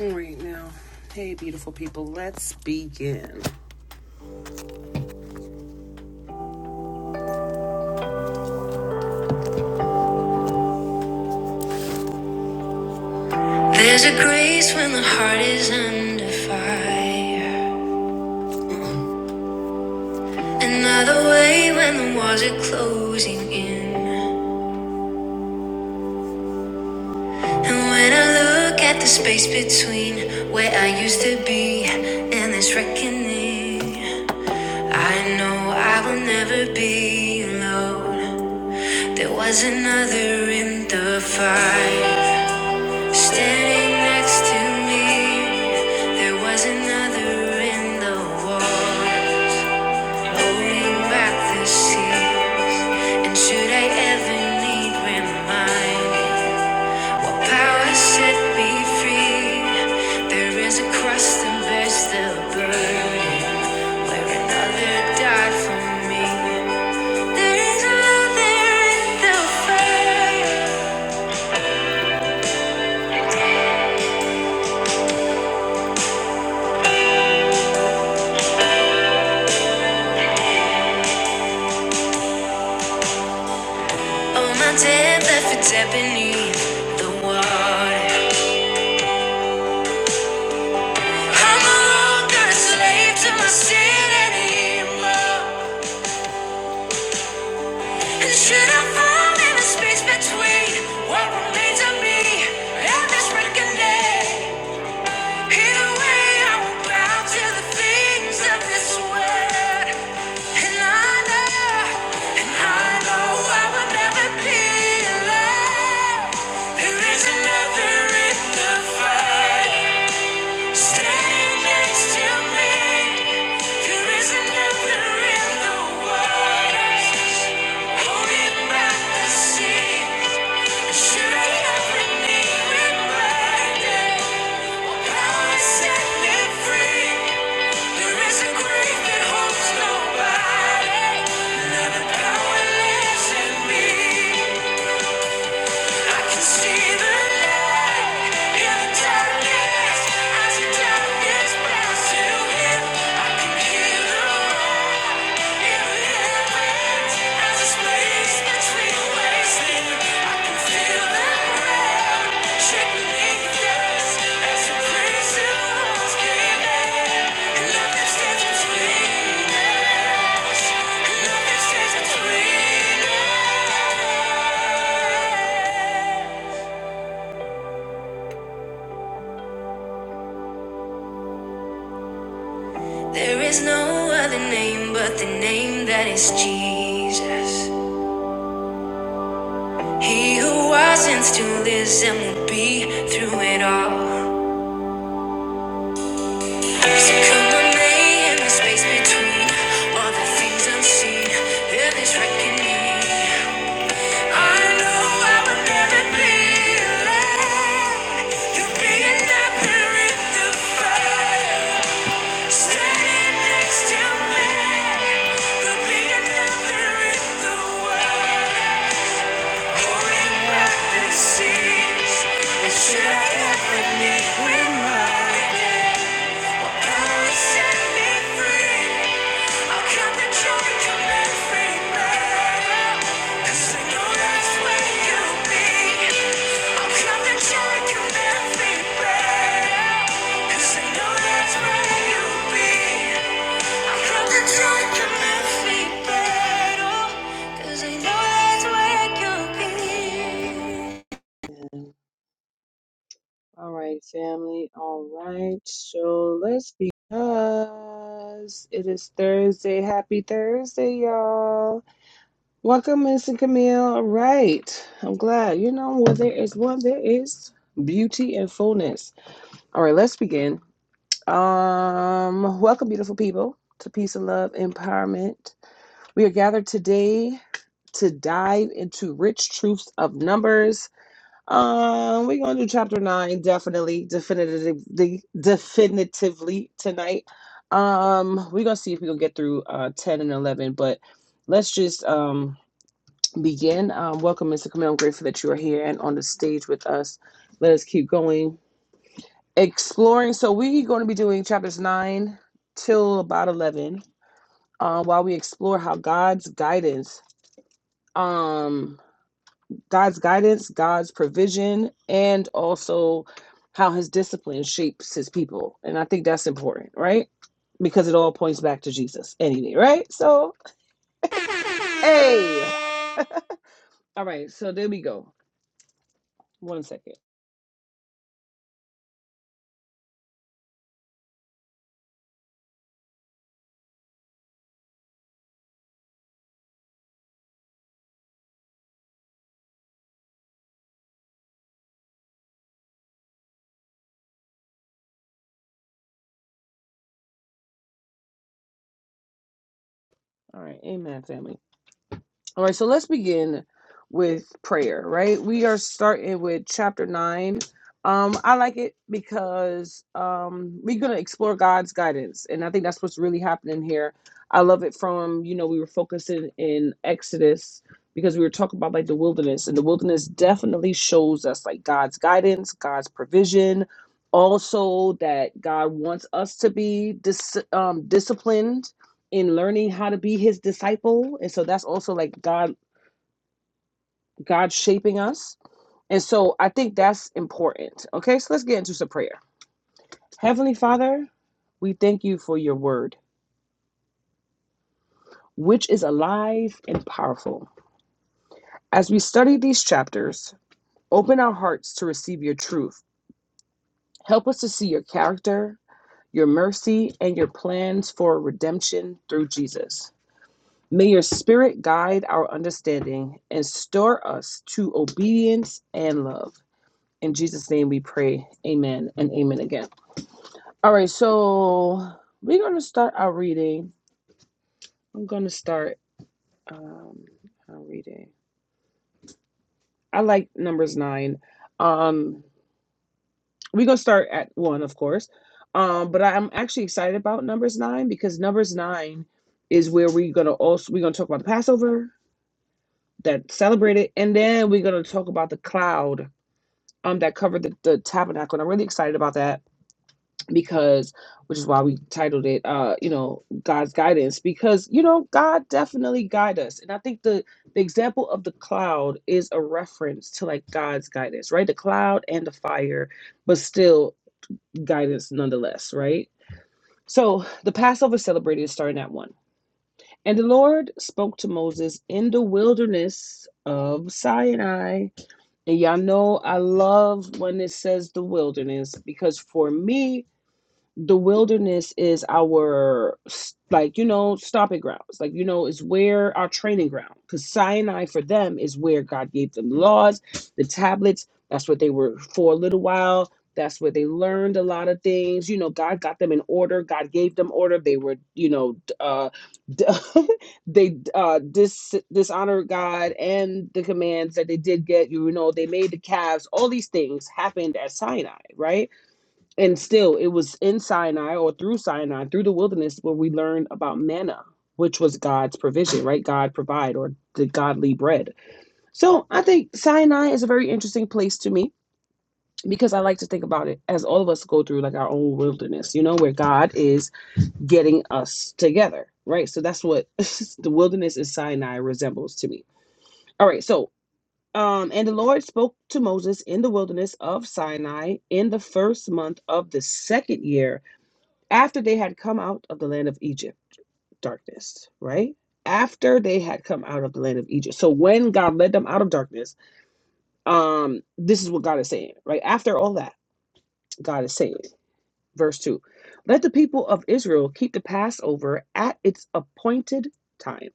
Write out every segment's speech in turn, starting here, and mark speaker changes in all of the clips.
Speaker 1: All right now, hey beautiful people, let's begin. There's a grace when the heart is under fire. Another way when the walls are closing in. And when I look at the space between where I used to be and this reckoning, I know I will never be alone. There was another in the fire. Standing next to me, there was another in the war, holding back the seas. And should I ever need remind what power set me free? There is a crust and bears the burden, where another died for me. There is another in the fire, oh my dead left its ebony, the water. I'm no longer a slave to my sin anymore. And should I fall in the space between what remains of me and this broken day? Either way, I will bow to the things of this world. And I know, and I know I will never be alone. There is another in the fight. Stand next to me. There isn't nothing in the world holding back the sea. Should I ever need reminding? What power set me free? There is a grave that holds nobody. Now the power lives in me. Space between waves, I can feel the there is no other name but the name that is Jesus. He who was and still is and will be through it all. So put my in the space between all the things I've reckoning. I know I would never be alone. You're being up there in the fire, standing next to me. You're being up there in the wild, holding back the seas. And should I ever meet with mine. Cause I know that's where you'll be all right, family. All right. So let's be. because it is Thursday. Happy Thursday, y'all. Welcome, Mr. Camille. All welcome Miss and camille All right. I'm glad. You know, where there is one, there is beauty and fullness. All right, let's begin. Um, welcome, beautiful people, to Peace and Love Empowerment. We are gathered today to dive into rich truths of numbers um, we're gonna do chapter nine definitely, definitively, definitively tonight. Um, we're gonna see if we can get through uh ten and eleven, but let's just um begin. Um, welcome, Mr. Camille. I'm grateful that you are here and on the stage with us. Let us keep going exploring. So we're going to be doing chapters nine till about eleven, um, while we explore how God's guidance. um. God's guidance, God's provision, and also how his discipline shapes his people. And I think that's important, right? Because it all points back to Jesus anyway, right? So, hey. All right. So there we go. One second. All right. Amen, family. All right, so let's begin with prayer, right? We are starting with chapter nine. Um, I like it because um, we're going to explore God's guidance. And I think that's what's really happening here. I love it from, you know, we were focusing in Exodus because we were talking about like the wilderness. And the wilderness definitely shows us like God's guidance, God's provision, also that God wants us to be dis- um, disciplined in learning how to be his disciple and so that's also like god god shaping us and so i think that's important okay so let's get into some prayer heavenly father we thank you for your word which is alive and powerful as we study these chapters open our hearts to receive your truth help us to see your character your mercy and your plans for redemption through jesus May your spirit guide our understanding and stir us to obedience and love. In Jesus' name we pray. Amen and amen again. All right, so we're going to start our reading. I'm going to start um, our reading. I like numbers nine. Um, we're going to start at one, of course. Um, but I'm actually excited about numbers nine because numbers nine is where we're going to also, we're going to talk about the Passover that celebrated. And then we're going to talk about the cloud um, that covered the, the tabernacle. And I'm really excited about that. because which is why we titled it uh you know god's guidance because you know god definitely guide us and i think the the example of the cloud is a reference to like god's guidance right the cloud and the fire but still guidance nonetheless right so the passover celebrated starting at one and the lord spoke to moses in the wilderness of sinai and y'all know i love when it says the wilderness because for me the wilderness is our s- like you know stomping grounds like you know is where our training ground because sinai for them is where god gave them the laws the tablets that's what they were for a little while that's where they learned a lot of things you know god got them in order god gave them order they were you know d- uh d- they uh dis- dishonored god and the commands that they did get you know they made the calves all these things happened at sinai right and still, it was in Sinai or through Sinai, through the wilderness, where we learned about manna, which was God's provision, right? God provide or the godly bread. So I think Sinai is a very interesting place to me because I like to think about it as all of us go through like our own wilderness, you know, where God is getting us together, right? So that's what the wilderness in Sinai resembles to me. All right, so um, and the Lord spoke to Moses in the wilderness of Sinai in the first month of the second year after they had come out of the land of Egypt, darkness, right? After they had come out of the land of Egypt. So when God led them out of darkness, um, this is what God is saying, right? After all that, God is saying, verse 2 Let the people of Israel keep the Passover at its appointed time.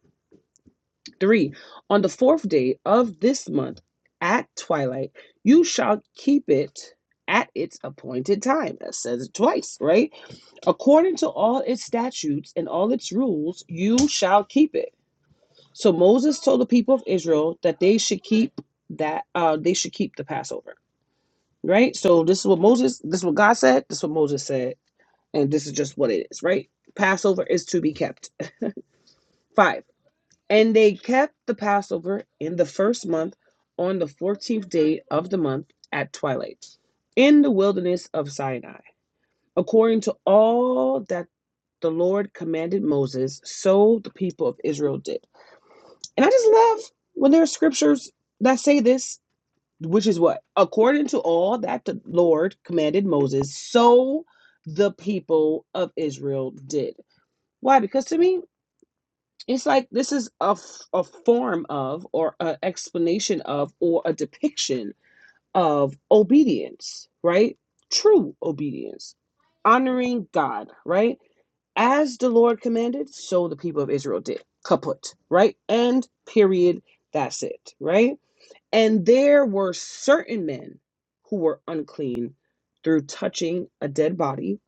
Speaker 1: 3. On the fourth day of this month at twilight, you shall keep it at its appointed time. That says it twice, right? According to all its statutes and all its rules, you shall keep it. So Moses told the people of Israel that they should keep that uh, they should keep the Passover. Right? So this is what Moses, this is what God said, this is what Moses said, and this is just what it is, right? Passover is to be kept. Five. And they kept the Passover in the first month on the fourteenth day of the month at twilight in the wilderness of Sinai, according to all that the Lord commanded Moses, so the people of Israel did. And I just love when there are scriptures that say this, which is what? According to all that the Lord commanded Moses, so the people of Israel did. Why? Because to me, it's like this is a a form of, or an explanation of, or a depiction of obedience, right? True obedience, honoring God, right? As the Lord commanded, so the people of Israel did. Kaput, right? End, period. That's it, right? And there were certain men who were unclean through touching a dead body.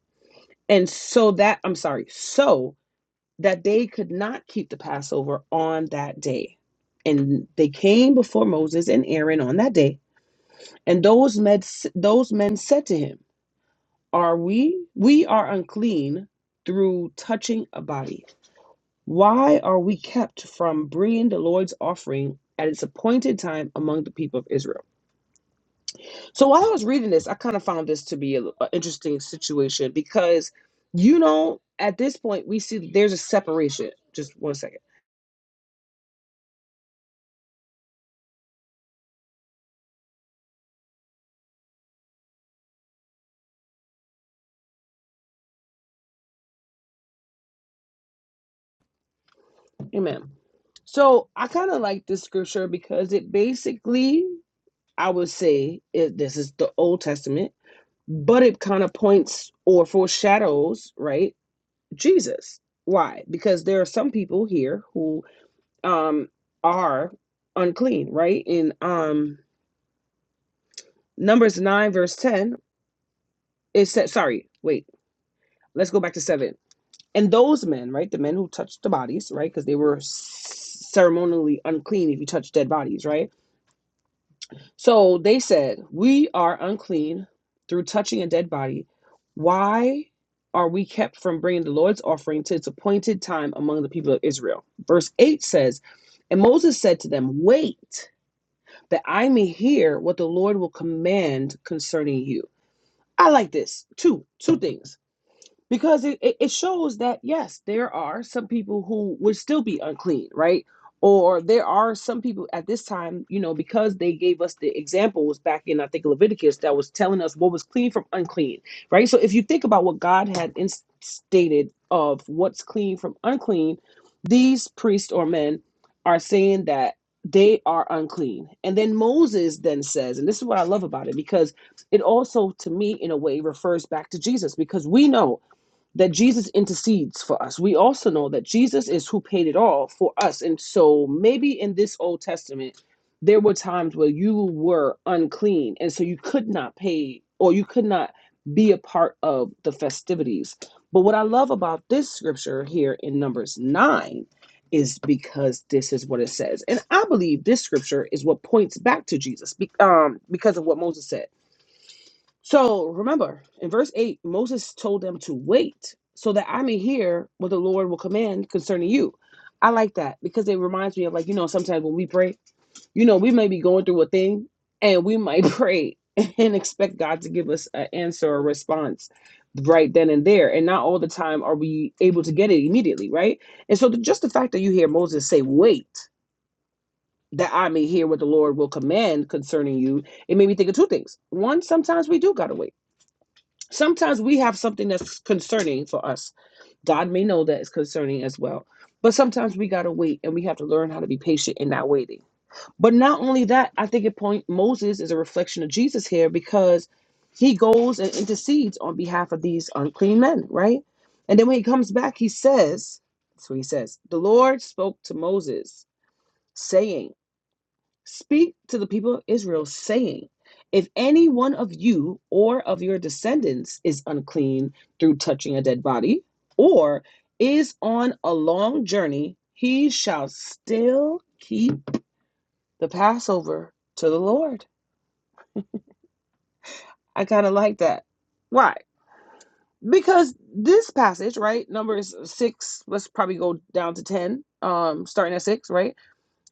Speaker 1: And so that, I'm sorry, so that they could not keep the Passover on that day. And they came before Moses and Aaron on that day and those men, those men said to him, Are we? We are unclean through touching a body. Why are we kept from bringing the Lord's offering at its appointed time among the people of Israel? So while I was reading this, I kind of found this to be an interesting situation because, you know, at this point, we see that there's a separation. Just one second. Amen. So I kind of like this scripture because it basically, I would say, it, this is the Old Testament but it kind of points or foreshadows right jesus why because there are some people here who um are unclean right in um numbers 9 verse 10 it said sorry wait let's go back to 7 and those men right the men who touched the bodies right because they were ceremonially unclean if you touch dead bodies right So they said, We are unclean through touching a dead body. Why are we kept from bringing the Lord's offering to its appointed time among the people of Israel? Verse 8 says, And Moses said to them, Wait, that I may hear what the Lord will command concerning you. I like this. Two, two things because it, it it shows that yes there are some people who would still be unclean right or there are some people at this time you know because they gave us the examples back in i think leviticus that was telling us what was clean from unclean right so if you think about what god had instated of what's clean from unclean these priests or men are saying that they are unclean and then moses then says and this is what i love about it because it also to me in a way refers back to jesus because we know that Jesus intercedes for us. We also know that Jesus is who paid it all for us. And so maybe in this Old Testament, there were times where you were unclean. And so you could not pay or you could not be a part of the festivities. But what I love about this scripture here in Numbers 9 is because this is what it says. And I believe this scripture is what points back to Jesus um, because of what Moses said so remember, in verse 8, Moses told them to wait so that I may hear what the Lord will command concerning you. I like that because it reminds me of, like, you know, sometimes when we pray, you know, we may be going through a thing and we might pray and expect God to give us an answer or response right then and there. And not all the time are we able to get it immediately, right? And so the, just the fact that you hear Moses say, wait, that I may hear what the Lord will command concerning you, it made me think of two things. One, sometimes we do got to wait Sometimes we have something that's concerning for us. God may know that it's concerning as well. But sometimes we gotta wait and we have to learn how to be patient in that waiting. But not only that, I think it point Moses is a reflection of Jesus here because he goes and intercedes on behalf of these unclean men, right? And then when he comes back, he says, that's what he says, the Lord spoke to Moses, saying, Speak to the people of Israel, saying, If any one of you or of your descendants is unclean through touching a dead body, or is on a long journey, he shall still keep the Passover to the Lord. I kind of like that. Why? Because this passage, right, numbers six, let's probably go down to 10, um, starting at six, right?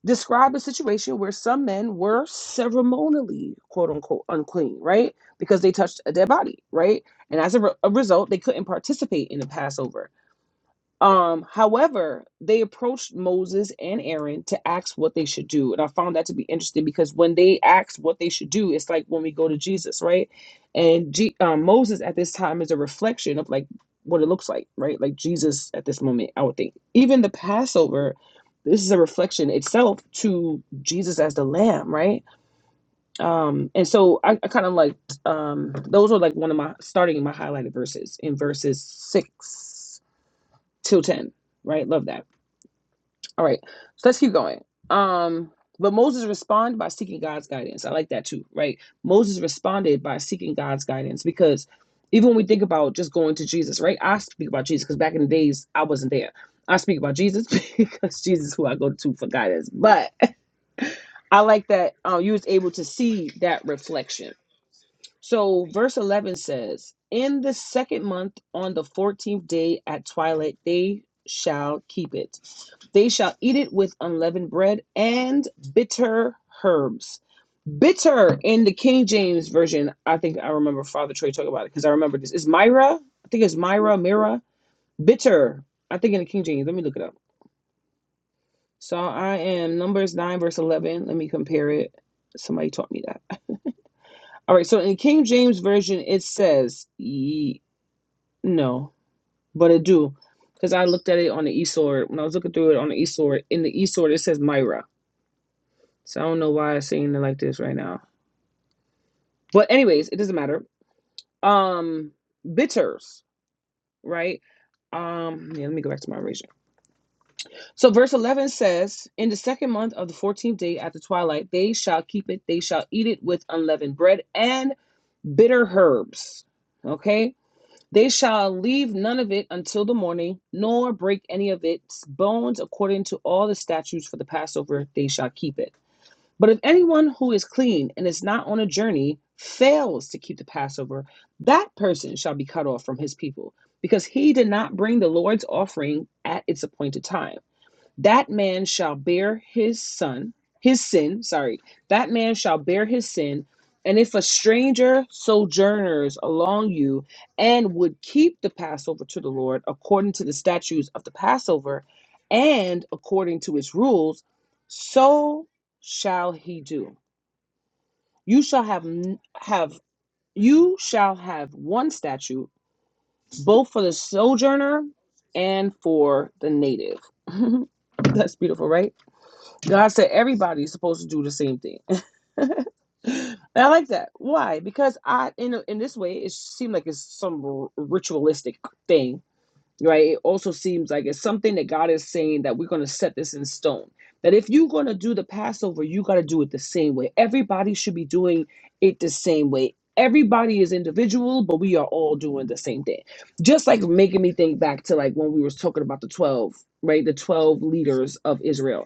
Speaker 1: describe a situation where some men were ceremonially quote unquote unclean right because they touched a dead body right and as a, re- a result they couldn't participate in the passover um, however, they approached Moses and Aaron to ask what they should do. And I found that to be interesting because when they asked what they should do, it's like when we go to Jesus, right? And G- um, Moses at this time is a reflection of like what it looks like, right? Like Jesus at this moment, I would think. Even the Passover, this is a reflection itself to Jesus as the lamb, right? Um, and so I, I kind of like um, those are like one of my starting my highlighted verses in verses six till 10 right love that all right so let's keep going um but moses responded by seeking god's guidance i like that too right moses responded by seeking god's guidance because even when we think about just going to jesus right i speak about jesus because back in the days i wasn't there i speak about jesus because jesus is who i go to for guidance but i like that um, you was able to see that reflection so verse 11 says, In the second month, on the 14th day at twilight, they shall keep it. They shall eat it with unleavened bread and bitter herbs. Bitter in the King James Version, I think I remember Father Troy talking about it because I remember this. Is Myra? I think it's Myra, Mira. Bitter. I think in the King James. Let me look it up. So I am Numbers 9, verse 11. Let me compare it. Somebody taught me that. All right, so in King James Version, it says, ye- No, but it do because I looked at it on the eSword when I was looking through it on the eSword. In the eSword, it says Myra, so I don't know why I'm saying it like this right now. But anyways, it doesn't matter. Um, bitters, right? Um, yeah, let me go back to my original. So verse eleven says, "In the second month of the fourteenth day at the twilight, they shall keep it. They shall eat it with unleavened bread and bitter herbs." Okay, They shall leave none of it until the morning, nor break any of its bones according to all the statutes for the Passover, they shall keep it. But if anyone who is clean and is not on a journey fails to keep the Passover, that person shall be cut off from his people, because he did not bring the Lord's offering at its appointed time that man shall bear his son his sin sorry that man shall bear his sin and if a stranger sojourners along you and would keep the passover to the lord according to the statutes of the passover and according to its rules so shall he do you shall have n- have you shall have one statute both for the sojourner and for the native that's beautiful right God said everybody's supposed to do the same thing. And I like that. Why? Because I in a- in this way it seemed like it's some r- ritualistic thing, right? It also seems like it's something that God is saying that we're going to set this in stone. That if you're going to do the Passover, you got to do it the same way. Everybody should be doing it the same way. Everybody is individual, but we are all doing the same thing. Just like making me think back to like when we were talking about the 12, right? The 12 leaders of Israel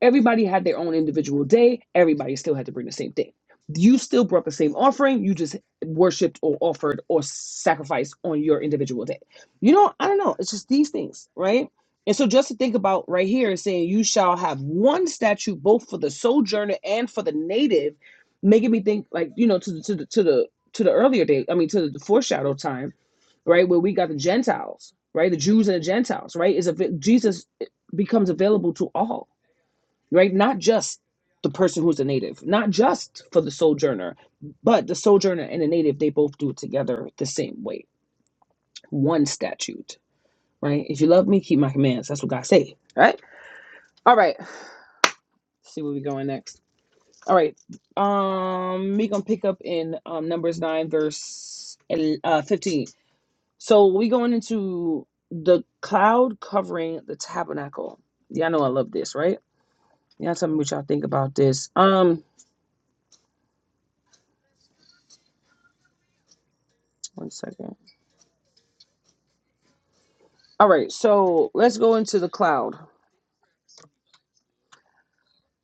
Speaker 1: Everybody had their own individual day. Everybody still had to bring the same thing. You still brought the same offering. You just worshipped or offered or sacrificed on your individual day. You know, I don't know. It's just these things, right? And so just to think about right here is saying you shall have one statute both for the sojourner and for the native, making me think like, you know, to the to the to the to the earlier day, I mean to the foreshadow time, right? Where we got the Gentiles, right? The Jews and the Gentiles, right? Is a Jesus becomes available to all right? Not just the person who's a native, not just for the sojourner, but the sojourner and the native, they both do it together the same way. One statute, right? If you love me, keep my commands. That's what God say, right? All right. see where we going next. All right. Um, we gonna pick up in um Numbers nine verse el- uh fifteen. So we going into the cloud covering the tabernacle. Y'all know I love this, right? Y'all tell me what y'all think about this. Um, one second. All right, so let's go into the cloud.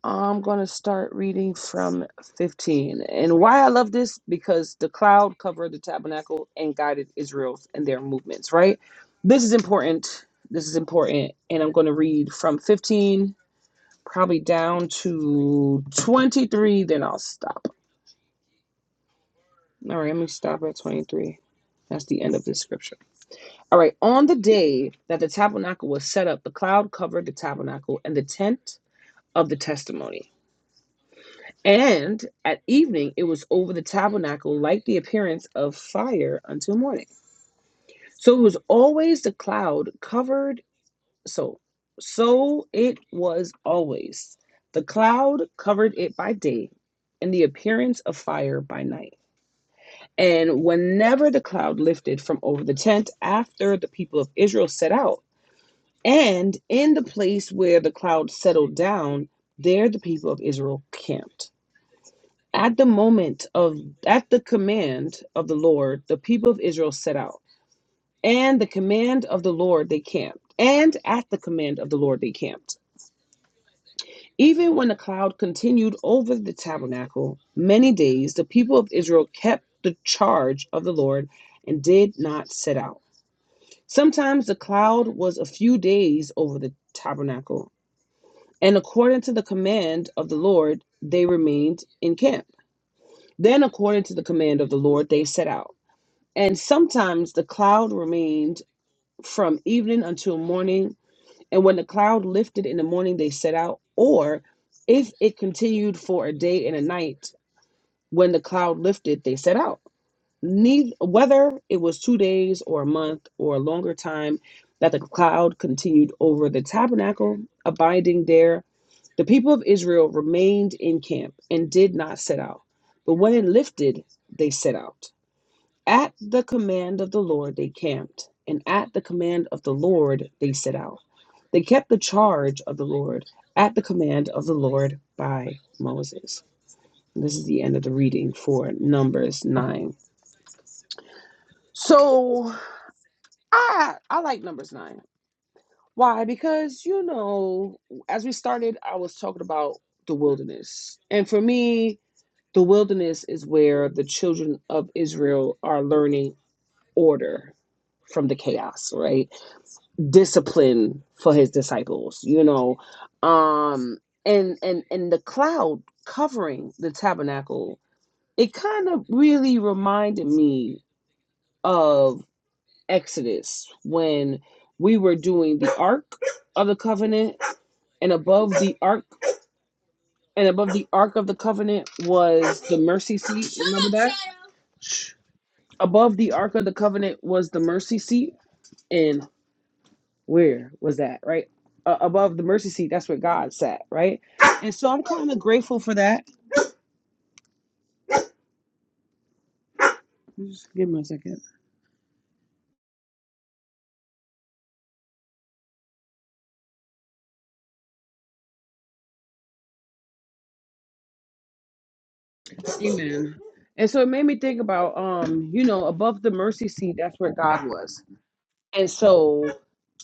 Speaker 1: I'm going to start reading from 15. And why I love this because the cloud covered the tabernacle and guided Israel in their movements, right? This is important. This is important. And I'm going to read from 15 probably down to 23, then I'll stop. All right, let me stop at 23. That's the end of this scripture. All right, on the day that the tabernacle was set up, the cloud covered the tabernacle and the tent of the testimony And at evening it was over the tabernacle like the appearance of fire until morning. So it was always the cloud covered so so it was always. The cloud covered it by day, and the appearance of fire by night. And whenever the cloud lifted from over the tent after the people of Israel set out, and in the place where the cloud settled down, there the people of Israel camped. At the moment of, at the command of the Lord, the people of Israel set out, and the command of the Lord they camped, and at the command of the Lord they camped. Even when the cloud continued over the tabernacle many days, the people of Israel kept the charge of the Lord and did not set out. Sometimes the cloud was a few days over the tabernacle, and according to the command of the Lord, they remained in camp. Then, according to the command of the Lord, they set out. And sometimes the cloud remained from evening until morning. And when the cloud lifted in the morning, they set out. Or if it continued for a day and a night, when the cloud lifted, they set out. Neither, whether it was two days or a month or a longer time that the cloud continued over the tabernacle, abiding there, the people of Israel remained in camp and did not set out. But when it lifted, they set out. At the command of the Lord they camped, and at the command of the Lord they set out. They kept the charge of the Lord at the command of the Lord by Moses. This is the end of the reading for Numbers 9. So I I like Numbers 9. Why? Because you know, as we started, I was talking about the wilderness. And for me, the wilderness is where the children of Israel are learning order from the chaos, right? discipline for his disciples you know um and and and the cloud covering the tabernacle it kind of really reminded me of exodus when we were doing the ark of the covenant and above the ark and above the ark of the covenant was the mercy seat remember that above the ark of the covenant was the mercy seat and. where was that right uh, above the mercy seat that's where god sat right and so i'm kind of grateful for that just give me a second amen and so it made me think about um you know above the mercy seat that's where god was and so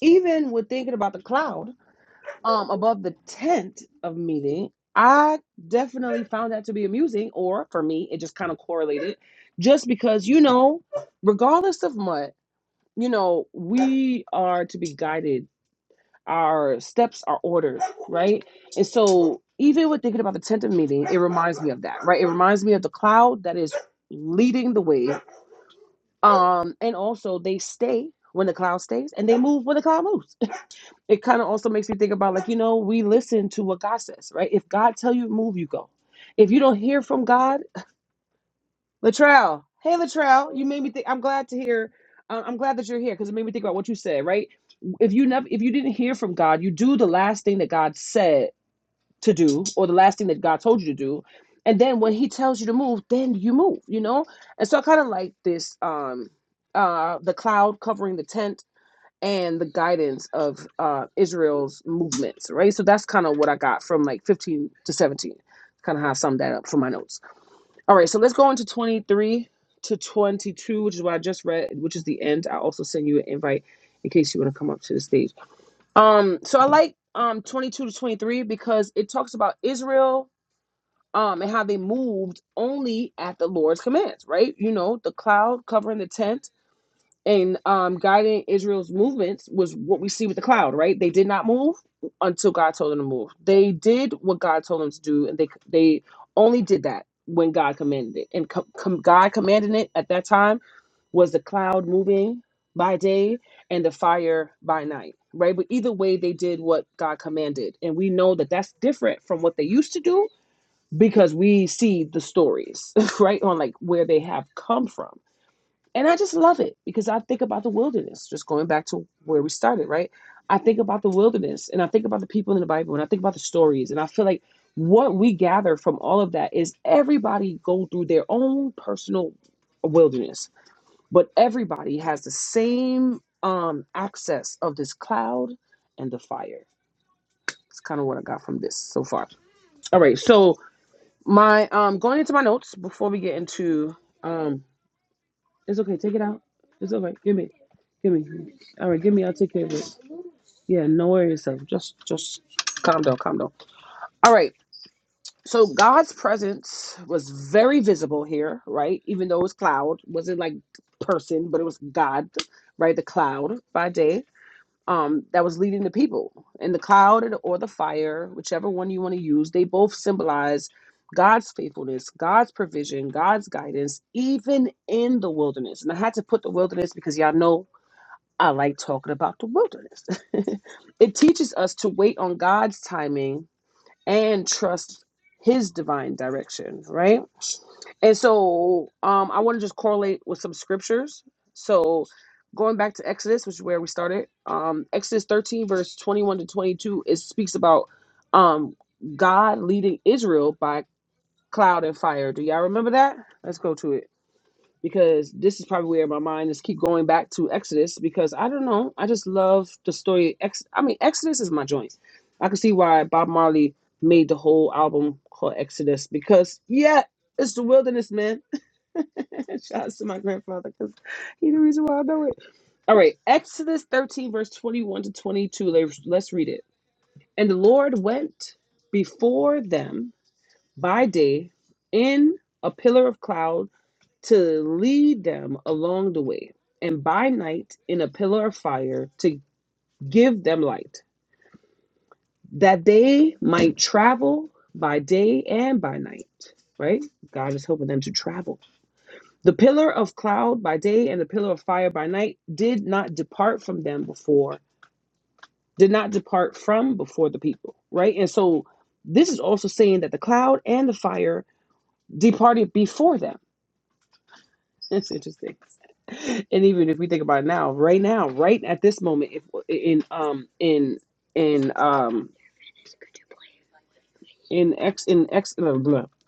Speaker 1: even with thinking about the cloud um above the tent of meeting i definitely found that to be amusing or for me it just kind of correlated just because you know regardless of what you know we are to be guided our steps are orders, right? And so, even with thinking about the tent of meeting, it reminds me of that, right? It reminds me of the cloud that is leading the way. Um, and also they stay when the cloud stays and they move when the cloud moves. It kind of also makes me think about like, you know, we listen to what God says, right? If God tell you to move, you go. If you don't hear from God, Latrell, hey Latrell, you made me think I'm glad to hear uh, I'm glad that you're here because it made me think about what you said, right? If you never if you didn't hear from God, you do the last thing that God said to do or the last thing that God told you to do. And then when he tells you to move, then you move, you know? And so I kind of like this um uh the cloud covering the tent and the guidance of uh Israel's movements, right? So that's kind of what I got from like 15 to 17. Kind of how I summed that up for my notes. All right, so let's go into 23 to 22, which is what I just read, which is the end. I also send you an invite in case you want to come up to the stage. Um, so I like um 22 to 23 because it talks about Israel um and how they moved only at the Lord's commands, right? You know, the cloud covering the tent and um, guiding Israel's movements was what we see with the cloud, right? They did not move until God told them to move. They did what God told them to do, and they they only did that when God commanded it. And com- com- God commanding it at that time was the cloud moving by day and the fire by night, right? But either way, they did what God commanded, and we know that that's different from what they used to do because we see the stories, right, on like where they have come from. And I just love it because I think about the wilderness, just going back to where we started, right? I think about the wilderness and I think about the people in the Bible and I think about the stories. And I feel like what we gather from all of that is everybody go through their own personal wilderness, but everybody has the same um, access of this cloud and the fire. It's kind of what I got from this so far. All right. So my um going into my notes before we get into um it's okay. Take it out. It's all right. Give me. Give me. All right. Give me. I'll take care of it. Yeah. No worries. Yourself. Just, just calm down. Calm down. All right. So God's presence was very visible here, right? Even though it was cloud, wasn't like person, but it was God, right? The cloud by day um, that was leading the people in the cloud and- or the fire, whichever one you want to use. They both symbolize God's faithfulness, God's provision, God's guidance, even in the wilderness. And I had to put the wilderness because y'all know I like talking about the wilderness. it teaches us to wait on God's timing and trust his divine direction, right? And so um, I want to just correlate with some scriptures. So going back to Exodus, which is where we started, um, Exodus 13, verse 21 to 22, it speaks about um, God leading Israel by cloud and fire. Do y'all remember that? Let's go to it because this is probably where my mind is keep going back to Exodus because I don't know. I just love the story. Ex- I mean, Exodus is my joint. I can see why Bob Marley made the whole album called Exodus because, yeah, it's the wilderness, man. Shout out to my grandfather because he's the reason why I know it. All right, Exodus 13, verse 21 to 22. Let's, let's read it. And the Lord went before them by day in a pillar of cloud to lead them along the way, and by night in a pillar of fire to give them light, that they might travel by day and by night. Right? God is helping them to travel. The pillar of cloud by day and the pillar of fire by night did not depart from them before, did not depart from before the people. Right? And so this is also saying that the cloud and the fire departed before them That's interesting. And even if we think about it now, right now, right at this moment, if in um in in um in x in x blah, blah,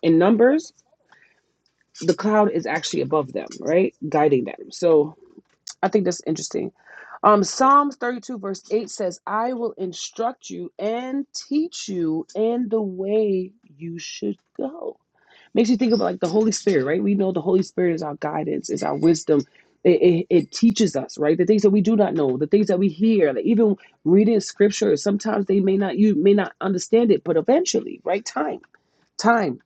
Speaker 1: in numbers, the cloud is actually above them, right, guiding them. So I think that's interesting. Um, Psalms thirty-two verse eight says, "I will instruct you and teach you in the way you should go." Makes you think about like the Holy Spirit, right? We know the Holy Spirit is our guidance, is our wisdom. It, it, it teaches us, right? The things that we do not know, the things that we hear, like even reading scripture, sometimes they may not, you may not understand it, but eventually, right? Time, time.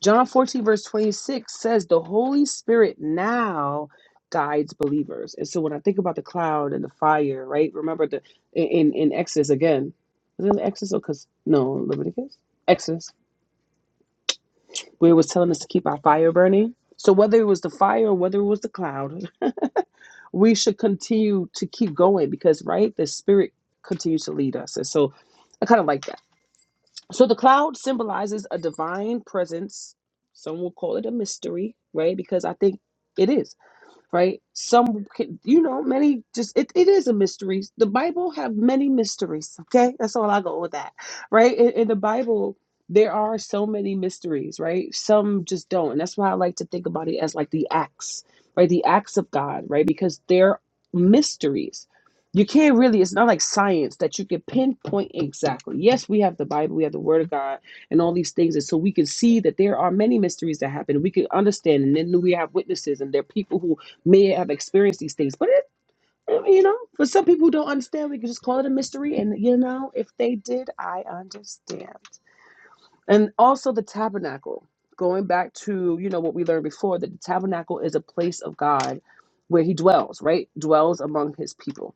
Speaker 1: John 14, verse 26 says, The Holy Spirit now guides believers. And so when I think about the cloud and the fire, right? Remember the in in Exodus again. Is it Exodus cause no Leviticus? Exodus where it was telling us to keep our fire burning. So whether it was the fire or whether it was the cloud, we should continue to keep going because right, the spirit continues to lead us. And so I kind of like that. So the cloud symbolizes a divine presence. Some will call it a mystery, right? Because I think it is right some can- you know many just it, it is a mystery the bible have many mysteries okay that's all i go with that right in, in the bible there are so many mysteries right some just don't and that's why i like to think about it as like the acts right the acts of god right because they're mysteries you can't really it's not like science that you can pinpoint exactly yes we have the bible we have the word of god and all these things. And so we can see that there are many mysteries that happen. We can understand, and then we have witnesses, and there are people who may have experienced these things. But it, you know, for some people who don't understand, we can just call it a mystery. And you know, if they did, I understand. And also the tabernacle. Going back to you know what we learned before, that the tabernacle is a place of God where He dwells, right? Dwells among His people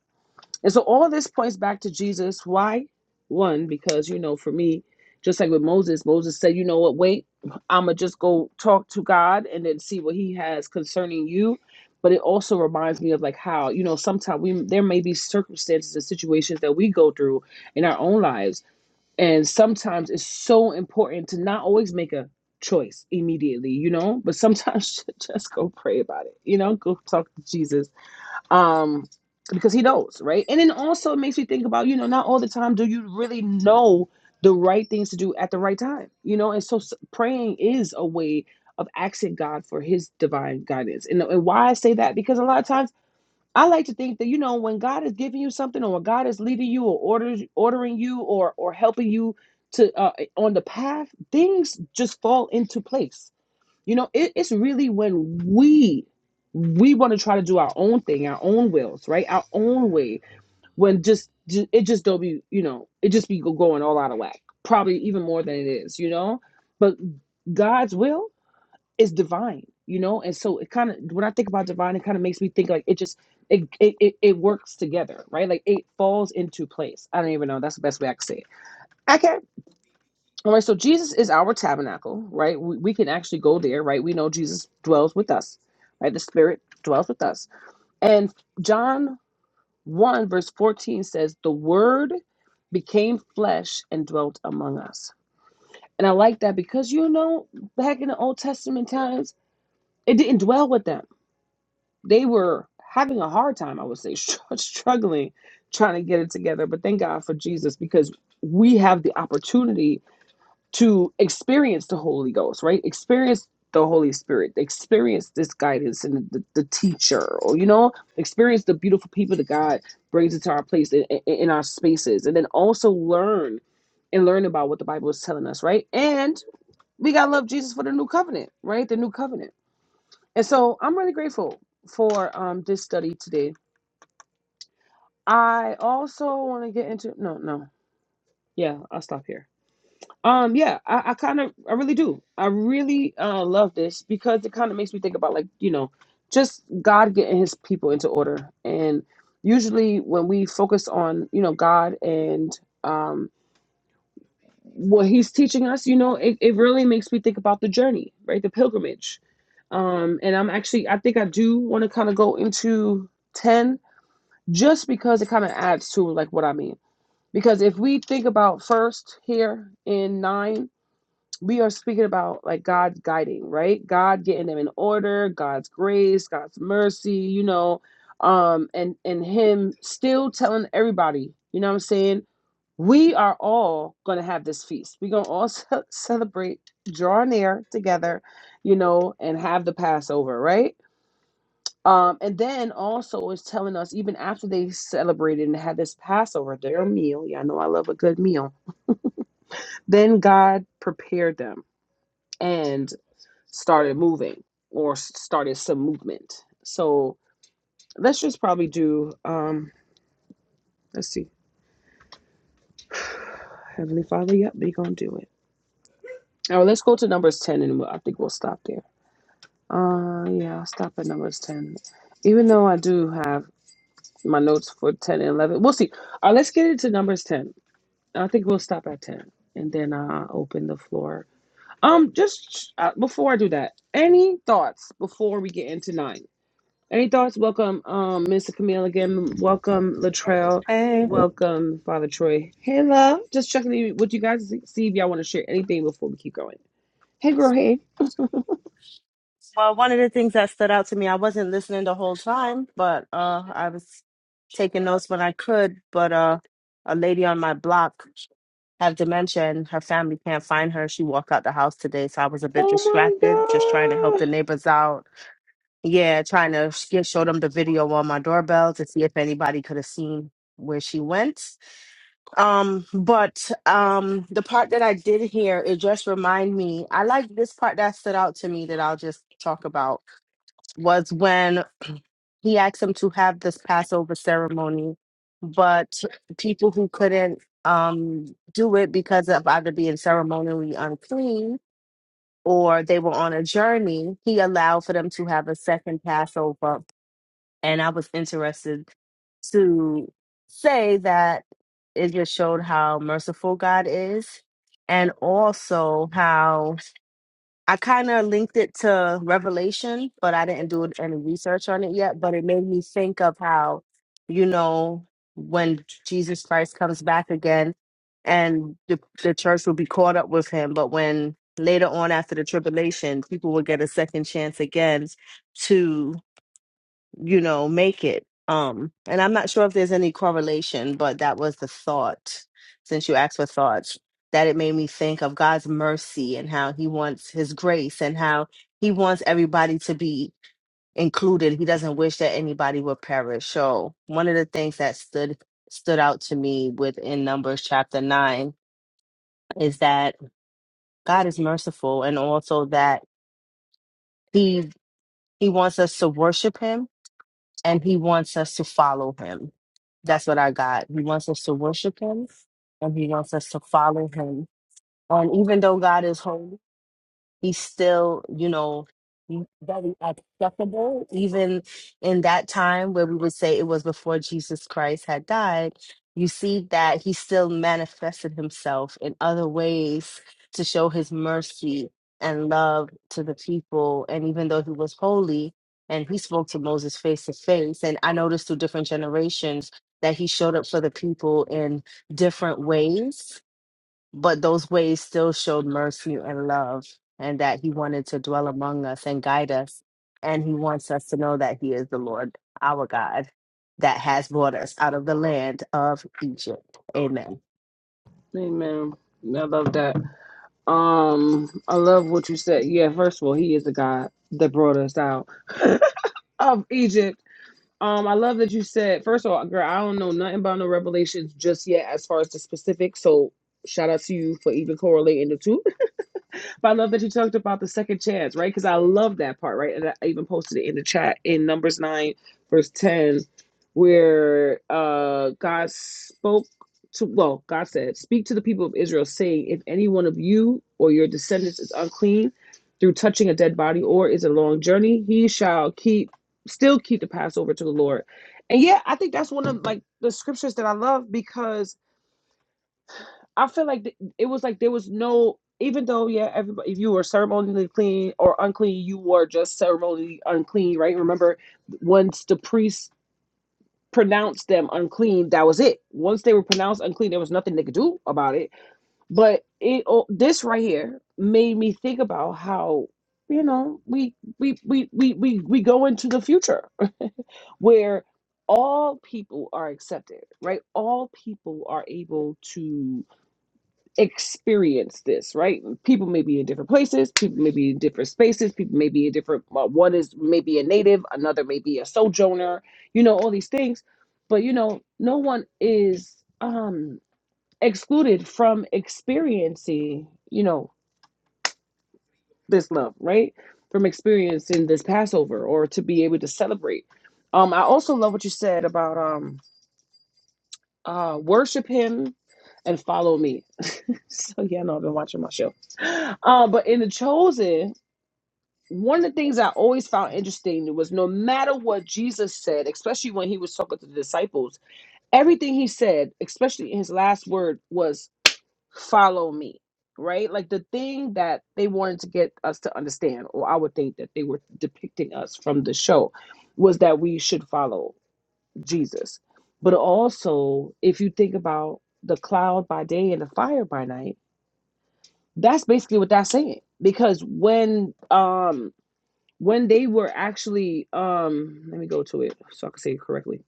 Speaker 1: and so all this points back to Jesus. Why? One, because, you know, for me, just like with Moses, Moses said, you know what, wait, I'm going to just go talk to God and then see what he has concerning you. But it also reminds me of like how, you know, sometimes we there may be circumstances and situations that we go through in our own lives. And sometimes it's so important to not always make a choice immediately, you know, but sometimes just go pray about it, you know, go talk to Jesus um because he knows right and then also it makes me think about you know not all the time do you really know the right things to do at the right time you know and so s- praying is a way of asking god for his divine guidance and, and why i say that because a lot of times i like to think that you know when god is giving you something or when god is leading you or orders ordering you or or helping you to uh, on the path things just fall into place you know, it, it's really when we we want to try to do our own thing, our own wills, right, our own way. When just ju- it just don't be, you know, it just be going all out of whack. Probably even more than it is, you know. But God's will is divine, you know, and so it kind of when I think about divine, it kind of makes me think like it just it, it it it works together, right? Like it falls into place. I don't even know. That's the best way I can say it. Okay. All right, so Jesus is our tabernacle, right? We, we can actually go there, right? We know Jesus dwells with us, right? The Spirit dwells with us. And John 1, verse 14 says, The Word became flesh and dwelt among us. And I like that because, you know, back in the Old Testament times, it didn't dwell with them. They were having a hard time, I would say, str- struggling, trying to get it together. But thank God for Jesus because we have the opportunity to experience the Holy Ghost, right? Experience the Holy Spirit, experience this guidance and the, the teacher, or you know, experience the beautiful people that God brings into our place in, in, in our spaces, and then also learn and learn about what the Bible is telling us, right? And we gotta love Jesus for the new covenant, right? The new covenant. And so I'm really grateful for um this study today. I also want to get into no, no, yeah, I'll stop here. Um, yeah, I, I kind of, I really do. I really uh, love this because it kind of makes me think about like, you know, just God getting his people into order. And usually when we focus on, you know, God and um, what he's teaching us, you know, it, it really makes me think about the journey, right? The pilgrimage. Um, and I'm actually, I think I do want to kind of go into 10 just because it kind of adds to like what I mean. Because if we think about first here in nine, we are speaking about like God's guiding, right? God getting them in order, God's grace, God's mercy, you know, um, and and Him still telling everybody, you know what I'm saying? We are all gonna have this feast. We're gonna all ce- celebrate, draw near together, you know, and have the Passover, right? Um, and then also is telling us even after they celebrated and had this Passover, their meal. Y'all know I love a good meal. Then God prepared them. and. started moving or started some movement. So let's just probably do, um, let's see, Heavenly Father, yep, they gonna do it. All right, let's go to numbers 10 and we'll, I think we'll stop there. Uh, yeah, I'll stop at numbers 10. Even though I do have my notes for 10 and 11, we'll see. All right, let's get into numbers 10. I think we'll stop at 10 and then uh, open the floor. Um, just uh, before I do that, any thoughts before we get into nine? Any thoughts? Welcome, um, Mr. Camille again. Welcome, Latrell.
Speaker 2: Hey,
Speaker 1: Welcome, Father Troy. Hey, love. Just checking in with you guys to see if y'all want to share anything before we keep going. Hey, girl. Hey.
Speaker 2: well, one of the things that stood out to me, I wasn't listening the whole time, but uh, I was taking notes when I could. But uh, a lady on my block have dementia, and her family can't find her. She walked out the house today, so I was a bit distracted, just trying to
Speaker 1: Oh my
Speaker 2: help the
Speaker 1: God.
Speaker 2: neighbors out. Yeah, trying to sh- get, show them the video on my doorbell to see if anybody could have seen where she went. Um, but um, the part that I did hear, it just remind me. I like this part that stood out to me that I'll just talk about was when he asked them to have this Passover ceremony, but people who couldn't um, do it because of either being ceremonially unclean or they were on a journey, he allowed for them to have a second Passover. And I was interested to say that it just showed how merciful God is and also how I kind of linked it to Revelation, but I didn't do any research on it yet. But it made me think of how, you know, when Jesus Christ comes back again, and the, the church will be caught up with him. But when later on after the tribulation, people will get a second chance again to you know, make it. Um, and I'm not sure if there's any correlation, but that was the thought, since you asked for thoughts, that it made me think of God's mercy and how He wants His grace and how He wants everybody to be included. He doesn't wish that anybody would perish. So one of the things that stood stood out to me within Numbers chapter nine is that God is merciful and also that He He wants us to worship Him and he wants us to follow him. That's what I got. He wants us to worship him and he wants us to follow him. And even though God is holy he's still, you know, m- very accessible, even in that time where we would say it was before Jesus Christ had died. You see that he still manifested himself in other ways to show his mercy and love to the people. And even though he was holy and he spoke to Moses face to face, and I noticed through different generations that he showed up for the people in different ways but those ways still showed mercy and love, and that He wanted to dwell among us and guide us. And He wants us to know that He is the Lord our God that has brought us out of the land of Egypt. Amen.
Speaker 1: Amen. I love that. Um, I love what you said. Yeah. First of all, He is the God that brought us out of Egypt. Um, I love that you said. First of all, girl, I don't know nothing about no revelations just yet as far as the specifics. So shout out to you for even correlating the two. But I love that you talked about the second chance, right? Because I love that part, right? And I even posted it in the chat in Numbers 9, verse 10, where uh, God spoke to, well, God said, Speak to the people of Israel, saying, If any one of you or your descendants is unclean through touching a dead body or is a long journey, he shall keep, still keep the Passover to the Lord. And yeah, I think that's one of like the scriptures that I love because I feel like th- it was like there was no, even though yeah, everybody if you were ceremonially clean or unclean, you were just ceremonially unclean, right? Remember, once the priest pronounced them unclean, that was it. Once they were pronounced unclean, there was nothing they could do about it. But it oh, this right here made me think about how you know we we we we we, we go into the future where all people are accepted, right? All people are able to experience this, right? People may be in different places, people may be in different spaces, people may be in different, well, one is maybe a native, another may be a sojourner, you know, all these things. But, you know, no one is um, excluded from experiencing, you know, this love, right? From experiencing this Passover or to be able to celebrate. Um, I also love what you said about, um, uh, worship him and follow me. so yeah, I know I've been watching my show. Uh, but in the chosen, one of the things I always found interesting was no matter what Jesus said, especially when he was talking to the disciples, everything he said, especially in his last word, was follow me. Right? Like the thing that they wanted to get us to understand, or I would think that they were depicting us from the show, was that we should follow. Jesus. But also, if you think about the cloud by day and the fire by night, that's basically what that's saying. Because when um when they were actually um let me go to it so I can say it correctly.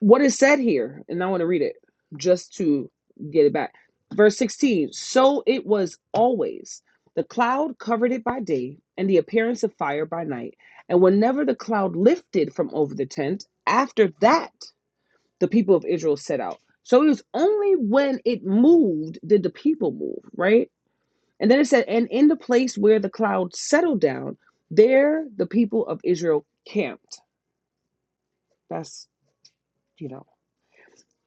Speaker 1: What is said here, and I want to read it just to get it back. Verse 16, so it was always. The cloud covered it by day, and the appearance of fire by night. And whenever the cloud lifted from over the tent, after that the people of Israel set out. So it was only when it moved did the people move, right? And then it said, and in the place where the cloud settled down, there the people of Israel camped. That's, you know,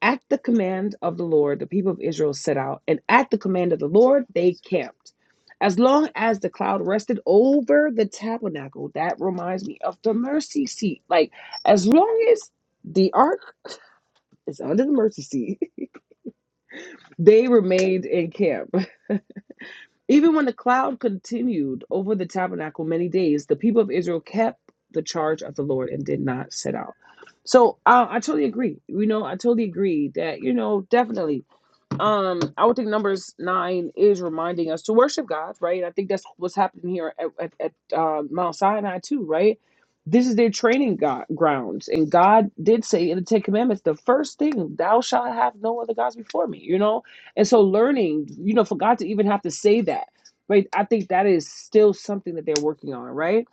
Speaker 1: at the command of the Lord, the people of Israel set out, and at the command of the Lord, they camped. As long as the cloud rested over the tabernacle, that reminds me of the mercy seat. Like, as long as the ark is under the mercy seat, They remained in camp. Even when the cloud continued over the tabernacle many days, the people of Israel kept the charge of the Lord and did not set out. So I I totally agree. You know, I totally agree that, you know, definitely um i would think numbers nine is reminding us to worship god right i think that's what's happening here at, at, at uh, mount sinai too right this is their training go- grounds and god did say in the ten commandments the first thing thou shalt have no other gods before me you know and so learning you know for god to even have to say that right i think that is still something that they're working on right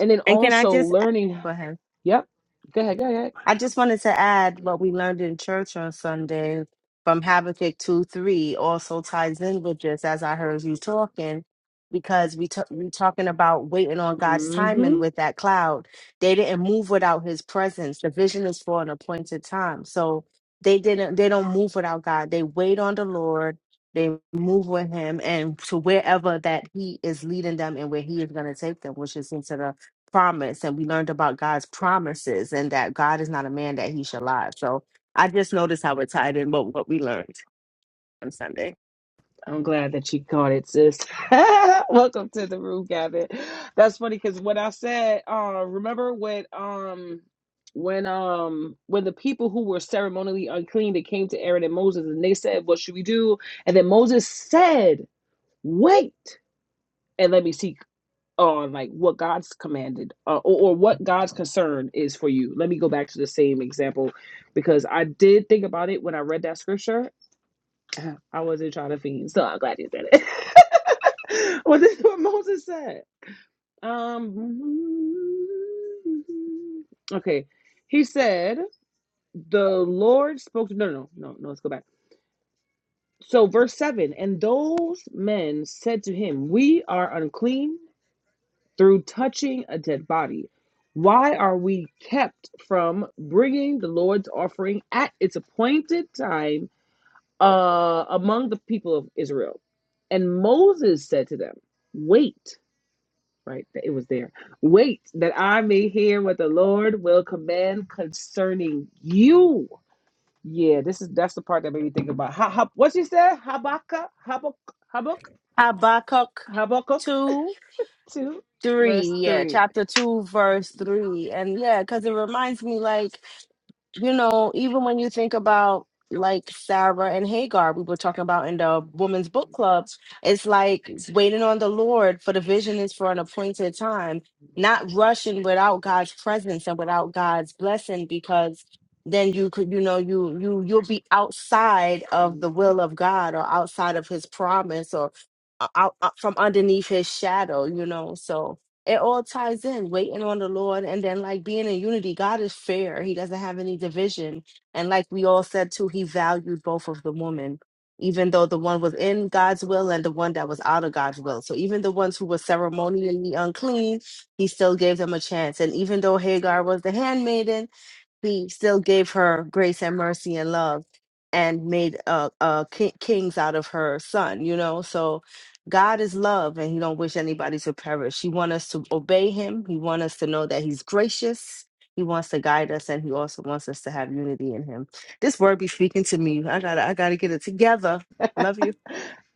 Speaker 1: and then
Speaker 2: And can I
Speaker 1: also
Speaker 2: just
Speaker 1: learning
Speaker 2: go ahead?
Speaker 1: yep go ahead go
Speaker 2: I just wanted to add what we learned in church on Sunday from Habakkuk 2 3 also ties in with this as I heard you talking, because we t- we talking about waiting on God's
Speaker 1: ahead
Speaker 2: timing with that cloud. They didn't move without his presence. The vision is for an appointed time. So they didn't they don't move without God. They wait on the Lord. They move with him and to wherever that he is leading them and where he is going to take them, which is into the promise and we learned about God's promises and that God is not a man that he shall lie. So I just noticed how it tied in what, what we learned on Sunday.
Speaker 1: I'm glad that you caught it, sis. Welcome to the room, Gavin. That's funny because what I said, uh, remember when um when um when the people who were ceremonially unclean they came to Aaron and Moses and they said, What should we do? And then Moses said, Wait and let me seek on like what God's commanded uh, or, or what God's concern is for you. Let me go back to the same example because I did think about it when I read that scripture I wasn't trying to feed, so I'm glad you said it. well, this is what Moses said. Um, okay, he said, "The Lord spoke to no, no, no, no. Let's go back. So, verse seven, and those men said to him, We are unclean through touching a dead body. Why are we kept from bringing the Lord's offering at its appointed time?" uh, among the people of Israel. And Moses said to them, Wait, right? It was there. Wait that I may hear what the Lord will command concerning you. Yeah, this is that's the part that made me think about ha, ha, what you said? Habakkuk, Habakkuk, Habakkuk,
Speaker 2: Habakkuk
Speaker 1: Habakkuk
Speaker 2: 2,
Speaker 1: 2,
Speaker 2: 3.
Speaker 1: verse
Speaker 2: Yeah,
Speaker 1: 3.
Speaker 2: chapter 2, verse 3. And yeah, because it reminds me like you know, even when you think about like Sarah and Hagar, we were talking about in the women's book clubs. it's like waiting on the Lord for the vision is for an appointed time, not rushing without God's presence and without God's blessing, because then you could, you know, you you you'll be outside of the will of God or outside of His promise or out, out uh, from underneath His shadow, you know. So it all ties in waiting on the lord and then like being in unity god is fair he doesn't have any division and like we all said too he valued both of the women even though the one was in god's will and the one that was out of god's will so even the ones who were ceremonially unclean he still gave them a chance and even though hagar was the handmaiden he still gave her grace and mercy and love and made uh, uh, ki- kings out of her son you know so god is love and he don't wish anybody to perish he want us to obey him he want us to know that he's gracious he wants to guide us and he also wants us to have unity in him this word be speaking to me i gotta i gotta get it together love you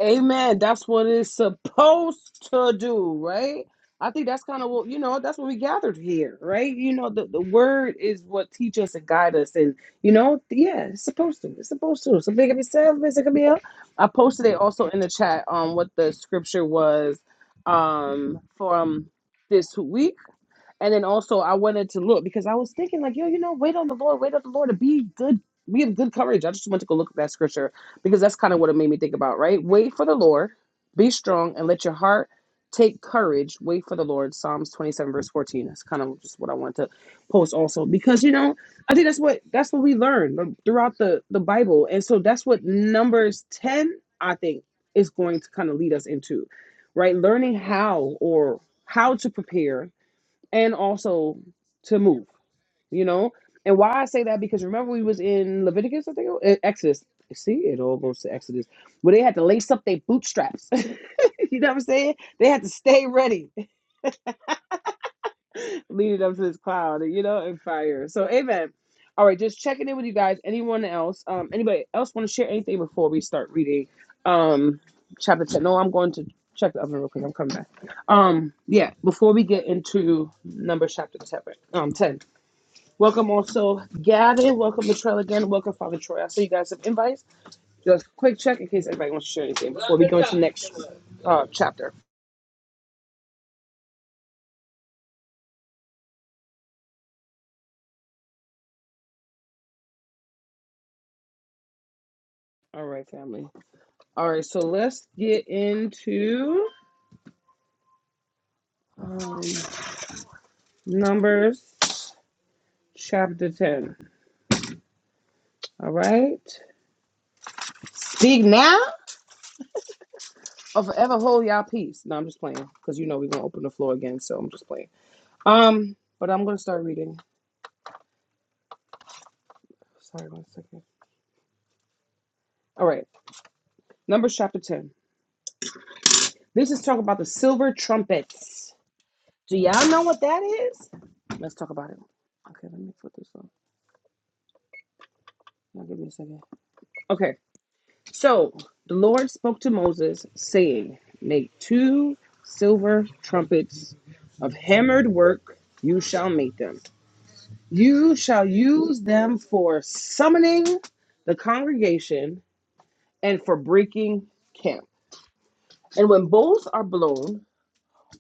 Speaker 1: Amen. That's what it's supposed to do, right? I think that's kind of what you know. That's what we gathered here, right? You know, the, the word is what teach us and guide us, and you know, yeah, it's supposed to. It's supposed to. Something can be selfish. It can be. Up. I posted it also in the chat on um, what the scripture was um from this week and then also I wanted to look because I was thinking like, yo, you know, wait on the Lord, wait on the Lord to be good. We have good courage. I just went to go look at that scripture because that's kind of what it made me think about, right? Wait for the Lord, be strong, and let your heart take courage. Wait for the Lord. Psalms 27, verse 14. That's kind of just what I wanted to post also. Because you know, I think that's what that's what we learn throughout the, the Bible. And so that's what Numbers 10, I think, is going to kind of lead us into, right? Learning how or how to prepare and also to move, you know? And why I say that because remember we was in Leviticus, I think, it Exodus. See, it all goes to Exodus, where they had to lace up their bootstraps. you know what I'm saying? They had to stay ready, leading up to this cloud, you know, and fire. So, amen. All right, just checking in with you guys. Anyone else? Um, anybody else want to share anything before we start reading? Um, chapter 10. No, I'm going to check the oven real quick. I'm coming back. Um, yeah, before we get into number chapter 10, um, 10. Welcome also Gavin. Welcome Latrell again. Welcome Father Troy. I see you guys have invites. Just a quick check in case anybody wants to share anything before we go into the next uh, chapter. All right, family. All right, so let's get into um, Numbers chapter 10. All right. Speak now or forever hold y'all peace. No, I'm just playing because you know we're going to open the floor again, so I'm just playing. Um, But I'm going to start reading. Sorry, one second. All right, Numbers chapter 10. This is talking about the silver trumpets. Do y'all know what that is? Let's talk about it. Okay, let me put this on. you give me a second. Okay, so the Lord spoke to Moses, saying, Make two silver trumpets of hammered work, you shall make them. You shall use them for summoning the congregation and for breaking camp. And when both are blown,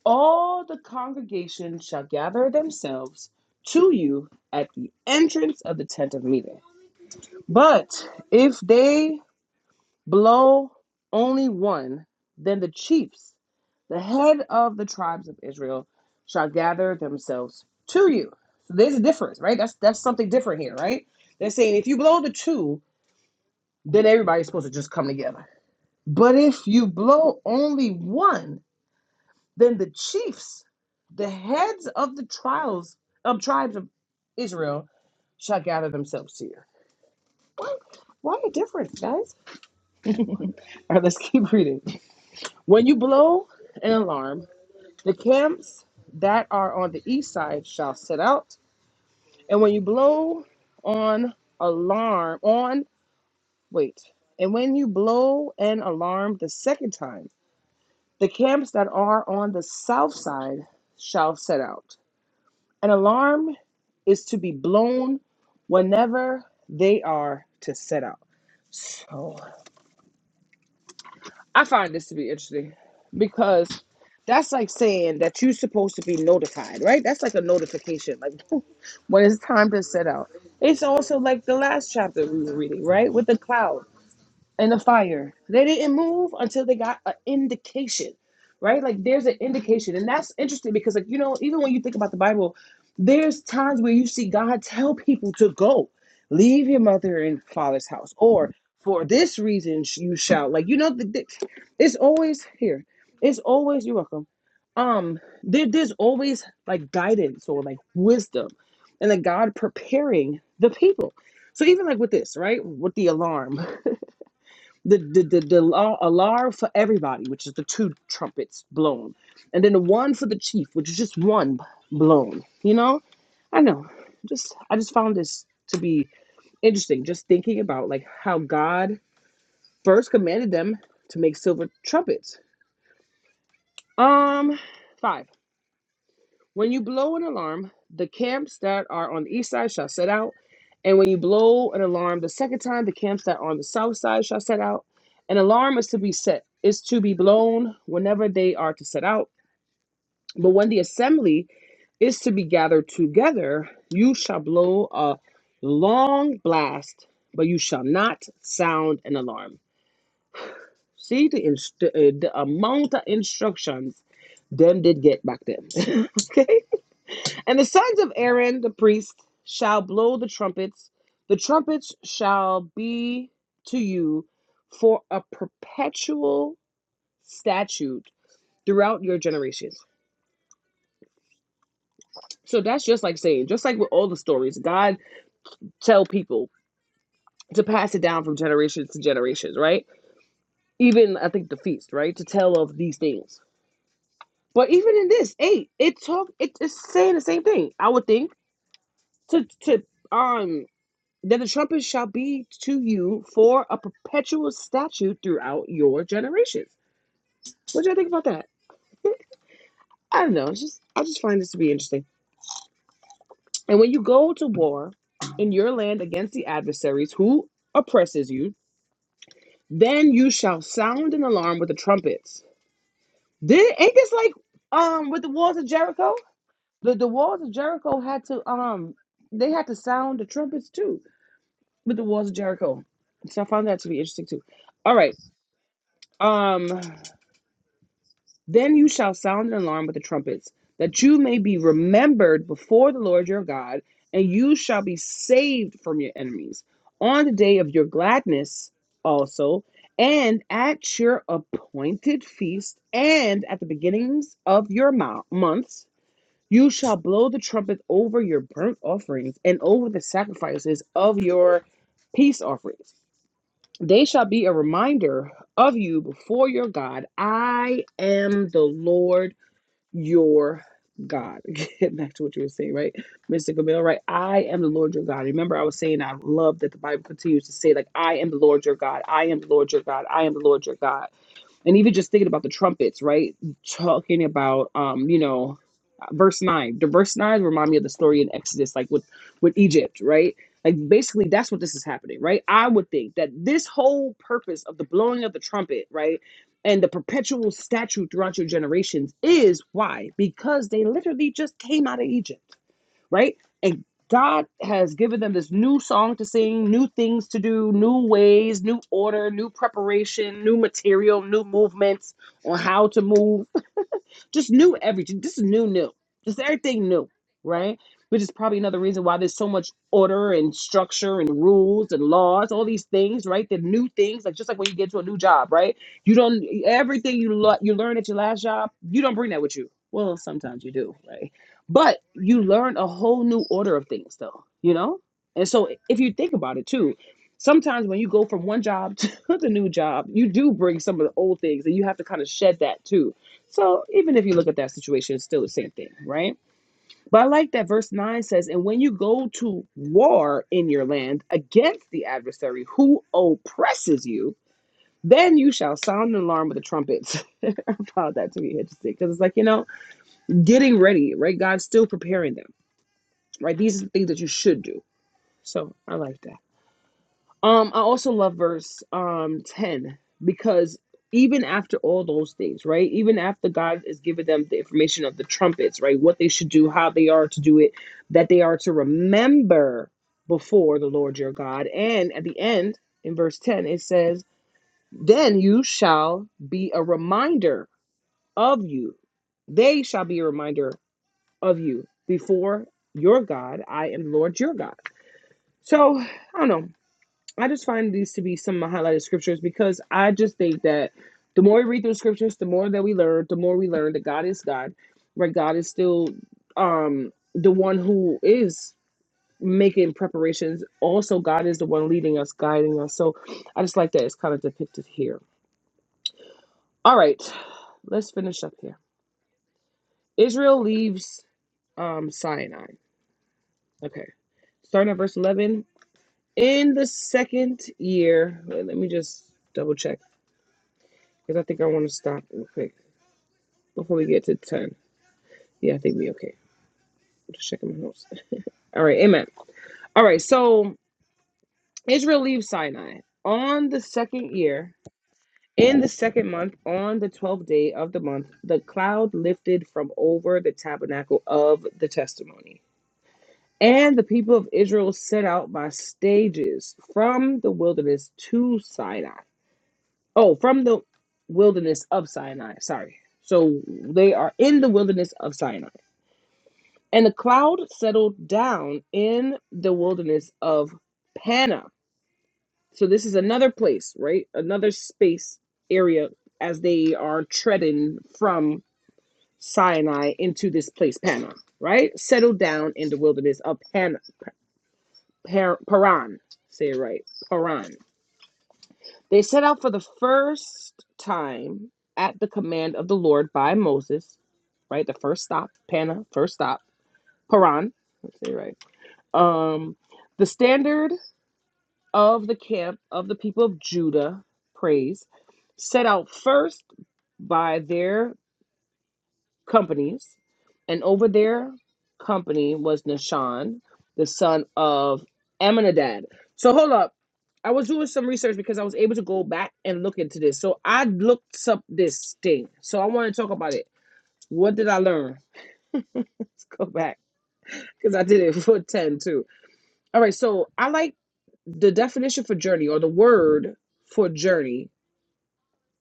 Speaker 1: all the congregation shall gather themselves to you at the entrance of the tent of meeting. But if they blow only one, then the chiefs, the head of the tribes of Israel, shall gather themselves to you. So there's a difference, right? That's that's something different here, right? They're saying if you blow the two, then everybody's supposed to just come together. But if you blow only one, Then the chiefs, the heads of the trials of tribes of Israel, shall gather themselves here. What? Why are you different, guys? All right, let's keep reading. When you blow an alarm, the camps that are on the east side shall set out. And when you blow on alarm, on, wait, and when you blow an alarm the second time, the camps that are on the south side shall set out. An alarm is to be blown whenever they are to set out. So I find this to be interesting because that's like saying that you're supposed to be notified, right? That's like a notification, like when it's time to set out. It's also like the last chapter we were reading, right? With the cloud in the fire. They didn't move until they got an indication, right? Like there's an indication. And that's interesting because, like, you know, even when you think about the Bible, there's times where you see God tell people to go, leave your mother and father's house, or for this reason you shall. Like, you know, the, the- it's always here. It's always, you're welcome. Um, there, there's always like guidance or like wisdom and like God preparing the people. So even like with this, right? With the alarm the the the, the la- alar for everybody, which is the two trumpets blown, and then the one for the chief, which is just one blown. You know, I know. Just I just found this to be interesting. Just thinking about like how God first commanded them to make silver trumpets. Um, five. When you blow an alarm, the camps that are on the east side shall set out. And when you blow an alarm the second time, the camps that are on the south side shall set out. An alarm is to be set, is to be blown whenever they are to set out. But when the assembly is to be gathered together, you shall blow a long blast, but you shall not sound an alarm. See the, inst- uh, the amount of instructions them did get back then. okay? And the sons of Aaron the priest shall blow the trumpets. The trumpets shall be to you for a perpetual statute throughout your generations. So that's just like saying, just like with all the stories, God tell people to pass it down from generations to generations, right? Even I think the feast, right? To tell of these things. But even in this eight, it talk it, it's saying the same thing. I would think to to um Then the trumpet shall be to you for a perpetual statute throughout your generations. What do you think about that? I don't know. It's just I just find this to be interesting. And when you go to war in your land against the adversaries who oppresses you, then you shall sound an alarm with the trumpets. Did ain't this like um with the walls of Jericho? The the walls of Jericho had to um they had to sound the trumpets too with the walls of Jericho. So I found that to be interesting too. All right. Um Then you shall sound an alarm with the trumpets, that you may be remembered before the Lord your God, and you shall be saved from your enemies. On the day of your gladness also, and at your appointed feast, and at the beginnings of your months, you shall blow the trumpet over your burnt offerings and over the sacrifices of your peace offerings. They shall be a reminder of you before your God. I am the Lord your God. Get back to what you were saying, right, Mr. Camille, right? I am the Lord your God. Remember, I was saying I love that the Bible continues to say, like, I am the Lord your God. I am the Lord your God. I am the Lord your God and even just thinking about the trumpets, right? Talking about, um, you know, verse nine. The verse nine remind me of the story in Exodus, like with with Egypt, right? Like basically, that's what this is happening, right? I would think that this whole purpose of the blowing of the trumpet, right, and the perpetual statute throughout your generations is why because they literally just came out of Egypt right? And God has given them this new song to sing, new things to do, new ways, new order, new preparation, new material, new movements on how to move just new everything. This is new, new. Just everything new, right? Which is probably another reason why there's so much order and structure and rules and laws, all these things, right? The new things, like just like when you get to a new job, right? You don't everything you lo- you learn at your last job, you don't bring that with you. Well, sometimes you do, right? But you learn a whole new order of things, though, you know. And so, if you think about it too, sometimes when you go from one job to the new job, you do bring some of the old things and you have to kind of shed that too so even if you look at that situation, it's still the same thing, right? But I like that verse 9 says, And when you go to war in your land against the adversary who oppresses you, then you shall sound an alarm with the trumpets. I found that to be interesting because it's like, you know, getting ready, right? God's still preparing them, right? These are the things that you should do. So I like that. Um, I also love verse um 10 because even after all those things, right? Even after God is giving them the information of the trumpets, right? What they should do, how they are to do it, that they are to remember before the Lord your God. And at the end, in verse 10, it says, Then you shall be a reminder of you. They shall be a reminder of you before your God. I am the Lord your God. So I don't know. I just find these to be some of my highlighted scriptures because I just think that the more we read through scriptures, the more that we learn, the more we learn that God is God, right? God is still um the one who is making preparations. Also, God is the one leading us, guiding us. So I just like that it's kind of depicted here. All right, let's finish up here. Israel leaves um Sinai. Okay. Starting at verse 11. In the second year, wait, let me just double check. Because I think I want to stop real quick before we get to 10. Yeah, I think we okay. I'm just checking my notes. All right, amen. All right, so Israel leaves Sinai on the second year, in the second month, on the 12th day of the month, the cloud lifted from over the tabernacle of the testimony. And the people of Israel set out by stages from the wilderness to Sinai. Oh, from the wilderness of Sinai. Sorry. So they are in the wilderness of Sinai. And the cloud settled down in the wilderness of Panna. So this is another place, right? Another space area as they are treading from Sinai into this place, Panna, right? Settled down in the wilderness of Panna, Par- Paran. Say it right, Paran. They set out for the first time at the command of the Lord by Moses, right? The first stop, Panna, first stop, Paran. Let's say it right Um, the standard of the camp of the people of Judah, praise, set out first by their companies, and over their company was Nashan, the son of Amminadab. So hold up. I was doing some research because I was able to go back and look into this. So I looked up this thing. So I want to talk about it. What did I learn? Go back because I did it for 10 too. All right. So I like the definition for journey or the word for journey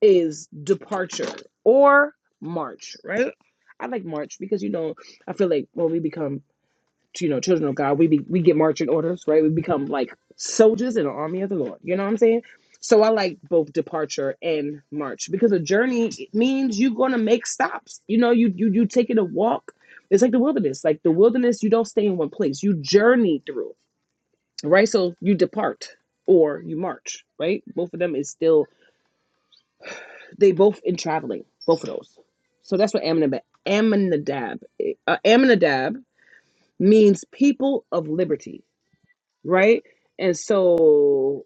Speaker 1: is departure or march, right? I like March because you know I feel like when we become you know children of God, we be, we get marching orders, right? We become like soldiers in the army of the Lord. You know what I'm saying? So I like both departure and march because a journey means you're gonna make stops. You know, you you you taking a walk. It's like the wilderness. Like the wilderness, you don't stay in one place. You journey through right? So you depart or you march, right? Both of them is still they both in traveling, both of those. So that's what Amminadab Amminadab uh, Amminadab means people of liberty, right? And so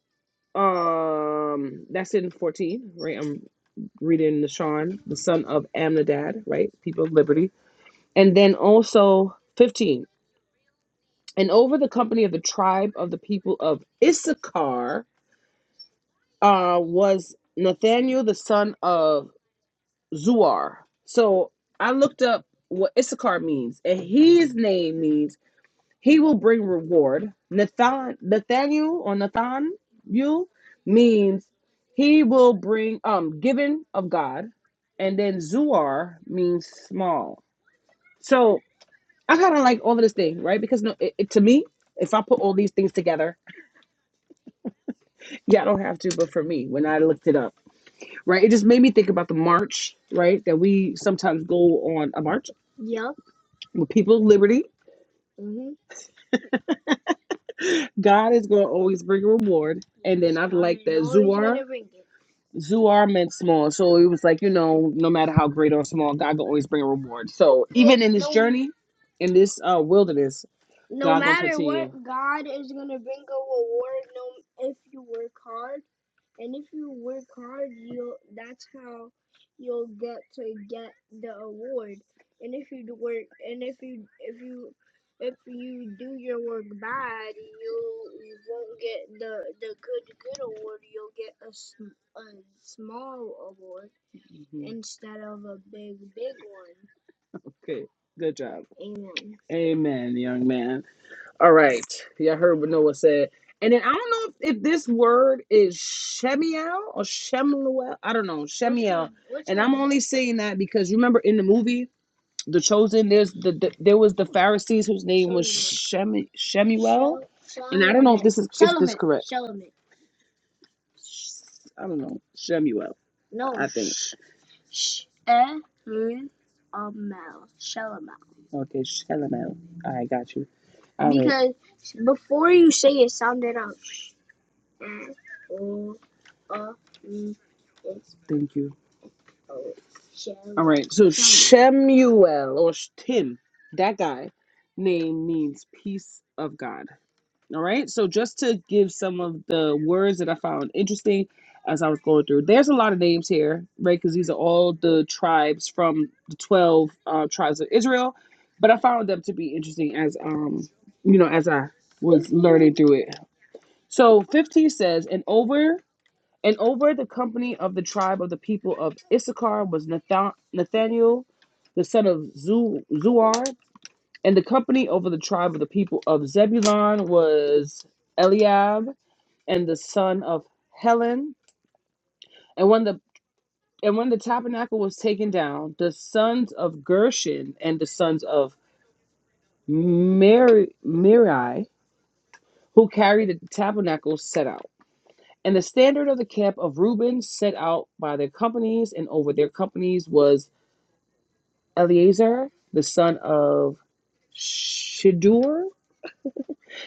Speaker 1: um that's in 14, right? I'm reading the Sean, the son of Amminadab, right? People of liberty. And then also 15. And over the company of the tribe of the people of Issachar, uh, was Nathaniel the son of Zuar. So I looked up what Issachar means, and his name means he will bring reward. Nathan Nathaniel or Nathan you means he will bring um given of God, and then Zuar means small. So I kind of like all of this thing, right? Because no, it, it- to me, if I put all these things together, yeah, I don't have to, but for me, when I looked it up. right? It just made me think about the march, right? That we sometimes go on a march with people of liberty. God is going to always bring a reward. And then I'd like that Zuar, Zuar meant small. So it was like, you know, no matter how great or small, God can always bring a reward. So in this uh, wilderness, Mm-hmm. okay, good job. Amen, young man. All right. Y'all heard what Noah said. And then I don't know if, if this word is Shemiel or Shemuel. I don't know. only saying that because you remember in the movie The Chosen, there's the, the there was the Pharisees whose name Shemu Shemu I don't know Shemuel. Okay, Shemuel. I got you. I thank you. All right, so Shemuel or Tim, that guy name means peace of God. All right. So just to give some of the words that I found interesting as I was going through, there's a lot of names here, right? Because these are all the tribes from the twelve uh, tribes of Israel. But I found them to be interesting as um, you know, as I was learning through it. So 15 says, and over and over the company of the tribe of the people of Issachar was Nathan- Nathaniel, the son of Zu- Zuar, and the company over the tribe of the people of Zebulun was Eliab and the son of Helon. And when the and when the tabernacle was taken down, the sons of Gershon and the sons of Meri, Meri who carried the tabernacle, set out. And the standard of the camp of Reuben set out by their companies, and over their companies was Eleazar, the son of Shadur,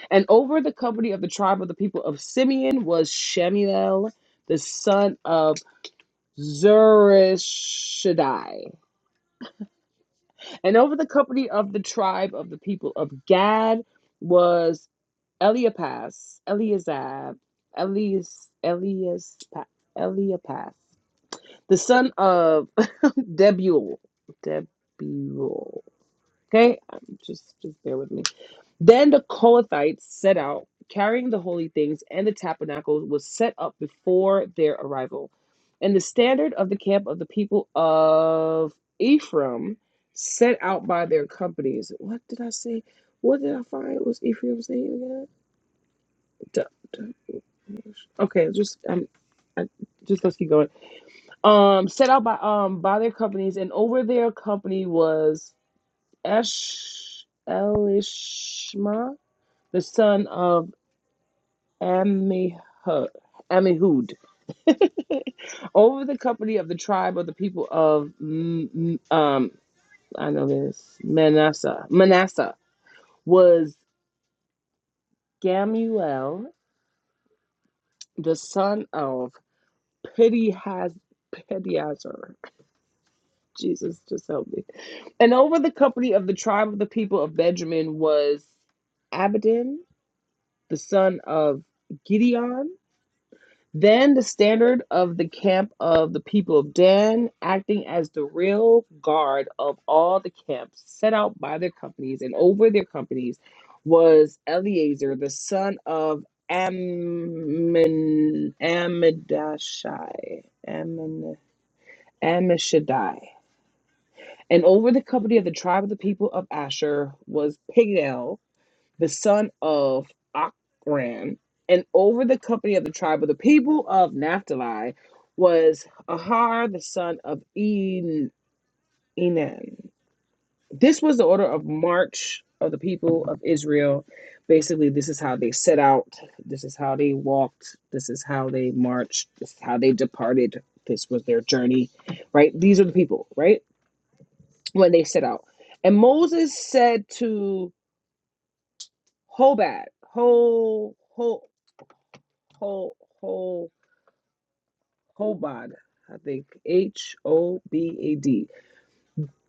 Speaker 1: And over the company of the tribe of the people of Simeon was Shemuel, the son of Zurishaddai. And over the company of the tribe of the people of Gad was Eliapas, Eliazab, Elias, Elias, Eliapas, the son of Debul. Debul. Okay, Um, just just bear with me. Then the Kohathites set out, carrying the holy things, and the tabernacle was set up before their arrival. And the standard of the camp of the people of Ephraim, set out by their companies. What did I say? What did I find? Was Ephraim's name again? Duh, duh. Okay, just um, I, just let's keep going. Um, set out by um by their companies, and over their company was Esh Elishma, the son of Amihu- Amihud over the company of the tribe of the people of M- M- um I know this Manasseh. Manasseh was Gamuel, the son of Pedihaz Pediazer. Jesus, just help me. And over the company of the tribe of the people of Benjamin was Abidan, the son of Gideon. Then the standard of the camp of the people of Dan, acting as the real guard of all the camps set out by their companies and over their companies, was Eleazar, the son of Ammin- Amidashai. Ammin- Ammishaddai. And over the company of the tribe of the people of Asher was Pigel, the son of Akran, and over the company of the tribe of the people of Naphtali was Ahar, the son of En- Enan. This was the order of march of the people of Israel. Basically, this is how they set out, this is how they walked, this is how they marched, this is how they departed, this was their journey, right? These are the people, right? When they set out. And Moses said to Hobad, Ho, Ho, whole whole Hobad, I think H O B A D.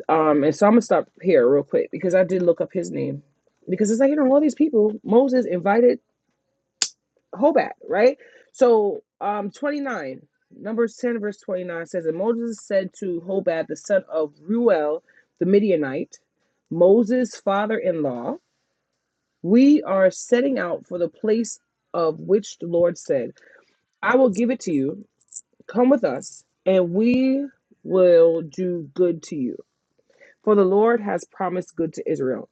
Speaker 1: Um, and so I'm gonna stop here real quick because I did look up his name because it's like you know all these people Moses invited Hobad, right? So um, 29 Numbers 10 verse 29 says, and Moses said to Hobad the son of Ruel the Midianite, Moses' father-in-law, we are setting out for the place of which the Lord said, I will give it to you Come with us, and we will do good to you. For the Lord has promised good to Israel.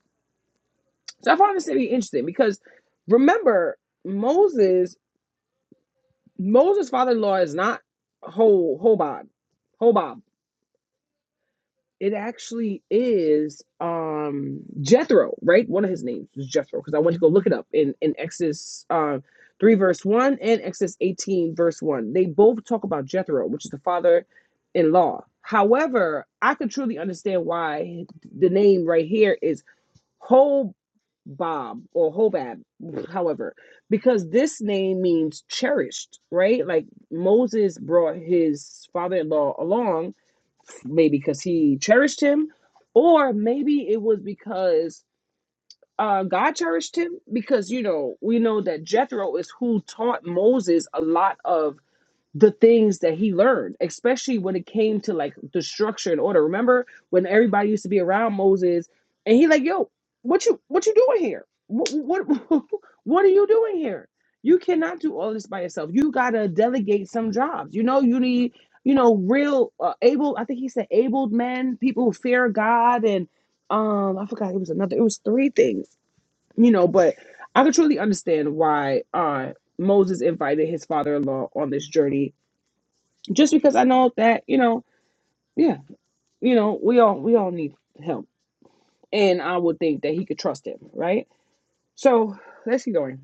Speaker 1: So I found this to be interesting because remember, Moses, Moses' father in law is not Hobab, Hobab. It actually is um Jethro, right? One of his names is Jethro because I went to go look it up in in Exodus uh, three verse one and Exodus eighteen verse one. They both talk about Jethro, which is the father-in-law. However, I could truly understand why the name right here is Hobab or Hobab, however, because this name means cherished, right? Like Moses brought his father-in-law along maybe because he cherished him, or maybe it was because uh, God cherished him. Because you know, we know that Jethro is who taught Moses a lot of the things that he learned, especially when it came to like the structure and order. Remember when everybody used to be around Moses, and he like, "Yo, what you what you doing here? What what what are you doing here? You cannot do all this by yourself. You gotta delegate some jobs. You know, you need you know real uh, able. I think he said abled men, people who fear God, and um, I forgot it was another. It was three things, you know. But I could truly understand why uh Moses invited his father-in-law on this journey just because I know that you know, yeah, you know, we all we all need help, and I would think that he could trust him, right? So let's keep going.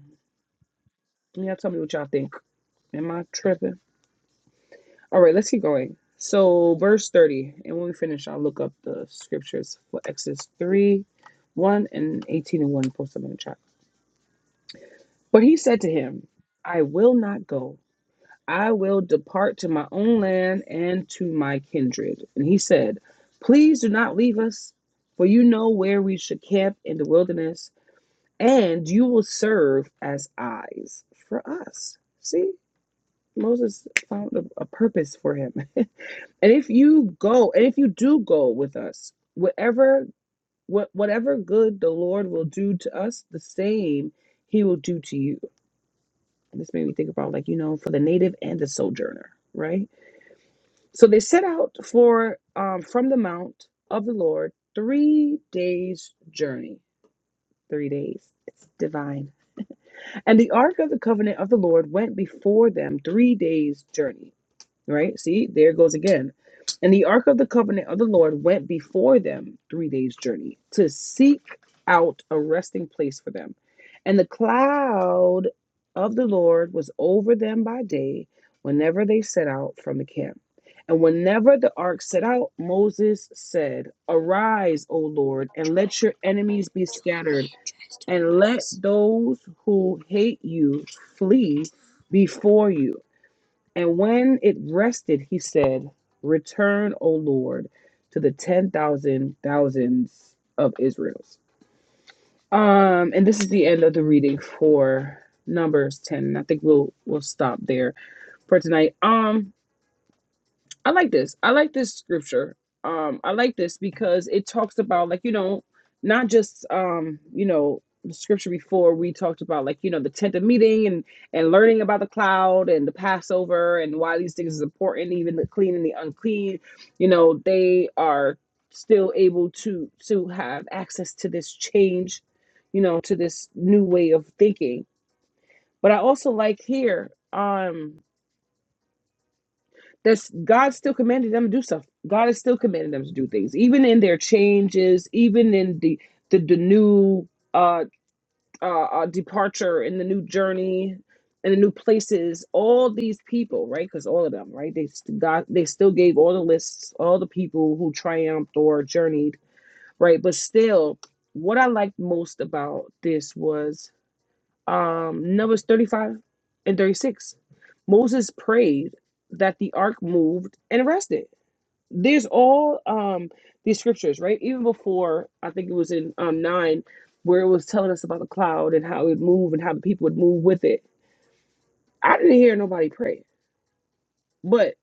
Speaker 1: Y'all tell me what y'all think. Am I tripping? All right, let's keep going. So verse thirty, and when we finish, I'll look up the scriptures for Exodus three, one and eighteen and one. Post them in the chat. But he said to him, "I will not go. I will depart to my own land and to my kindred. And he said, Please do not leave us, for you know where we should camp in the wilderness, and you will serve as eyes for us. See, Moses found a, a purpose for him. and if you go, and if you do go with us, whatever what whatever good the Lord will do to us, the same he will do to you. And this made me think about like, you know, for the native and the sojourner, right? So they set out for um, from the mount of the Lord three days' journey. Three days. It's divine. And the ark of the covenant of the Lord went before them three days' journey. Right? See, there it goes again. And the ark of the covenant of the Lord went before them three days' journey to seek out a resting place for them. And the cloud of the Lord was over them by day whenever they set out from the camp. And whenever the ark set out, Moses said, Arise, O Lord, and let your enemies be scattered, and let those who hate you flee before you. And when it rested, he said, Return, O Lord, to the ten thousand thousands of Israel's. Um, and this is the end of the reading for Numbers 10. I think we'll we'll stop there for tonight. Um, I like this. I like this scripture. Um, I like this because it talks about like you know, not just um, you know, the scripture before we talked about like you know the tent of meeting and and learning about the cloud and the Passover and why these things is important, even the clean and the unclean. You know, they are still able to to have access to this change, you know, to this new way of thinking. But I also like here. Um, that's God still commanded them to do stuff. God is still commanding them to do things, even in their changes, even in the the, the new uh, uh, uh departure, in the new journey, in the new places. All these people, right? Because all of them, right? They st- God, they still gave all the lists, all the people who triumphed or journeyed, right? But still, what I liked most about this was um, Numbers 35 and 36. Moses prayed that the ark moved and rested. There's all um, these scriptures, right? Even before, I think it was in um, 9, where it was telling us about the cloud and how it would move and how the people would move with it. I didn't hear nobody pray, but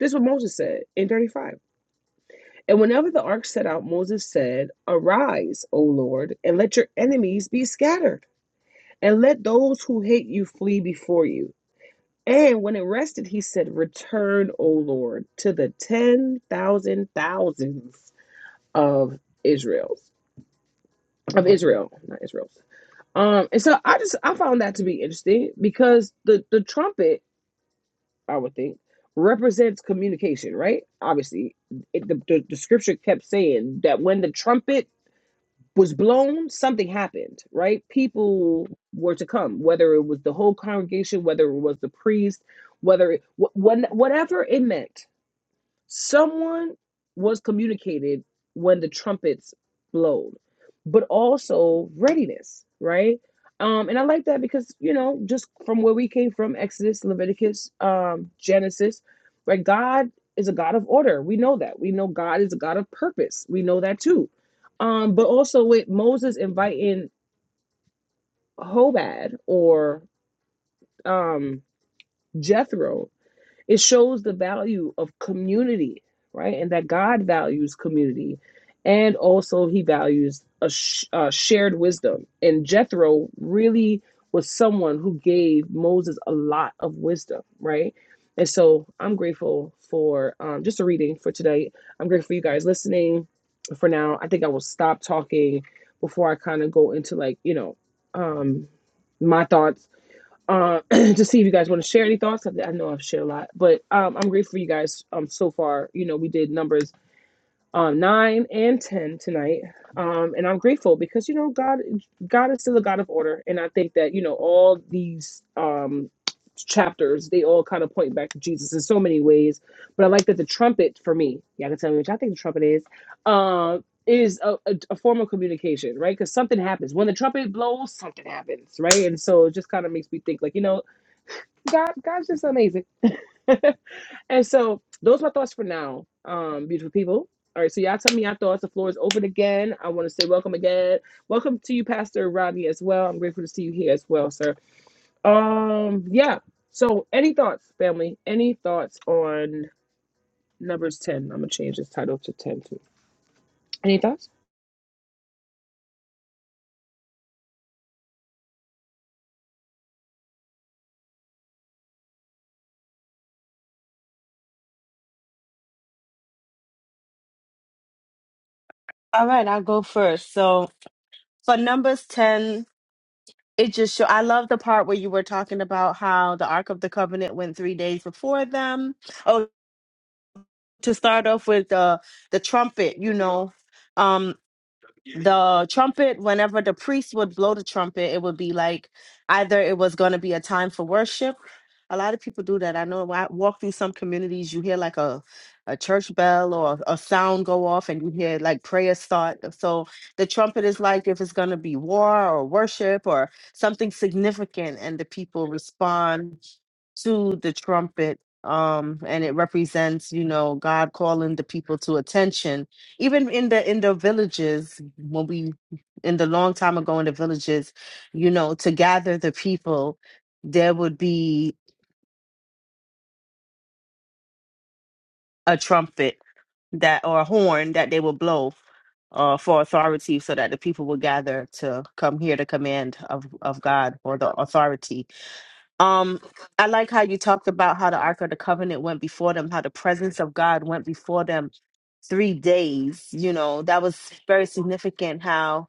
Speaker 1: this is what Moses said in 35. And whenever the ark set out, Moses said, Arise, O Lord, and let your enemies be scattered, and let those who hate you flee before you. And when it rested, he said, Return, O Lord, to the ten thousand thousands of Israel's of Israel, not Israel's. Um, and so I just I found that to be interesting because the the trumpet, I would think, represents communication, right? Obviously, it, the, the the scripture kept saying that when the trumpet was blown, something happened, right? People were to come, whether it was the whole congregation, whether it was the priest, whether it, wh- when, whatever it meant someone was communicated when the trumpets blowed but also readiness right um and i like that because you know just from where we came from exodus leviticus um genesis right god is a god of order we know that we know god is a god of purpose we know that too um but also with moses inviting hobad or um jethro it shows the value of community, right? And that God values community. And also, he values a sh- uh, shared wisdom. And Jethro really was someone who gave Moses a lot of wisdom, right? And so I'm grateful for um, just a reading for today. I'm grateful for you guys listening for now. I think I will stop talking before I kind of go into like, you know, um, my thoughts uh, to see if you guys want to share any thoughts. I I know I've shared a lot, but um, I'm grateful for you guys um, so far. You know, we did numbers um, nine and ten tonight, um, and I'm grateful because you know God, God is still a God of order, and I think that you know all these um, chapters they all kind of point back to Jesus in so many ways. But I like that the trumpet for me, y'all can tell me which I think the trumpet is. Uh, is a, a, a form of communication, right? Because something happens when the trumpet blows, something happens, right? And so it just kind of makes me think, like you know, God, God's just amazing. and so those are my thoughts for now, um, beautiful people. All right, so y'all tell me your thoughts. The floor is open again. I want to say welcome again. Welcome to you, Pastor Rodney, as well. I'm grateful to see you here as well, sir. Um, yeah. So any thoughts, family? Any thoughts on numbers 10? I'm gonna change this title to 10 too. Any thoughts?
Speaker 2: all right i'll go first so for numbers 10 It just show. I love the part where you were talking about how the Ark of the Covenant went three days before them. Oh, to start off with the the trumpet, you know. um, the trumpet whenever the priest would blow the trumpet it would be like either it was going to be a time for worship a lot of people do that i know when i walk through some communities you hear like a a church bell or a sound go off and you hear like prayer start so the trumpet is like if it's going to be war or worship or something significant and the people respond to the trumpet um and it represents you know god calling the people to attention even in the in the villages when we in the long time ago in the villages you know to gather the people there would be a trumpet that or a horn that they would blow uh for authority so that the people would gather to come hear the command of of god or the authority Um, I like how you talked about how the Ark of the Covenant went before them, how the presence of God went before them three days. You know, that was very significant how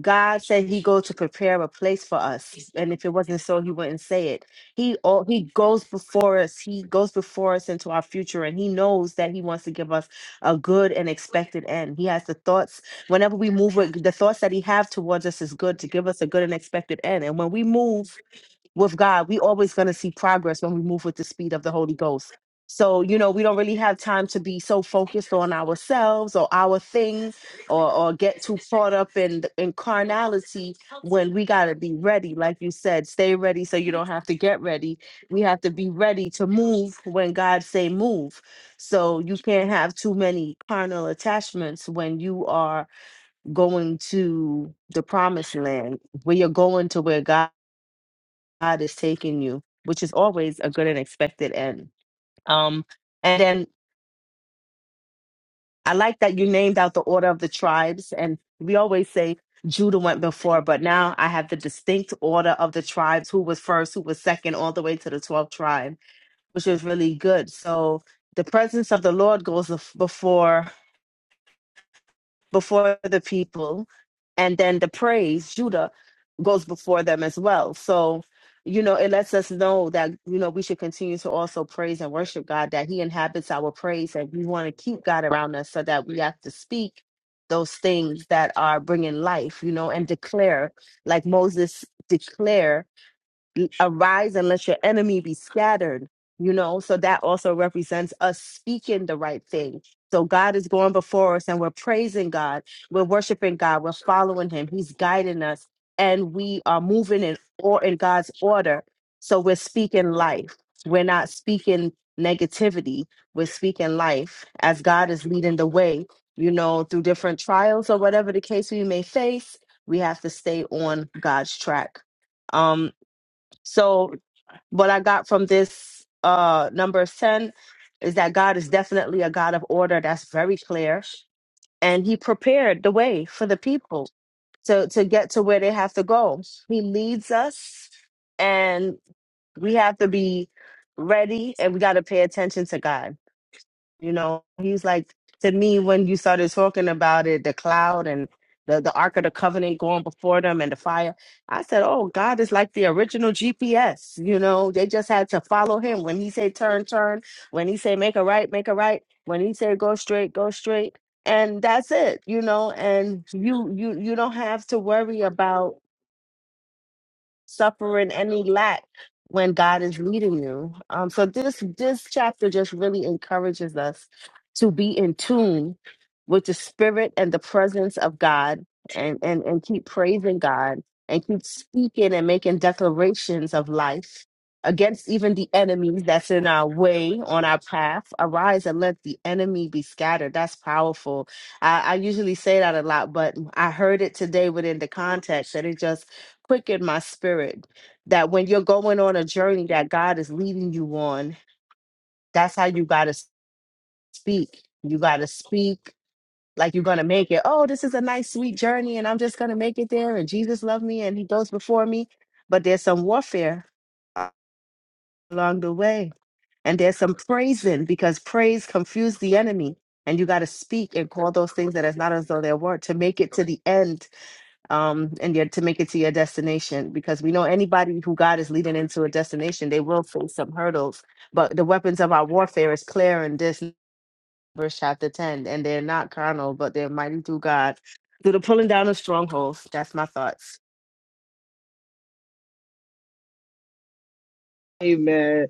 Speaker 2: God said he go to prepare a place for us. And if it wasn't so, he wouldn't say it. He all he goes before us, he goes before us into our future, and he knows that he wants to give us a good and expected end. He has the thoughts whenever we move with the thoughts that he have towards us is good to give us a good and expected end. And when we move with God, we always going to see progress when we move with the speed of the Holy Ghost. So, you know, we don't really have time to be so focused on ourselves or our things or, or get too caught up in, in carnality when we got to be ready. Like you said, stay ready so you don't have to get ready. We have to be ready to move when God say move. So you can't have too many carnal attachments when you are going to the promised land, where you're going to where God God is taking you, which is always a good and expected end. Um, and then I like that you named out the order of the tribes, and we always say Judah went before, but now I have the distinct order of the tribes: who was first, who was second, all the way to the twelfth tribe, which is really good. So the presence of the Lord goes af- before. before the people and then the praise judah goes before them as well so you know it lets us know that you know we should continue to also praise and worship god that he inhabits our praise and we want to keep god around us so that we have to speak those things that are bringing life you know and declare like moses declare arise and let your enemy be scattered you know so that also represents us speaking the right thing so god is going before us and we're praising god we're worshiping god we're following him he's guiding us and we are moving in or in god's order so we're speaking life we're not speaking negativity we're speaking life as god is leading the way you know through different trials or whatever the case we may face we have to stay on god's track Um. So what I got from this uh number 10 is that God is definitely a God of order. That's very clear. And he prepared the way for the people to, to get to where they have to go. He leads us and we have to be ready and we got to pay attention to God. You know, he's like to me when you started talking about it, the cloud and the the Ark of the Covenant going before them and the fire. I said, "Oh, God is like the original GPS." You know, they just had to follow him when he said turn, turn. When he said make a right, make a right. When he said go straight, go straight. And that's it. You know, and you you you don't have to worry about suffering any lack when God is leading you. Um, so this this chapter just really encourages us to be in tune with the spirit and the presence of God and and, and keep praising God and keep speaking and making declarations of life against even the enemies that's in our way on our path arise and let the enemy be scattered that's powerful I, I usually say that a lot but i heard it today within the context and it just quicken my spirit that when you're going on a journey that God is leading you on, that's how you got to speak. You got to speak like you're going to make it. Oh, this is a nice, sweet journey, and I'm just going to make it there. And Jesus loved me, and He goes before me. But there's some warfare a- along the way, and there's some praising because praise confused the enemy. And you got to speak and call those things that is not as though they were to make it to the end um, and your, to make it to your destination. Because we know anybody who God is leading into a destination, they will face some hurdles. But the weapons of our warfare is clear in this verse, chapter 10, and they're not carnal, but they're mighty through God. Through the pulling down of strongholds, that's my thoughts.
Speaker 1: Amen.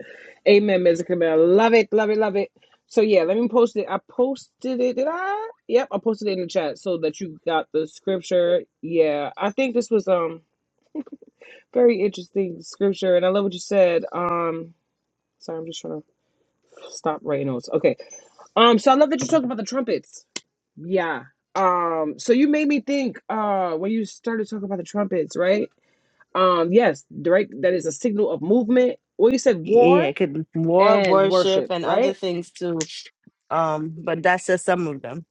Speaker 1: Amen, Mr. Camille. Love it, love it, love it. So yeah, let me post it. I posted it. Did I? Yep, I posted it in the chat so that you got the scripture. Yeah. I think this was um very interesting scripture and I love what you said. Um sorry, I'm just trying to stop writing notes. Okay. Um so I love that you talked about the trumpets. Yeah. Um, so you made me think uh when you started talking about the trumpets, right? Um, yes, direct that is a signal of movement. Well, you said
Speaker 2: Yeah,
Speaker 1: war
Speaker 2: it could be war,
Speaker 1: and
Speaker 2: worship,
Speaker 1: worship,
Speaker 2: and other
Speaker 1: right?
Speaker 2: things too. Um, but that's just some of them.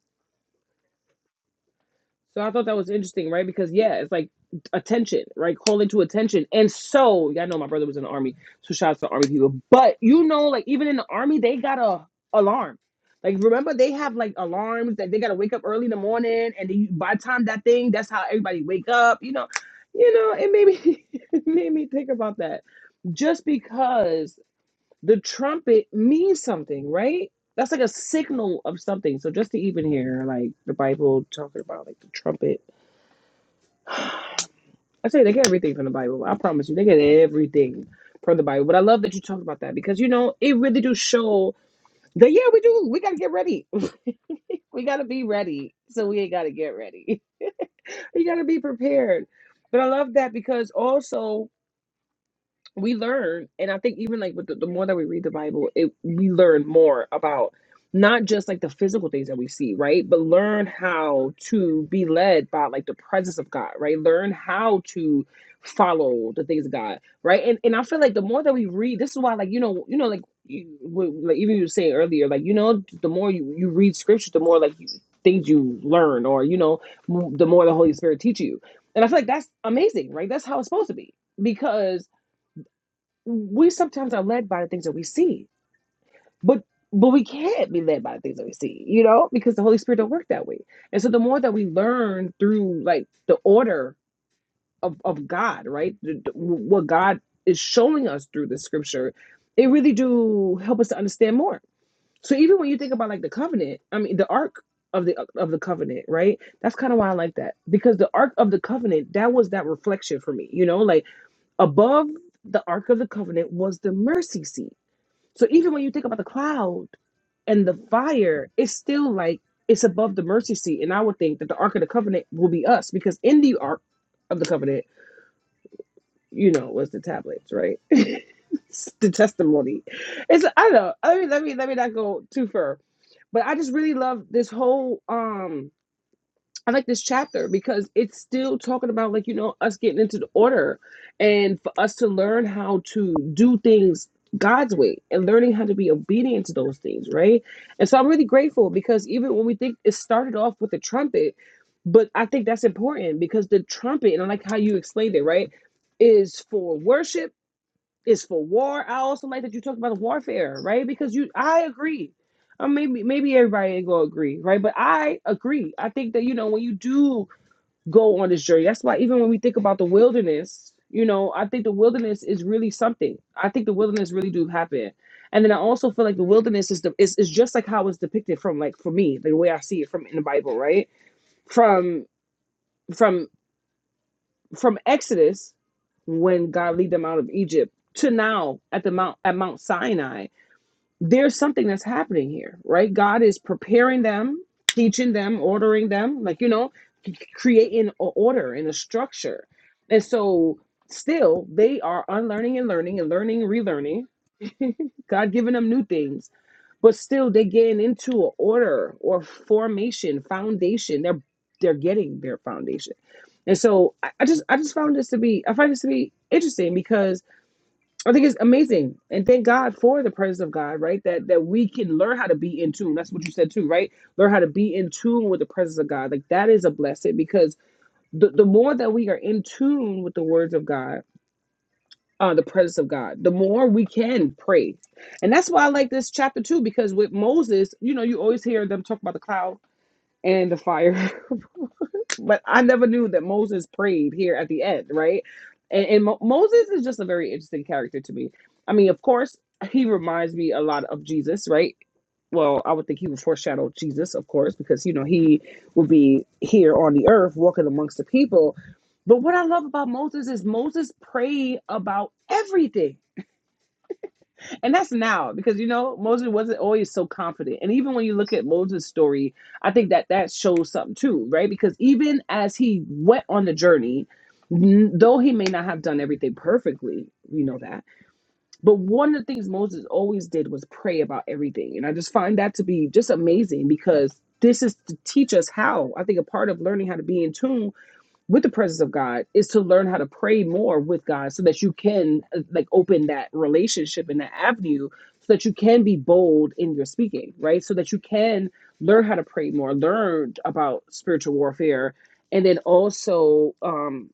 Speaker 1: So I thought that was interesting, right? Because yeah, it's like attention, right? Calling to attention. And so, y'all know my brother was in the army, so shout out to army people. But you know, like even in the army, they got a alarm. Like remember, they have like alarms that they gotta wake up early in the morning, and then you- by the time that thing, that's how everybody wake up. You know, you know, it made me it made me think about that. Just because the trumpet means something, right? That's like a signal of something. So just to even hear like the Bible talking about like the trumpet, I say they get everything from the Bible. I promise you, they get everything from the Bible. But I love that you talked about that because you know it really do show that yeah we do we gotta get ready, we gotta be ready. So we ain't gotta get ready. we gotta be prepared. But I love that because also we learn and i think even like with the, the more that we read the bible it we learn more about not just like the physical things that we see right but learn how to be led by like the presence of god right learn how to follow the things of god right and and i feel like the more that we read this is why like you know you know like you, w- like even you were saying earlier like you know the more you you read scripture the more like you, things you learn or you know m- the more the holy spirit teaches you and i feel like that's amazing right that's how it's supposed to be because we sometimes are led by the things that we see, but but we can't be led by the things that we see, you know, because the Holy Spirit don't work that way. And so the more that we learn through like the order of of God, right, the- the- what God is showing us through the Scripture, it really do help us to understand more. So even when you think about like the covenant, I mean the ark of the of the covenant, right? That's kind of why I like that because the ark of the covenant that was that reflection for me, you know, like above the ark of the covenant was the mercy seat so even when you think about the cloud and the fire, it's still like it's above the mercy seat. And I would think that the Ark of the Covenant will be us because in the Ark of the Covenant, you know, was the tablets, right? It's the testimony. It's I don't know. I mean, let me let me not go too far. But I just really love this whole um I like this chapter because it's still talking about like you know us getting into the order and for us to learn how to do things God's way and learning how to be obedient to those things, right? And so I'm really grateful because even when we think it started off with the trumpet, but I think that's important because the trumpet and I like how you explained it, right? Is for worship is for war. I also like that you talked about warfare, right? Because you, I agree. Uh, maybe maybe everybody ain't gonna agree, right? But I agree. I think that you know when you do go on this journey, that's why even when we think about the wilderness, you know, I think the wilderness is really something. I think the wilderness really do happen, and then I also feel like the wilderness is the is, is just like how it's depicted from like for me the way I see it from in the Bible, right? From from from Exodus when God lead them out of Egypt to now at the Mount at Mount Sinai, there's something that's happening here, right? God is preparing them, teaching them, ordering them, like you know, creating an order and a structure. And so still they are unlearning and learning and learning and relearning, God giving them new things but still they're getting into an order or formation foundation they're they're getting their foundation and so I, I just i just found this to be i find this to be interesting because i think it's amazing and thank god for the presence of god right that that we can learn how to be in tune that's what you said too right learn how to be in tune with the presence of god like that is a blessing because the, the more that we are in tune with the words of god uh, the presence of God, the more we can pray. And that's why I like this chapter too, because with Moses, you know, you always hear them talk about the cloud and the fire, but I never knew that Moses prayed here at the end, right? And, and Mo- Moses is just a very interesting character to me. I mean, of course, he reminds me a lot of Jesus, right? Well, I would think he would foreshadow Jesus, of course, because you know he would be here on the earth walking amongst the people. But what I love about Moses is Moses prayed about everything and that's now because you know Moses wasn't always so confident. And even when you look at Moses' story, I think that that shows something too, right? Because even as he went on the journey, n- though he may not have done everything perfectly, we know that. But one of the things Moses always did was pray about everything. And I just find that to be just amazing because this is to teach us how. I think a part of learning how to be in tune with the presence of God is to learn how to pray more with God so that you can uh, like open that relationship and that avenue so that you can be bold in your speaking, right? So that you can learn how to pray more, learn about spiritual warfare, and then also um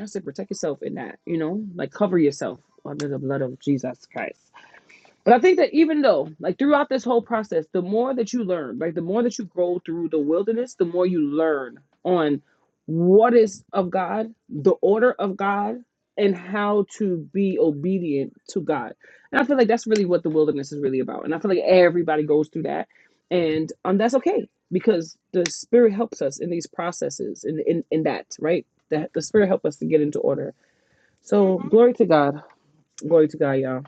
Speaker 1: I say protect yourself in that, you know, like cover yourself under the blood of Jesus Christ. And I think that even though, like throughout this whole process, the more that you learn, like the more that you grow through the wilderness, the more you learn on what is of God, the order of God, and how to be obedient to God. And I feel like that's really what the wilderness is really about. And I feel like everybody goes through that. And um, that's okay because the Spirit helps us in these processes, in, in, in that, right? The, the Spirit helps us to get into order. So glory to God. Glory to God, y'all.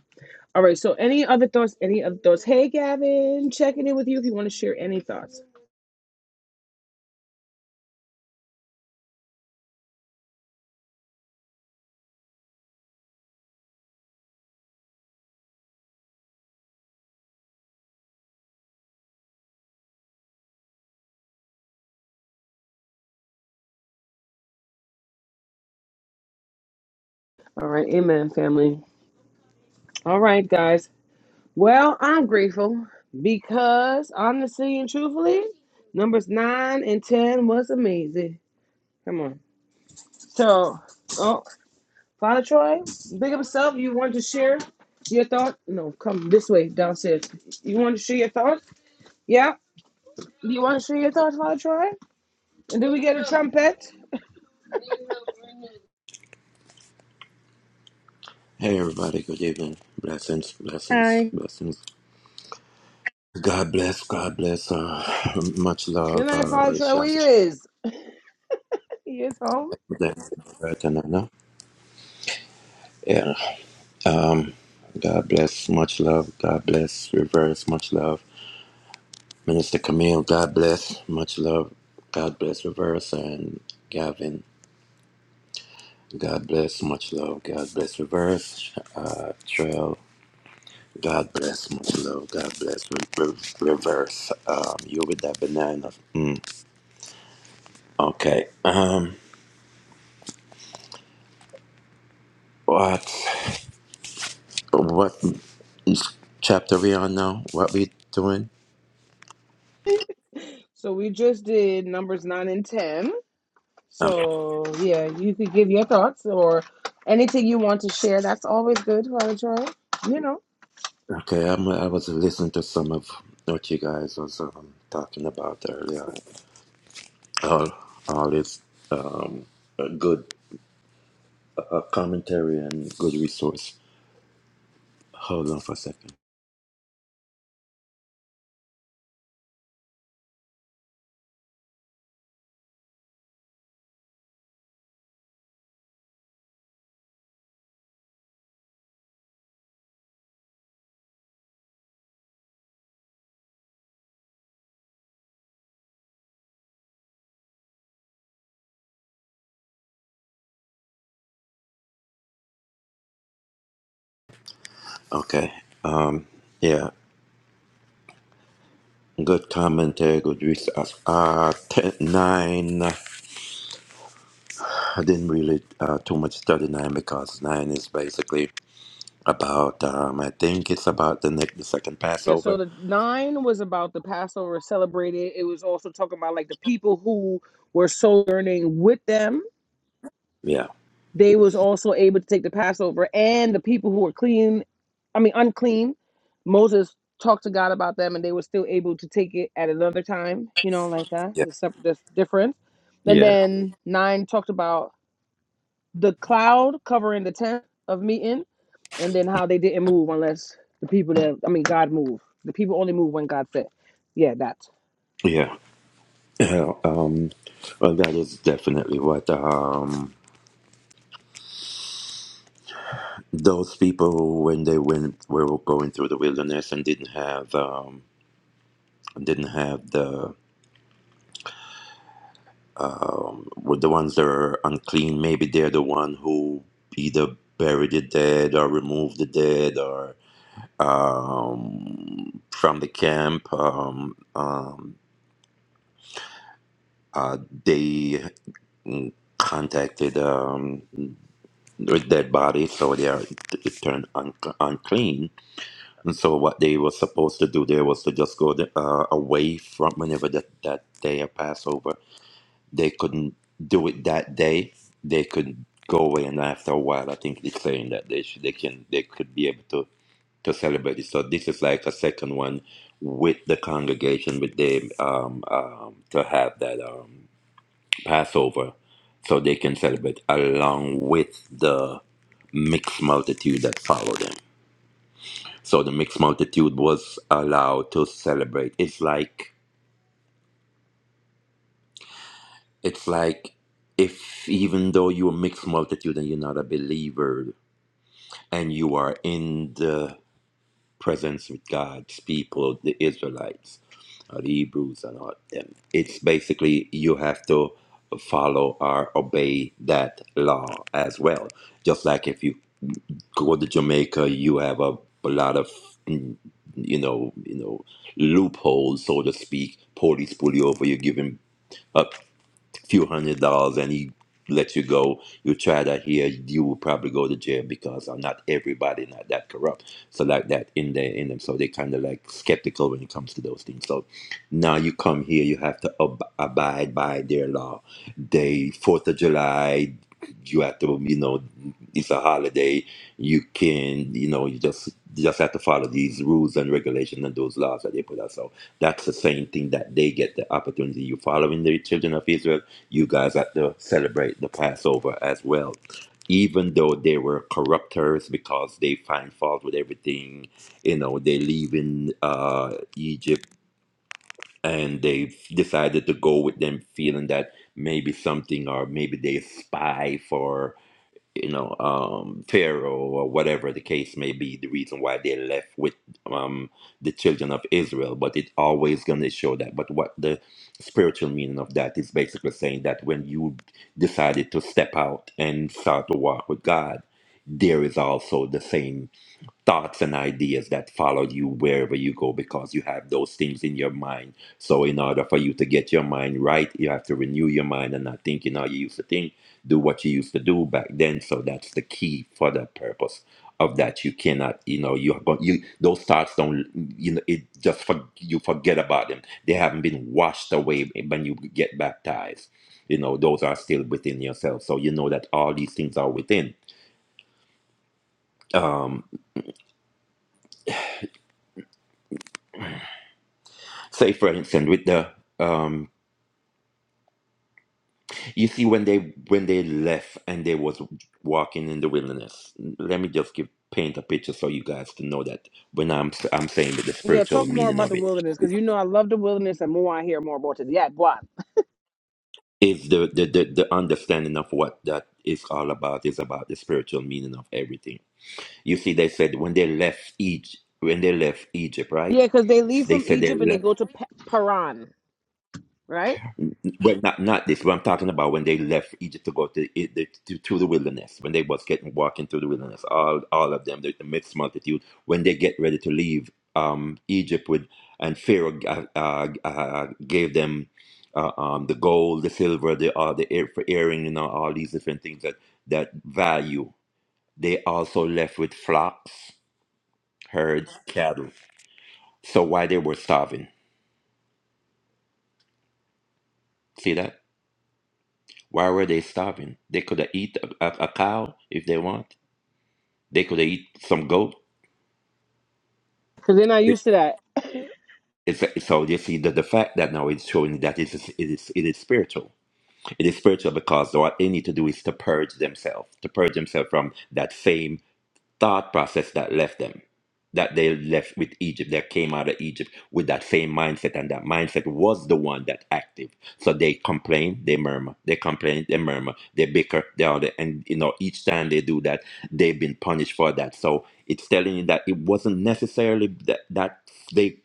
Speaker 1: All right. So, any other thoughts? Any other thoughts? Hey, Gavin, checking in with you if you want to share any thoughts. All right. Amen, family. All right, guys. Well, I'm grateful because honestly and truthfully, numbers nine and 10 was amazing. Come on. So, oh, Father Troy, big up yourself. You want to share your thought? No, come this way downstairs. You want to share your thoughts? Yeah. Do You want to share your thoughts, Father Troy? And then we get a trumpet.
Speaker 3: Hey everybody, good evening. Blessings, blessings,
Speaker 2: Hi.
Speaker 3: blessings. God bless, God bless. Uh, much love,
Speaker 1: Tonight,
Speaker 3: uh,
Speaker 1: Father Troy, where you
Speaker 3: Shanti
Speaker 1: is? He is home.
Speaker 3: Tanana. Yeah, God bless, much love, God bless, reverse, much love. Minister Camille, God bless, much love, God bless, reverse, and Gavin, God bless, much love, God bless, reverse, uh, Trail, God bless, much love, God bless, re- re- reverse. Um, you with that banana. Mm, okay. Um. What? What is chapter we on now? What we doing?
Speaker 1: So we just did numbers nine and ten.
Speaker 3: Okay,
Speaker 1: So yeah, you could give your thoughts or anything you want to share. That's always good, Father Troy. You know.
Speaker 3: okay. I'm, I was listening to some of what you guys was um, talking about earlier. All, all is um, uh, good uh, commentary and good resource. Hold on for a second. Okay, yeah. Good commentary, good resource. Uh, uh, ten, nine. I didn't really uh, too much study nine because nine is basically about um I think it's about the next the second
Speaker 1: Yeah, so
Speaker 3: Passover.
Speaker 1: the nine was about the Passover celebrated. It was also talking about like the people who were sojourning with them
Speaker 3: Yeah,
Speaker 1: they was also able to take the Passover and the people who were clean, I mean unclean. Moses talked to God about them, and they were still able to take it at another time. You know, like that.
Speaker 3: yeah,
Speaker 1: There's sep- there's difference. And
Speaker 3: yeah,
Speaker 1: then nine talked about the cloud covering the tent of meeting, and then how they didn't move unless the people that I mean God moved. The people only move when God said. Yeah, that.
Speaker 3: yeah. Yeah, um, well, that is definitely what um those people when they went were going through the wilderness and didn't have um didn't have the um were the ones that are unclean. Maybe they're the one who either buried the dead or removed the dead or um from the camp um um uh, they mm, contacted um, with dead body, so they are it turned un- unclean. And so what they were supposed to do there was to just go the, uh, away from whenever that that day of Passover. They couldn't do it that day. They could go away, and after a while, I think it's saying that they should, they can they could be able to to celebrate it. So this is like a second one with the congregation with them um, um, to have that. um, Passover, so they can celebrate along with the mixed multitude that followed them. So the mixed multitude was allowed to celebrate. It's like it's like if even though you're a mixed multitude and you're not a believer and you are in the presence with God's people, the Israelites, or the Hebrews and all them. It's basically you have to follow or obey that law as well. Just like if you go to Jamaica, you have a, a lot of mm, you know you know loopholes, so to speak. Police pull you over, you're giving a few hundred dollars and he lets you go. You try that here, you will probably go to jail because uh, not everybody not that corrupt. So like that in there in them, so they kind of like skeptical when it comes to those things. So now you come here, you have to ab- abide by their law. They Fourth of July, you have to you know it's a holiday. You can you know you just you just have to follow these rules and regulations and those laws that they put out. So that's the same thing that they get the opportunity. You following the children of Israel, you guys had to celebrate the Passover as well. Even though they were corrupters because they find fault with everything, you know, they leave in uh, Egypt and they decided to go with them feeling that maybe something or maybe they spy for you know, um, Pharaoh or whatever the case may be, the reason why they left with um, the children of Israel. But it always going to show that. But what the spiritual meaning of that is basically saying that when you decided to step out and start to walk with God, there is also the same thoughts and ideas that follow you wherever you go because you have those things in your mind. So, in order for you to get your mind right, you have to renew your mind and not thinking how you used to think, do what you used to do back then. So, that's the key for the purpose of that. You cannot, you know, you have you those thoughts don't, you know, it just for, you forget about them. They haven't been washed away when you get baptized. You know, those are still within yourself. So, you know that all these things are within. Um, say, for instance, with the um, You see, when they when they left and they was walking in the wilderness, let me just give paint a picture so you guys can know that when I'm I'm saying that the
Speaker 1: Yeah,
Speaker 3: spiritual
Speaker 1: talk more
Speaker 3: meaning
Speaker 1: about
Speaker 3: of
Speaker 1: the
Speaker 3: it
Speaker 1: wilderness because you know I love the wilderness, and more I hear more about it. Yeah, boy.
Speaker 3: is the the, the the understanding of what that is all about is about the spiritual meaning of everything. You see, they said when they left Egypt, when they left Egypt, right?
Speaker 1: Yeah, because they leave
Speaker 3: They
Speaker 1: from
Speaker 3: said they
Speaker 1: Egypt and they
Speaker 3: left.
Speaker 1: go to P- Paran, right?
Speaker 3: Well, not not this. What I'm talking about when they left Egypt to go to I- the, to, to the wilderness, when they was getting walking through the wilderness, all all of them, the, the mixed multitude, when they get ready to leave um, Egypt with, and Pharaoh uh, uh, uh, gave them uh, um, the gold, the silver, the uh, the ear, for earring, you know, all these different things that that value. They also left with flocks, herds, cattle. So why they were starving? See that? Why were they starving? They could have eat a, a, a cow if they want They could eat some goat.
Speaker 1: Because they're not used to that.
Speaker 3: It's, so you see that the fact that now it's showing that it is it is it is spiritual. It is spiritual because what they need to do is to purge themselves, to purge themselves from that same thought process that left them, that they left with Egypt, that came out of Egypt with that same mindset, and that mindset was the one that active. So they complain, they murmur, they complain, they murmur, they bicker, they all that, and you know each time they do that, they've been punished for that. So it's telling you that it wasn't necessarily that that they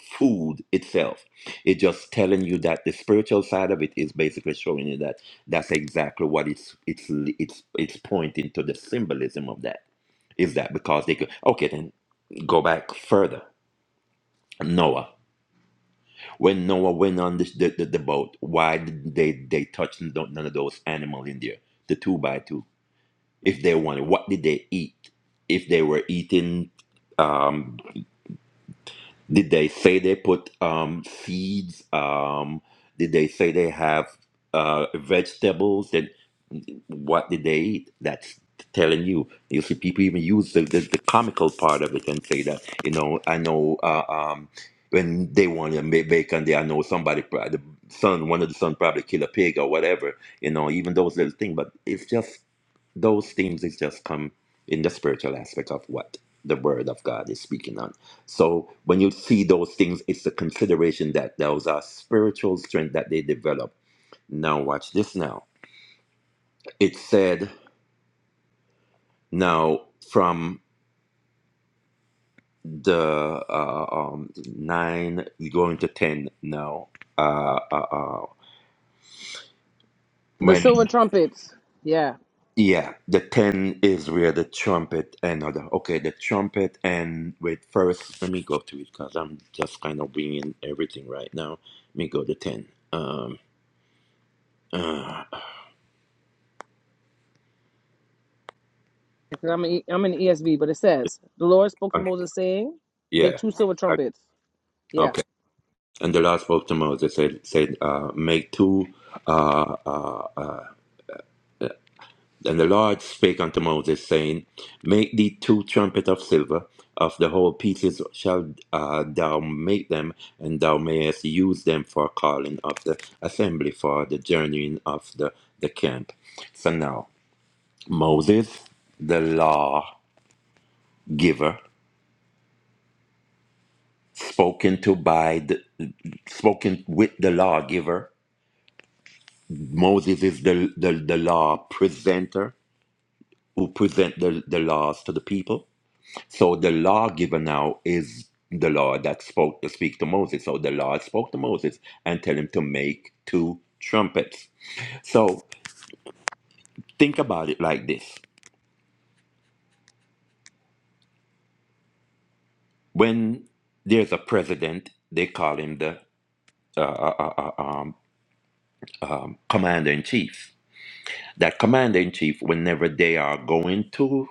Speaker 3: food itself it's just telling you that the spiritual side of it is basically showing you that that's exactly what it's it's it's it's pointing to the symbolism of that is that because they could? Okay, then go back further. Noah. When Noah went on this, the, the, the boat, why did they, they touch n- none of those animals in there? The two by two. If they wanted, what did they eat? If they were eating um, Did they say they put um, seeds? Um, did they say they have uh, vegetables? Then what did they eat? That's telling you. You see, people even use the, the, the comical part of it and say that, you know, I know uh, um, when they want to make bacon, they, I know somebody, pro- the son, one of the son probably kill a pig or whatever, you know, even those little things. But it's just those things is just come in the spiritual aspect of what the word of God is speaking on. So when you see those things, it's the consideration that those are spiritual strength that they develop. Now watch this now. It said now from the uh, um, nine going to ten now. Uh, uh, uh,
Speaker 1: The
Speaker 3: when
Speaker 1: silver trumpets. Yeah.
Speaker 3: Yeah, the ten is where the trumpet and other. Okay, the trumpet and wait. First, let me go to it because I'm just kind of bringing everything right now. Let me go to ten. Um. Uh,
Speaker 1: 'Cause I'm, a, E, I'm in the ESV, but it says, The Lord spoke to
Speaker 3: uh,
Speaker 1: Moses, saying, Make
Speaker 3: yeah.
Speaker 1: two silver
Speaker 3: I-
Speaker 1: trumpets. Yeah.
Speaker 3: Okay. And the last spoke to Moses said said uh, make two uh, uh, uh, And the Lord spake unto Moses, saying, Make thee two trumpets of silver, of the whole pieces shall uh, thou make them, and thou mayest use them for calling of the assembly for the journeying of the, the camp. So now, Moses, the law giver, spoken to by the, spoken with the lawgiver. Moses is the, the, the law presenter who present the, the laws to the people So the law given now is the law that spoke to speak to Moses. So the Lord spoke to Moses and tell him to make two trumpets. So think about it like this. When there's a president, they call him the commander in chief. That commander in chief, whenever they are going to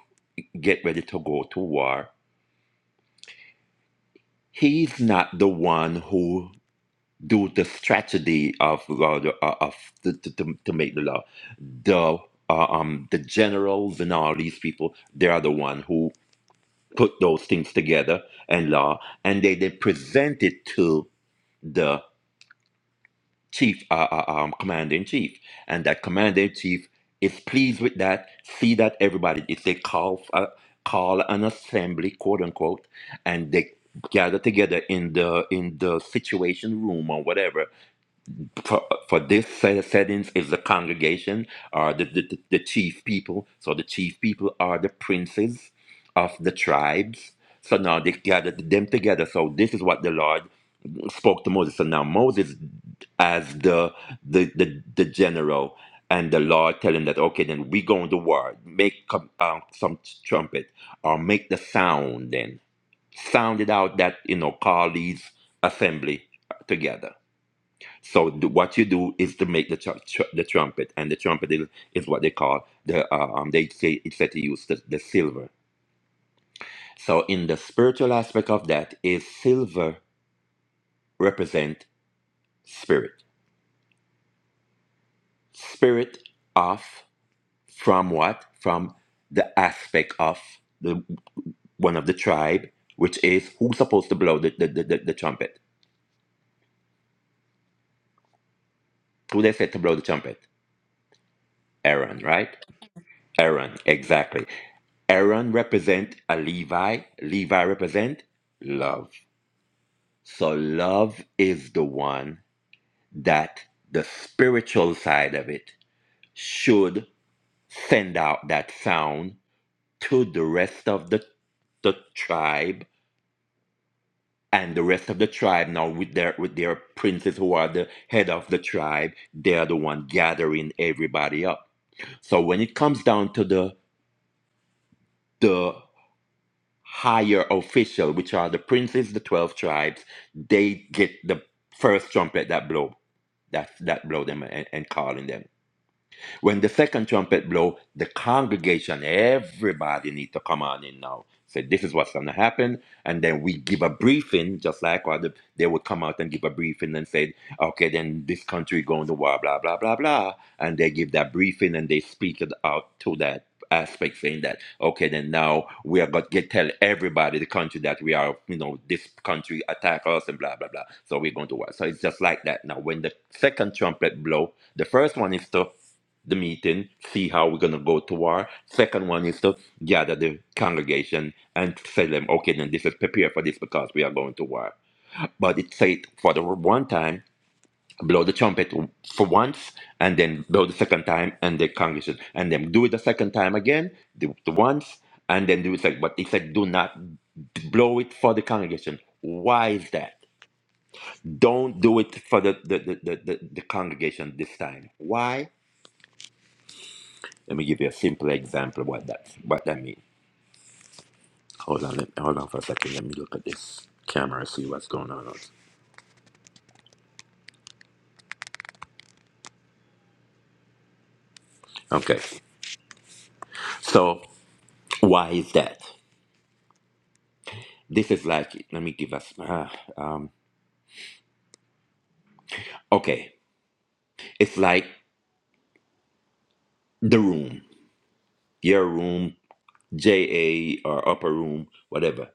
Speaker 3: get ready to go to war, he's not the one who do the strategy of uh, the- uh, of the, to, to to make the law. The uh, um the generals and all these people, they are the one who put those things together and law, and they they present it to the chief, uh, uh, um, commander in chief, and that commander in chief is pleased with that. See that everybody, if they call f- uh, call an assembly, quote unquote, and they gather together in the in the situation room or whatever for for this set, settings is the congregation or the, the the the chief people. So the chief people are the princes of the tribes. So now they gathered them together. So this is what the Lord spoke to Moses. So now Moses as the the the, the general and the Lord telling that okay then we go into war. Make com- uh, some trumpet or make the sound then sound it out that you know call these assembly together. So th- what you do is to make the tr- tr- the trumpet, and the trumpet is, is what they call the uh, um. They say it's said to use the, the silver. So in the spiritual aspect of that, is silver represent spirit, spirit of from what from the aspect of the one of the tribe, which is who's supposed to blow the the, the, the, the trumpet. Who they said to blow the trumpet? Aaron, right? Aaron, exactly. Aaron represent a Levi. Levi represent love. So love is the one that the spiritual side of it should send out that sound to the rest of the the tribe and the rest of the tribe now with their with their princes who are the head of the tribe they are the one gathering everybody up so when it comes down to the the. higher official, which are the princes, the twelve tribes, they get the first trumpet that blow. that that blow them and, and calling them. When the second trumpet blow, the congregation, everybody need to come on in now. Say this is what's gonna happen, and then we give a briefing, just like what the, they would come out and give a briefing and say, okay, then this country going to war, blah blah blah blah, and they give that briefing and they speak it out to that aspect, saying that okay, then now we are gonna get tell everybody the country that we are, you know, this country attack us and blah blah blah. So we're going to war. So it's just like that now. When the second trumpet blow, the first one is to the meeting, see how we're going to go to war. Second one is to gather the congregation and tell them, okay, then this is prepare for this because we are going to war. But it said for the one time, blow the trumpet for once and then blow the second time and the congregation and then do it the second time again, do it once and then do it like, but he said, do not blow it for the congregation. Why is that? Don't do it for the, the, the, the, the the congregation this time. Why? Let me give you a simple example of what that what that means. Hold on, let, hold on for a second. Let me look at this camera see what's going on. Okay, so why is that? This is like let me give us. Uh, um, okay, it's like the room, your room, JA or upper room, whatever.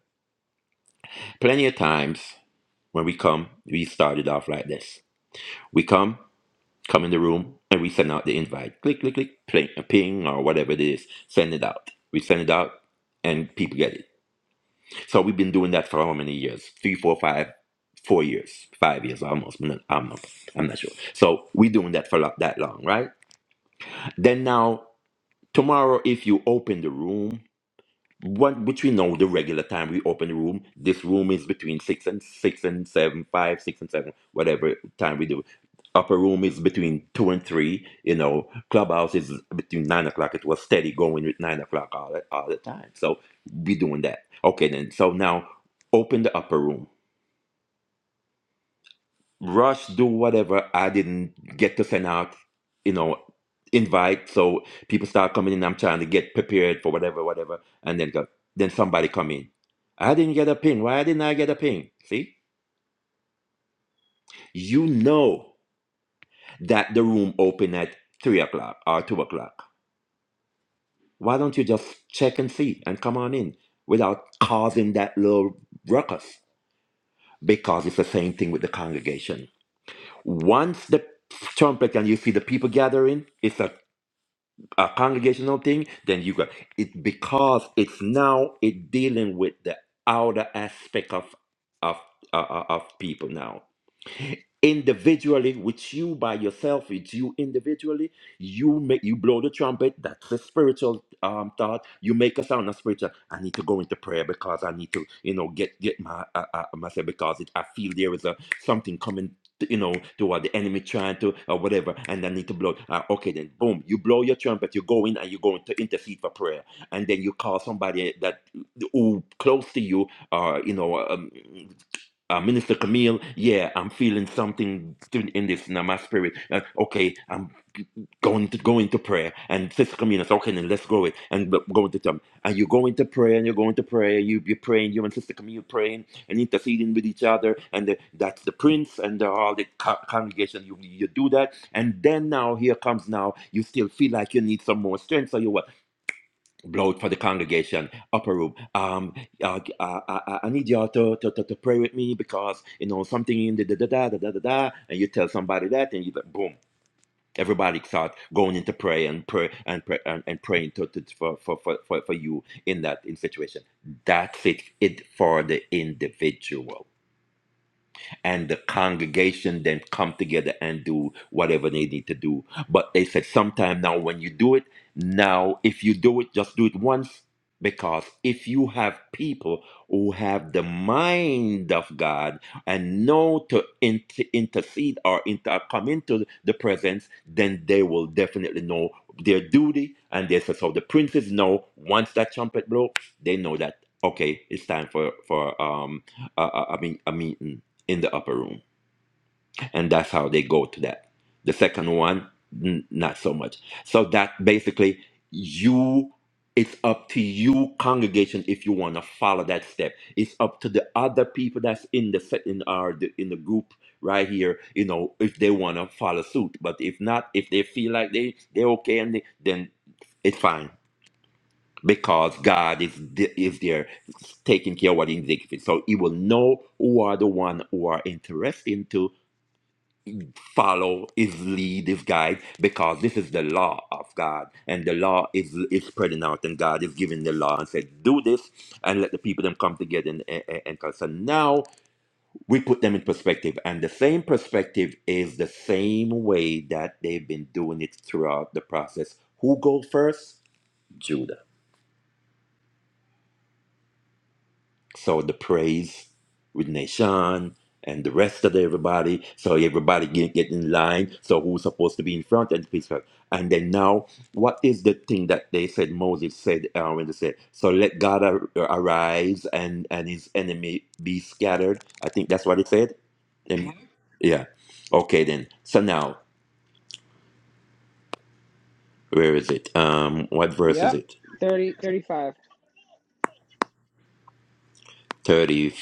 Speaker 3: Plenty of times when we come, we started off like this. We come. come in the room and we send out the invite. Click, click, click, ping, ping or whatever it is. Send it out. We send it out and people get it. So we've been doing that for how many years? Three, four, five, four years, five years almost. I'm not, I'm not, I'm not sure. So we're doing that for lo- that long, right? Then now, tomorrow, if you open the room, what which we know the regular time we open the room. This room is between six and six and seven, five, six and seven, whatever time we do. Upper room is between two and three. You know, clubhouse is between nine o'clock. It was steady going with nine o'clock all the, all the time. So we doing that. Okay, then. So now open the upper room rush, do whatever. I didn't get to send out, you know, invite. So people start coming in. I'm trying to get prepared for whatever, whatever. And then go, then somebody come in. I didn't get a ping. Why didn't I get a ping? See, you know that the room open at three o'clock or two o'clock. Why don't you just check and see and come on in without causing that little ruckus? Because it's the same thing with the congregation. Once the trumpet and you see the people gathering, it's a a congregational thing, then you got it because it's now it dealing with the outer aspect of of uh, uh, of people now individually with you by yourself it's you individually you make you blow the trumpet that's a spiritual um thought you make a sound of spiritual i need to go into prayer because i need to you know get get my uh, uh, myself because it, i feel there is a something coming you know to what the enemy trying to or whatever and i need to blow uh, okay then boom you blow your trumpet you go in and you're going to intercede for prayer and then you call somebody that who close to you uh you know Um, uh, Minister Camille, yeah, I'm feeling something th- in this now, my spirit. Uh, okay, I'm going to go into prayer. And Sister Camille says, okay, then let's go it and b- go into them. And you go into prayer and you're going to prayer. You be praying, you and Sister Camille praying and interceding with each other. And the, that's the prince and the, all the co- congregation. You you do that, and then now here comes now. You still feel like you need some more strength, so you what? Lord, for the congregation, upper room. Um, uh, I, I, I need y'all to, to, to, to pray with me because you know something in the da da da da da da da, and you tell somebody that, and you like, boom, everybody start going into prayer and pray and pray and, and praying to, to, for, for, for, for for you in that in situation. That's it, it for the individual and the congregation then come together and do whatever they need to do. But they said sometime now when you do it, now if you do it, just do it once. Because if you have people who have the mind of God and know to in- to intercede or inter- come into the presence, then they will definitely know their duty. And they said, so the princes know once that trumpet blow, they know that okay, it's time for for um uh, uh, I mean a meeting in the upper room and that's how they go to that the second one n- not so much so that basically you it's up to you congregation if you want to follow that step it's up to the other people that's in the set in our the, in the group right here you know if they want to follow suit but if not if they feel like they they're okay and they, then it's fine because God is th- is there taking care of what he needs. So he will know who are the one who are interested into follow his lead his guide because this is the law of god and the law is is spreading out and god is giving the law and said do this and let the people them come together and, and, and and- so now we put them in perspective and the same perspective is the same way that they've been doing it throughout the process who go first Judah? So the praise with Nation and the rest of the everybody. So everybody get, get in line. So who's supposed to be in front and peace. And then now, what is the thing that they said Moses said uh, when they said, "So let God ar- arise and and his enemy be scattered." I think that's what it said. Um, yeah. Okay then. So now, where is it? Um, what verse is
Speaker 1: Yep.
Speaker 3: it?
Speaker 1: 30, 35.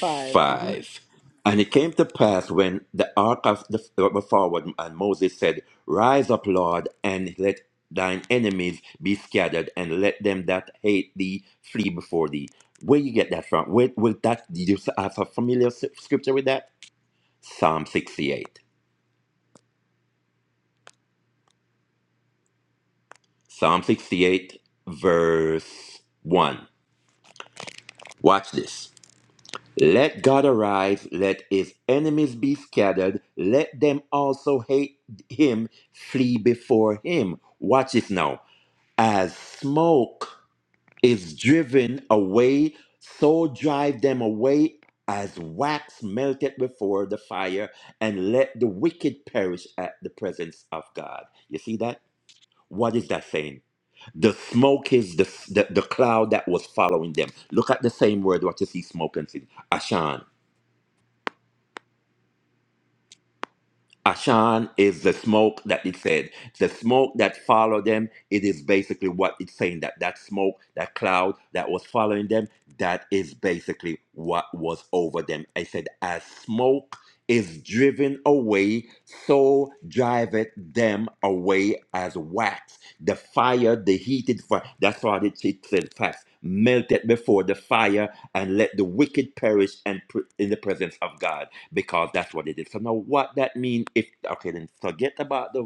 Speaker 1: 5. hmm
Speaker 3: And it came to pass when the ark of the went forward, and Moses said, Rise up, Lord, and let thine enemies be scattered, and let them that hate thee flee before thee. Where you get that from? Where will that? Do you have a familiar s- scripture with that? Psalm 68. Psalm 68, verse 1. Watch this. Let God arise, let his enemies be scattered, let them also hate him, flee before him. Watch this now. As smoke is driven away, so drive them away as wax melted before the fire, and let the wicked perish at the presence of God. You see that? What is that saying? The smoke is the, the, the cloud that was following them. Look at the same word what you see smoke and see. Ashan. Ashan is the smoke that it said. The smoke that followed them, it is basically what it's saying that that smoke, that cloud that was following them, that is basically what was over them. I said, as smoke is driven away, so driveth them away as wax. The fire, the heated fire, that's what it it said fast, melted before the fire, and let the wicked perish and pr- in the presence of God because that's what they did. So now what that means if okay then forget about the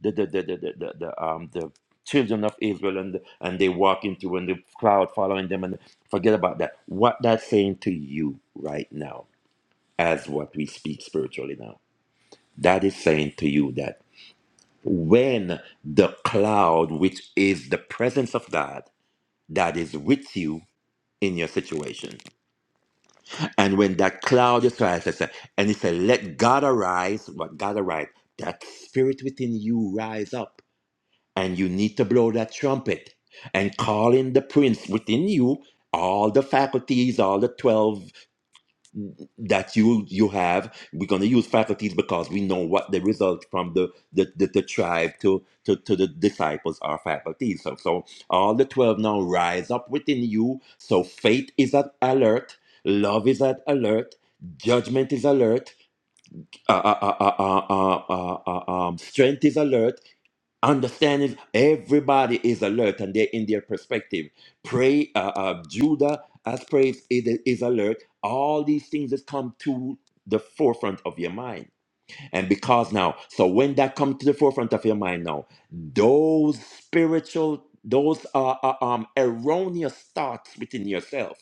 Speaker 3: the the the the, the, the, um the children of Israel and and they walk into and the cloud following them and forget about that. What that's saying to you right now as what we speak spiritually now. That is saying to you that when the cloud, which is the presence of God, that is with you in your situation. And when that cloud is rises, and he said, Let God arise, what God arise, that spirit within you rise up. And you need to blow that trumpet and call in the prince within you, all the faculties, all the 12 that you you have. We're gonna use faculties because we know what the results from the the, the, the tribe to, to to the disciples are faculties. So so all the twelve now rise up within you. So faith is at alert, love is at alert, judgment is alert, uh, uh, uh, uh, uh, uh, uh, um, strength is alert understanding everybody is alert and they're in their perspective pray uh, uh, judah as praise is, is alert all these things that come to the forefront of your mind and because now so when that comes to the forefront of your mind now those spiritual those uh, uh, um erroneous thoughts within yourself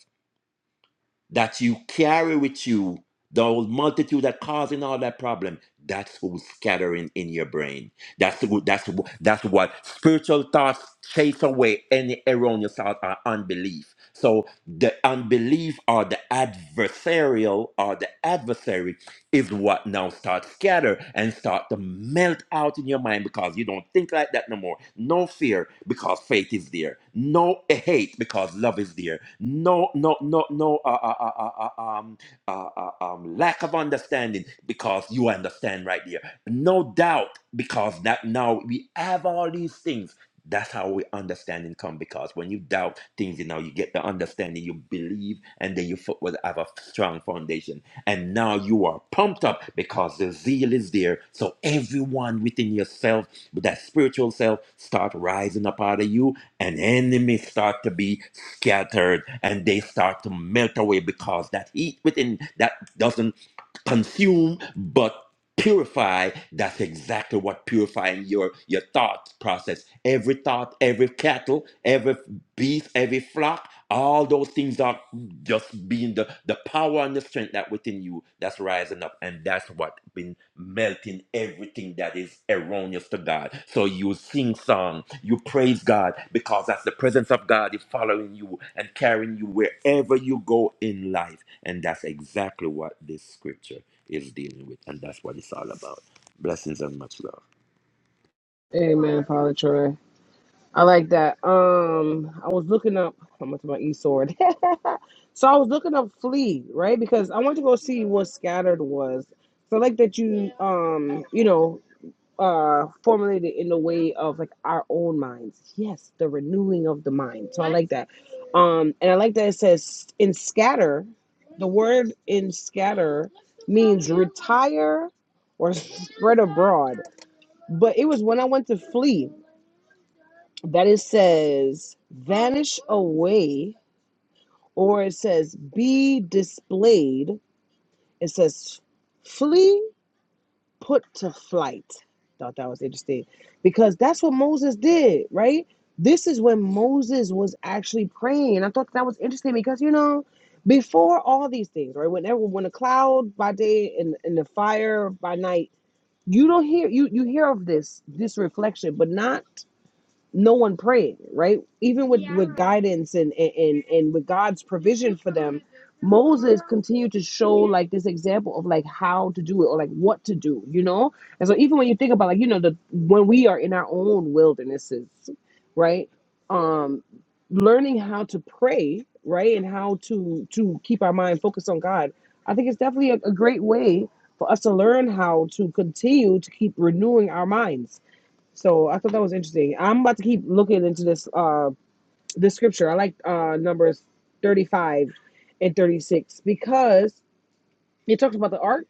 Speaker 3: that you carry with you, the whole multitude that causing all that problem, that's who's scattering in your brain. That's who, that's wh- that's what spiritual thoughts chase away any erroneous thought or unbelief. So the unbelief or the adversarial or the adversary is what now start scatter and start to melt out in your mind because you don't think like that no more. No fear because faith is there. No hate because love is there. No, no, no, no uh, uh, uh, uh, uh, um, uh, uh, um, lack of understanding because you understand right there. No doubt because that now we have all these things. That's how we understanding come because when you doubt things, you know you get the understanding, you believe, and then you fo- will have a strong foundation and now you are pumped up because the zeal is there. So everyone within yourself, with that spiritual self, start rising up out of you, and enemies start to be scattered, and they start to melt away because that heat within that doesn't consume, but purify that's exactly what purifying your your thought process every thought every cattle every beast, every flock all those things are just being the, the power and the strength that within you that's rising up, and that's what been melting everything that is erroneous to God. So you sing song, you praise God, because that's the presence of God is following you and carrying you wherever you go in life. And that's exactly what this scripture is dealing with, and that's what it's all about. Blessings and much love.
Speaker 1: Amen, Father Troy. I like that. Um, I was looking up. I went to my e sword. so I was looking up flee, right? Because I wanted to go see what scattered was. So I like that you, um, you know, uh formulated in the way of like our own minds yes the renewing of the mind so i like that um and i like that it says in scatter the word in scatter means retire or spread abroad but it was when i went to flee that it says vanish away or it says be displayed it says flee put to flight. Thought that was interesting because that's what Moses did, right? This is when Moses was actually praying. I thought that was interesting because, you know, before all these things, right? Whenever when a cloud by day and, and the fire by night, you don't hear you you hear of this this reflection, but not no one praying, right? Even guidance and and, and and with God's provision for them, continue to show like this example of like how to do it or like what to do, you know? And so even when you think about like, you know, the when we are in our own wildernesses, right? Um learning how to pray, right? And how to to keep our mind focused on God. I think it's definitely a, a great way for us to learn how to continue to keep renewing our minds. So I thought that was interesting. I'm about to keep looking into this uh this scripture. I like uh numbers 35 and 36 because it talks about the ark.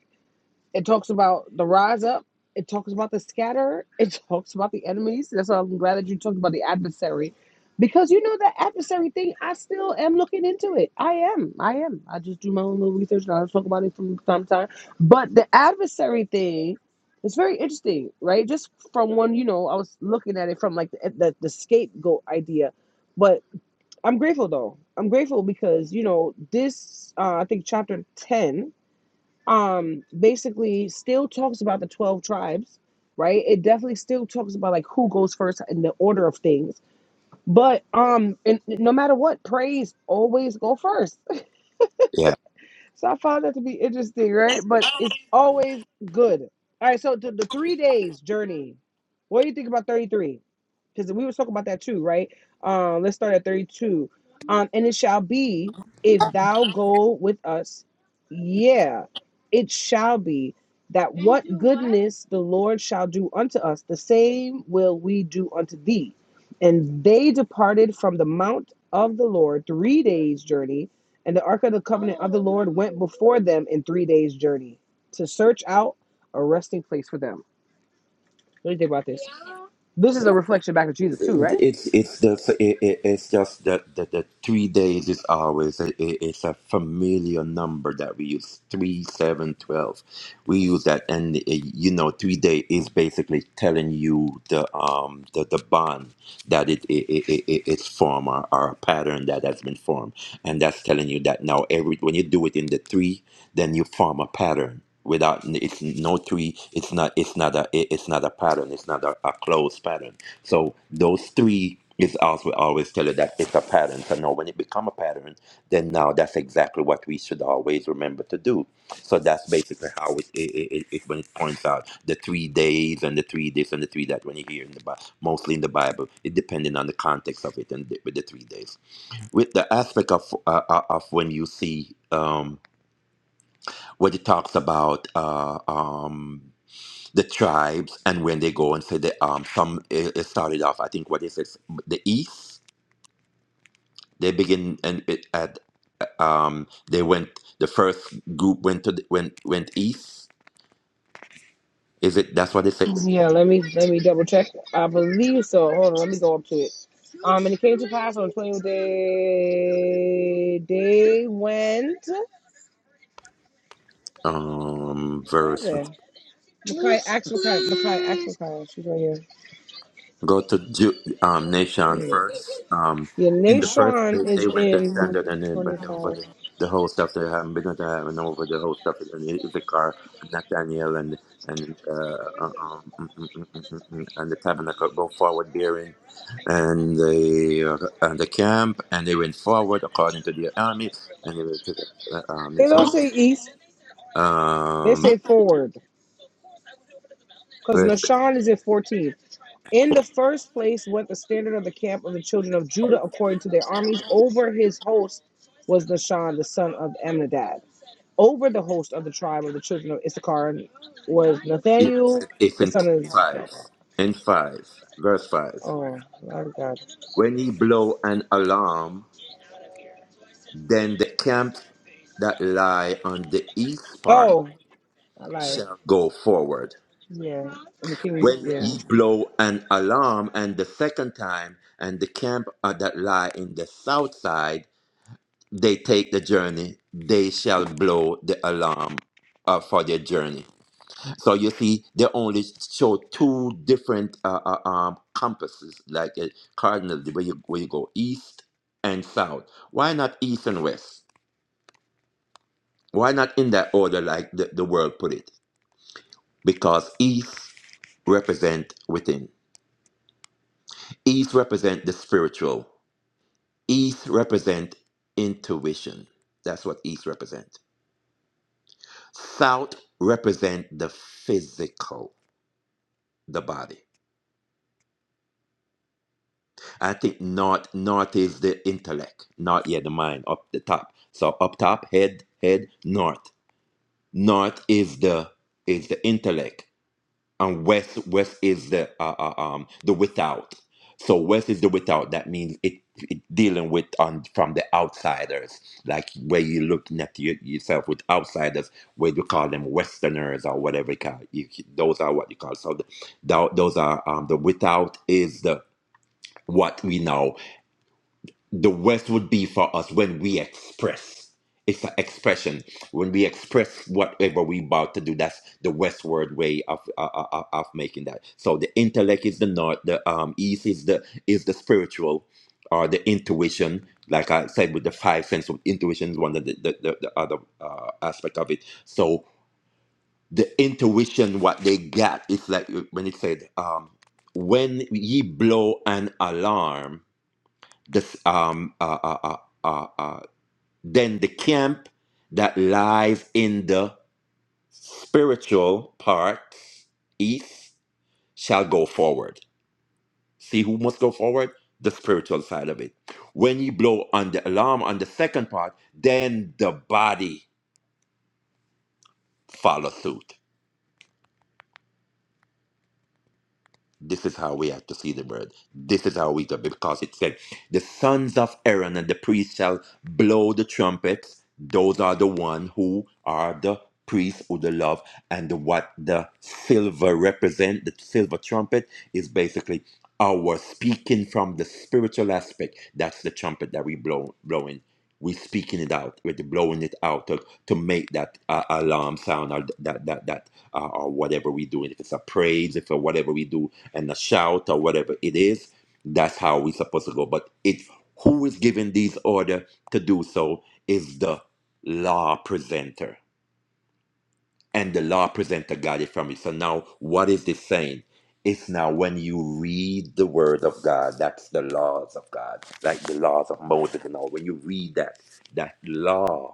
Speaker 1: It talks about the rise up. It talks about the scatterer. It talks about the enemies. That's why I'm glad that you talked about the adversary. Because you know that adversary thing, I still am looking into it. I am. I am. I just do my own little research and I talk about it from time to time. But the adversary thing is very interesting, right? Just from one, you know, I was looking at it from like the, the, the scapegoat idea. But I'm grateful though. I'm grateful because, you know, this, uh, I think chapter 10 um basically still talks about the 12 tribes right it definitely still talks about like who goes first in the order of things but um and no matter what praise always go first so I found that to be interesting, right? But it's always good. All right, so the, the three days journey. What do you think about 33? Because we were talking about that too, right? Um, let's start at 32. Um, and it shall be if thou go with us, yeah, it shall be that what? goodness the Lord shall do unto us, the same will we do unto thee. And they departed from the mount of the Lord three days' journey and the ark of the covenant of the Lord went before them in three days' journey to search out a resting place for them. What do you think about this? This is a reflection back to Jesus too, right?
Speaker 3: It's it's just it, it- it's just that the, the three days is always a, it- it's a familiar number that we use three seven twelve. We use that, and uh, you know, three day is basically telling you the um the, the bond that it, it, it, it it- it's formed or, or a pattern that has been formed, and that's telling you that now every when you do it in the three, then you form a pattern. Without it's no three, it's not it's not a it- it's not a pattern. It's not a, a closed pattern so those three is also always tell you that it's a pattern. So now when it become a pattern, then now that's exactly what we should always remember to do. So that's basically how it, it, it, it it- when it points out the three days and the three this and the three that when you hear in the Bible, mostly in the Bible, it depending on the context of it and the, with the three days. With the aspect of uh, uh, of when you see um, what it talks about. Uh, um, the tribes and when they go and say the um some it, it started off i think what is it the east they begin and it at um they went the first group went to the, went went east is it that's what they say
Speaker 1: Yeah, let me let me double check. I believe so. Hold on, let me go up to it. Um, and it came to pass on the twentieth day. They went.
Speaker 3: um
Speaker 1: Where is
Speaker 3: verse
Speaker 1: it? Makai, actual kind. Makai, actual kind. She's right here.
Speaker 3: go to Ju- um, nation
Speaker 1: Wait.
Speaker 3: first. Um,
Speaker 1: Yeah,
Speaker 3: in the first
Speaker 1: Nashon
Speaker 3: place, they
Speaker 1: is
Speaker 3: went the
Speaker 1: in
Speaker 3: standard and then went over
Speaker 1: twenty-five.
Speaker 3: the, the whole stuff they haven't been to have and over the whole stuff and Issachar and Nathaniel and and uh, uh, um, mm, mm, mm, mm, mm, mm, and the tabernacle go forward bearing and the uh, and the camp and they went forward according to the army and they went to the uh,
Speaker 1: They
Speaker 3: army's
Speaker 1: don't
Speaker 3: house.
Speaker 1: say east. They
Speaker 3: Um,
Speaker 1: say forward. because
Speaker 3: verse,
Speaker 1: Nashon is at 14. In the first place went the standard of the camp of the children of Judah according to their armies. Over his host was Nashon, the son of Amminadab. Over the host of the tribe of the children of Issachar was
Speaker 3: yeah,
Speaker 1: Nathaniel,
Speaker 3: it's
Speaker 1: the
Speaker 3: in
Speaker 1: son of.
Speaker 3: five, in five, verse five.
Speaker 1: Oh, I got. it.
Speaker 3: When he blow an alarm, then the camps that lie on the east part
Speaker 1: Oh, I lied.
Speaker 3: shall go forward.
Speaker 1: Yeah, and the king.
Speaker 3: When
Speaker 1: Yeah,
Speaker 3: ye blow an alarm and the second time, and the camp uh, that lie in the south side, they take the journey, they shall blow the alarm uh, for their journey. So you see, they only show two different uh, uh, um, compasses, like a cardinal, where you, where you go east and south. Why not east and west? Why not in that order like the, the world put it? Because East represent within. East represent the spiritual. East represent intuition. That's what East represent. South represent the physical, the body. I think North North is the intellect. North, yeah, the mind up the top. So up top, head, head, North. North is the is the intellect and west west is the uh, uh, um the without so west is the without that means it, it dealing with on from the outsiders like where you looking at your, yourself with outsiders where you call them westerners or whatever you call you, those are what you call so the, thou- those are um the without is the what we know the West would be for us when we express. It's an expression. When we express whatever we about to do, that's the Westward way of uh, uh, uh, of making that. So the intellect is the north, the um, east is the is the spiritual, or the intuition. Like I said, with the five senses, intuition is one of the the, the, the other uh, aspect of it. So the intuition, what they got, it's like when it said, um, "When ye blow an alarm." this um uh, uh, uh, uh, uh, then the camp that lies in the spiritual part east shall go forward see who must go forward the spiritual side of it when you blow on the alarm on the second part then the body follows suit This is how we have to see the word. This is how we do because it said, The sons of Aaron and the priests shall blow the trumpets. Those are the one who are the priests who the love and the, what the silver represent. The silver trumpet is basically our speaking from the spiritual aspect. That's the trumpet that we blow blowing. We're speaking it out. We're blowing it out to, to make that uh, alarm sound or that that that uh, or whatever we do. And If it's a praise, if it's whatever we do, and a shout or whatever it is, that's how we are supposed to go. But it's who is giving these order to do so is the law presenter, and the law presenter got it from you. So now, what is this saying? It's now when you read the word of God, that's the laws of God, like the laws of Moses and all. When you read that, that law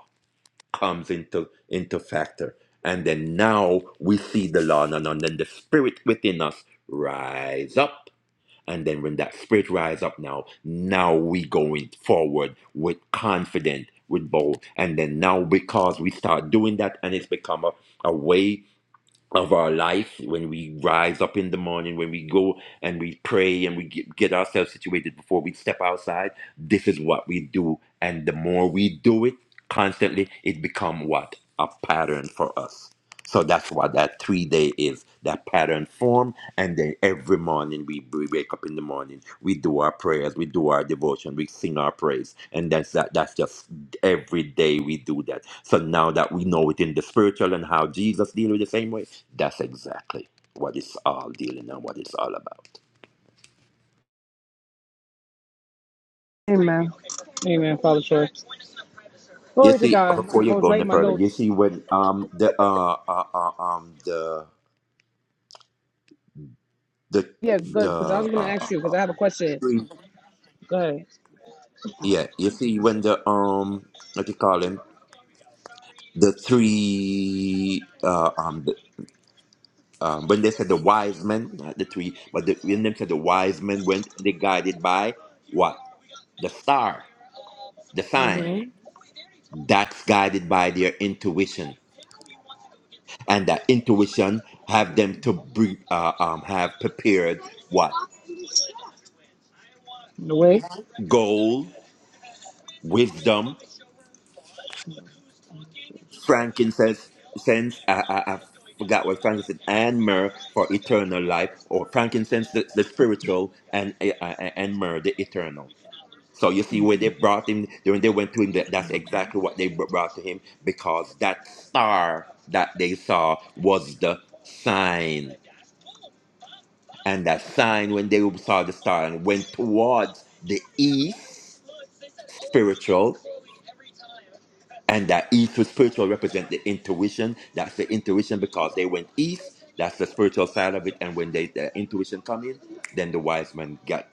Speaker 3: comes into into factor and then now we see the law and and then the spirit within us rise up and then when that spirit rise up now now we going forward with confident with bold and then now because we start doing that and it's become a, a way of our life when we rise up in the morning when we go and we pray and we get, get ourselves situated before we step outside this is what we do and the more we do it constantly it become what a pattern for us so that's what that three day is, that pattern form. And then every morning we, we wake up in the morning, we do our prayers, we do our devotion, we sing our praise. And that's that that's just every day we do that. So now that we know it in the spiritual and how Jesus deal with the same way, that's exactly what it's all dealing and what it's all about.
Speaker 1: man. Amen, Father Church.
Speaker 3: You
Speaker 1: Glory to
Speaker 3: see,
Speaker 1: God.
Speaker 3: before you
Speaker 1: I was
Speaker 3: go any
Speaker 1: writing my
Speaker 3: further, you
Speaker 1: notes.
Speaker 3: see when um the uh, uh, uh um the the
Speaker 1: Yeah,
Speaker 3: the
Speaker 1: good, because I was going to
Speaker 3: uh,
Speaker 1: ask you, because I have a question.
Speaker 3: uh,
Speaker 1: Go ahead.
Speaker 3: Yeah, you see when the um what you call him the three uh um the, um when they said the wise men not the three but the, when they said the wise men went they guided by what the star the sign
Speaker 1: Mm-hmm.
Speaker 3: Mm. that's guided by their intuition and that intuition have them to bre- uh, um have prepared what
Speaker 1: The way.
Speaker 3: gold wisdom frankincense sense I, I, I forgot what frankincense and myrrh for eternal life or frankincense the, the spiritual and uh, uh, uh, and myrrh the eternal so you see when they brought him when they went to him that, that's exactly what they br- brought to him because that star that they saw was the sign and that sign when they saw the star and went towards the east spiritual and that east was spiritual represent the intuition that's the intuition because they went east that's the spiritual side of it and when they the intuition come in then the wise men got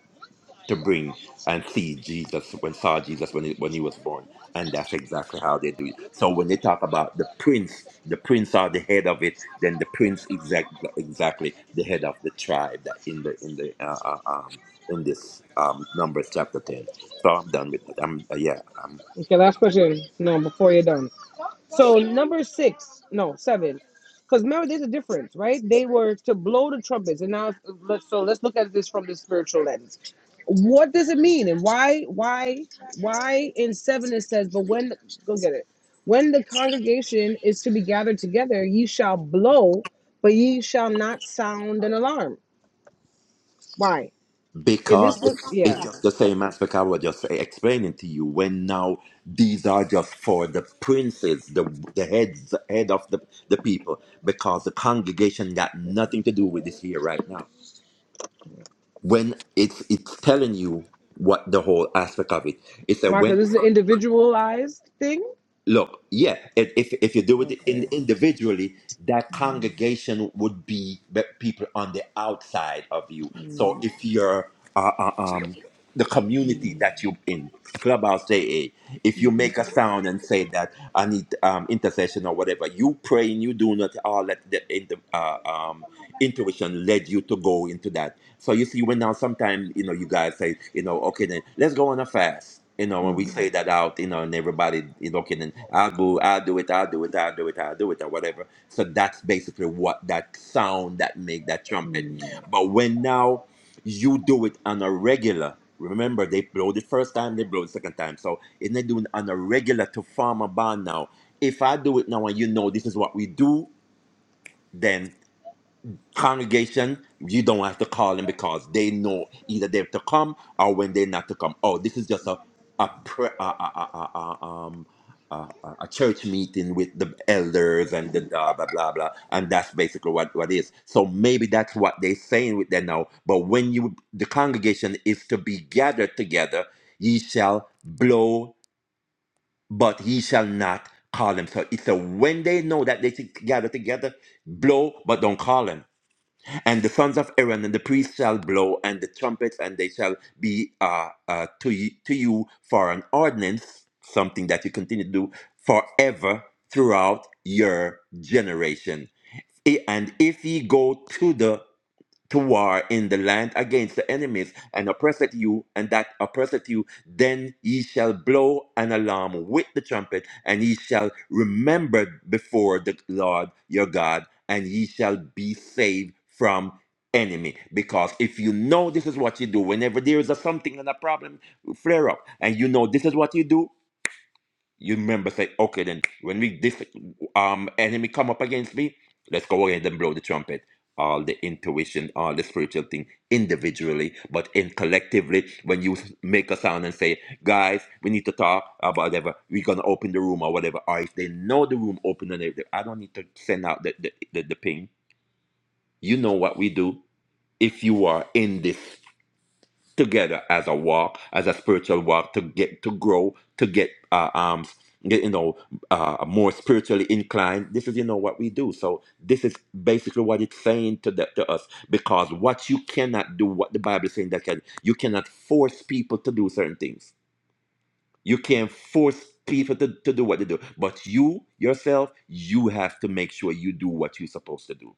Speaker 3: to bring and see jesus when saw jesus when he, when he was born and that's exactly how they do it so when they talk about the prince the prince are the head of it then the prince is ex- exactly the head of the tribe that in the in the uh, uh, um in this um numbers chapter 10 so i'm done with that i'm uh, yeah
Speaker 1: Okay, last question. No, before you're done. So number six, no seven, because remember there's a difference, right? They were to blow the trumpets, and now let's so let's look at this from the spiritual lens. What does it mean, and why, why, why in seven it says, but when go get it, when the congregation is to be gathered together, ye shall blow, but ye shall not sound an alarm. Why? If this
Speaker 3: Because
Speaker 1: was
Speaker 3: it's, it's
Speaker 1: yeah,
Speaker 3: just the same aspect I was just explaining to you. When now these are just for the princes, the the heads, the head of the, the people, because the congregation got nothing to do with this here right now. When it's it's telling you what the whole aspect of it. It's a
Speaker 1: why?
Speaker 3: when.
Speaker 1: Because this is an individualized thing.
Speaker 3: look, yeah, if if if you do it in,
Speaker 1: Okay.
Speaker 3: individually, that congregation would be the people on the outside of you.
Speaker 1: Hmm.
Speaker 3: So if you're uh, uh, um the community that you in clubhouse AA, if you make a sound and say that I need um, intercession or whatever, you pray and you do not all let the, in the uh, um, intuition led you to go into that so you see, when now sometimes you know you guys say you know okay then let's go on a fast. You know when we say that out, you know, and everybody you know okay then I'll go, I'll do it, I'll do it, I'll do it, I'll do it, or whatever. So that's basically what that sound that make that trumpet. But when now you do it on a regular. Remember, they blow the first time, they blow the second time. So if they doing on a regular to form a band now, if I do it now and you know this is what we do, then congregation, you don't have to call them because they know either they have to come or when they're not to come. Oh, this is just a a pre- a, a, a, a, um, a, a a church meeting with the elders and the blah blah blah blah, and that's basically what what is. So maybe that's what they're saying with that now. But when you the congregation is to be gathered together, ye shall blow, but ye shall not call them. So it's a when they know that they should gather together, blow, but don't call them and the sons of Aaron and the priests shall blow and the trumpets, and they shall be uh, uh, to, you, to you for an ordinance, something that you continue to do forever throughout your generation. I- And if ye go to the to war in the land against the enemies and oppresseth you, and that oppresseth you, then ye shall blow an alarm with the trumpet, and ye shall remember before the Lord your God, and ye shall be saved from enemy because if you know this is what you do whenever there is a something and a problem flare up and you know this is what you do you remember say, okay, then when we this um enemy come up against me, let's go ahead and blow the trumpet. All the intuition, all the spiritual thing individually, but in collectively, when you s- make a sound and say, guys, we need to talk about whatever, we're gonna open the room or whatever, or if they know the room open and everything, I don't need to send out the the, the, the ping. You know what we do if you are in this together as a walk, as a spiritual walk to get to grow, to get uh, um get you know uh, more spiritually inclined. This is you know what we do. So this is basically what it's saying to the, to us because what you cannot do, what the Bible is saying that can you cannot force people to do certain things. You can't force people to, to do what they do, but you yourself, you have to make sure you do what you're supposed to do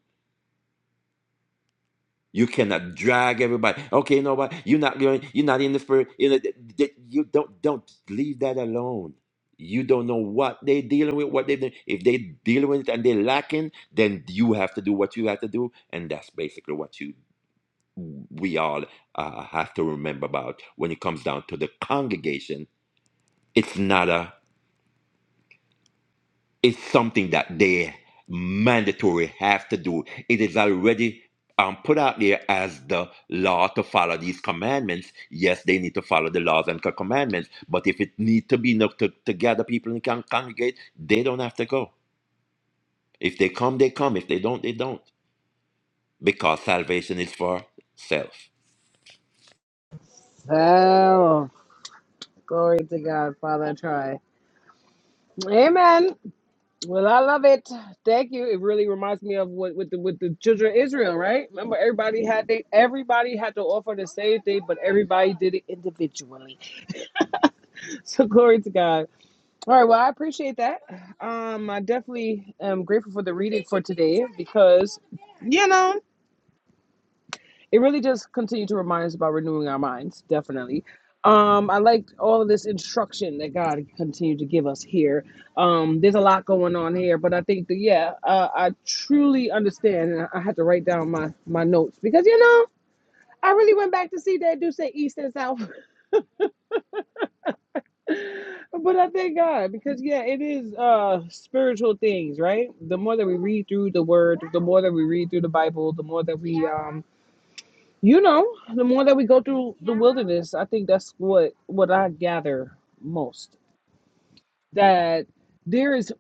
Speaker 3: You cannot drag everybody. Okay, you know what? You're not going. You're not in the spirit. You, know, th- th- you don't don't leave that alone. You don't know what they're dealing with. What they do. if they dealing with it and they're lacking, then you have to do what you have to do, and that's basically what you we all uh, have to remember about when it comes down to the congregation. It's not a. It's something that they mandatory have to do. It is already um, put out there as the law to follow these commandments. Yes, they need to follow the laws and co- commandments, but if it need to be enough to, to gather people and con- congregate, they don't have to go. If they come, they come. If they don't, they don't. Because salvation is for self.
Speaker 1: Oh, glory to God, Father. I try. Amen. Well, I love it. Thank you. It really reminds me of what with the with the children of Israel, right? Remember, everybody had they everybody had to offer the same thing, but everybody did it individually. So glory to God. All right. Well, I appreciate that. Um, I definitely am grateful for the reading for today because, you know. it really just continued to remind us about renewing our minds definitely um i liked all of this instruction that god continued to give us here um there's a lot going on here but i think that yeah uh, i truly understand and i I had to write down my my notes because you know i really went back to see that do say east and south but i thank god because yeah it is uh spiritual things right the more that we read through the word the more that we read through the bible the more that we um You know, the more that we go through the wilderness, I think that's what what I gather most. That there is,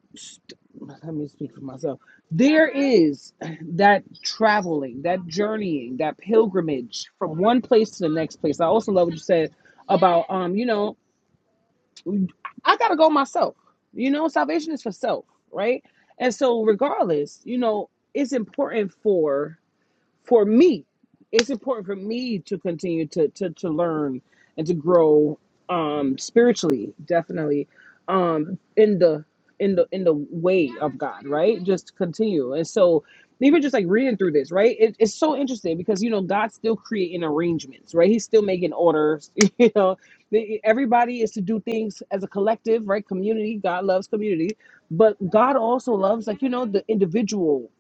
Speaker 1: let me speak for myself. There is that traveling, that journeying, that pilgrimage from one place to the next place. I also love what you said about, um, you know, I gotta go myself. You know, salvation is for self, right? And so, regardless, you know, it's important for for me, it's important for me to continue to to, to learn and to grow um spiritually, definitely. Um in the in the in the way of God, right? Just continue. And so even just like reading through this, right? It, it's so interesting because you know God's still creating arrangements, right? He's still making orders. You know, The- everybody is to do things as a collective, right? Community. God loves community, but God also loves like you know the individual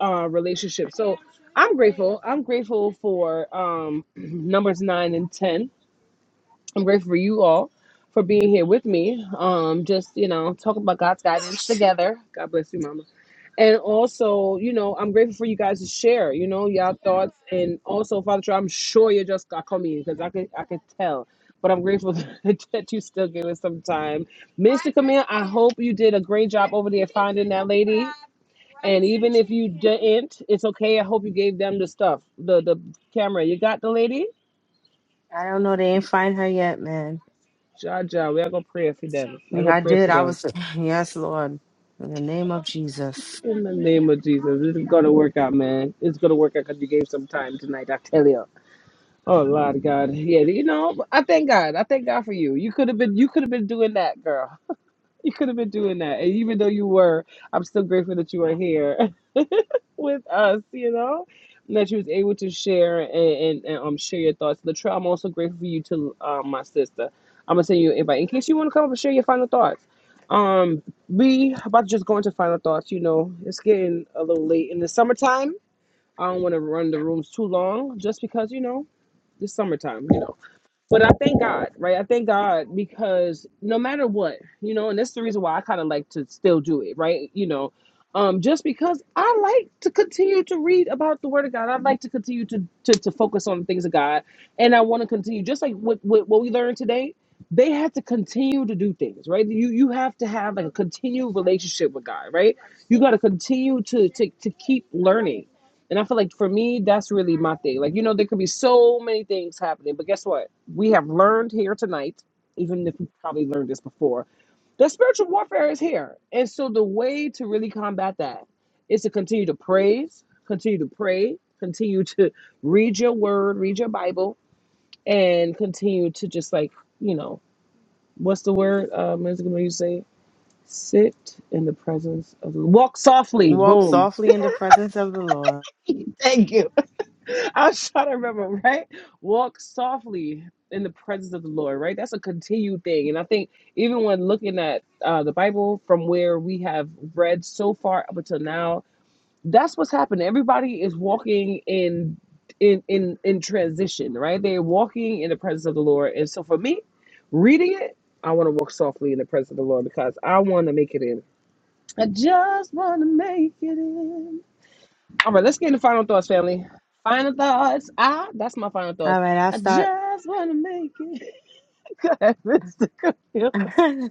Speaker 1: uh, relationship. So I'm grateful. I'm grateful for um, numbers nine and ten. I'm grateful for you all for being here with me. Um, just you know, talking about God's guidance together. God bless you, Mama. And also, you know, I'm grateful for you guys to share. You know, y'all thoughts, and also, Father, Troy, I'm sure you just got coming because I could, I could tell. But I'm grateful that you still give us some time. Mr. Camille, I hope you did a great job over there finding that lady. And even if you didn't, it's okay. I hope you gave them the stuff, the the camera. You got the lady?
Speaker 2: I don't know. They ain't find her yet, man.
Speaker 1: Ja, ja, we are gonna pray for them. We're
Speaker 2: Yeah,
Speaker 1: gonna
Speaker 2: I
Speaker 1: pray
Speaker 2: did.
Speaker 1: for
Speaker 2: I
Speaker 1: them.
Speaker 2: was yes, Lord, in the name of Jesus.
Speaker 1: In the name of Jesus, this is gonna work out, man. It's gonna work out because you gave some time tonight. I tell you. Oh Lord God, yeah, you know, I thank God. I thank God for you. You could have been, you could have been doing that, girl. You could have been doing that. And even though you were, I'm still grateful that you are here with us, you know? and That you was able to share and, and, and um share your thoughts. Latrell, I'm also grateful for you to um my sister. I'm gonna send you an invite in case you wanna come up and share your final thoughts. Um we about to just go into final thoughts, you know. It's getting a little late in the summertime. I don't wanna run the rooms too long just because, you know, it's summertime, you know. But I thank God, right? I thank God because no matter what, you know, and that's the reason why I kind of like to still do it, right? You know, um, just because I like to continue to read about the Word of God, I like to continue to to, to focus on the things of God, and I want to continue just like what, what what we learned today. They had to continue to do things, right? You you have to have like a continued relationship with God, right? You got to continue to to to keep learning and I feel like for me, that's really my thing. Like, you know, there could be so many things happening, but guess what? We have learned here tonight, even if we probably learned this before, that spiritual warfare is here. And so the way to really combat that is to continue to praise, continue to pray, continue to read your word, read your Bible, and continue to just like, you know, what's the word? Um, is it when you say sit in the presence of the walk softly,
Speaker 2: Walk
Speaker 1: boom.
Speaker 2: softly in the presence of the Lord.
Speaker 1: Thank you I was trying to remember, right? Walk softly in the presence of the Lord, right? That's a continued thing. And I think even when looking at uh, the Bible from where we have read so far up until now, that's what's happening. Everybody is walking in in in in transition, right? They're walking in the presence of the Lord. And so for me, reading it, I want to walk softly in the presence of the Lord because I want to make it in. I just want to make it in. All right, let's get into final thoughts, family. Final thoughts. Ah, that's my final thoughts.
Speaker 2: All right, I'll
Speaker 1: I
Speaker 2: start.
Speaker 1: just want to make it. Go ahead, Mr. Camille.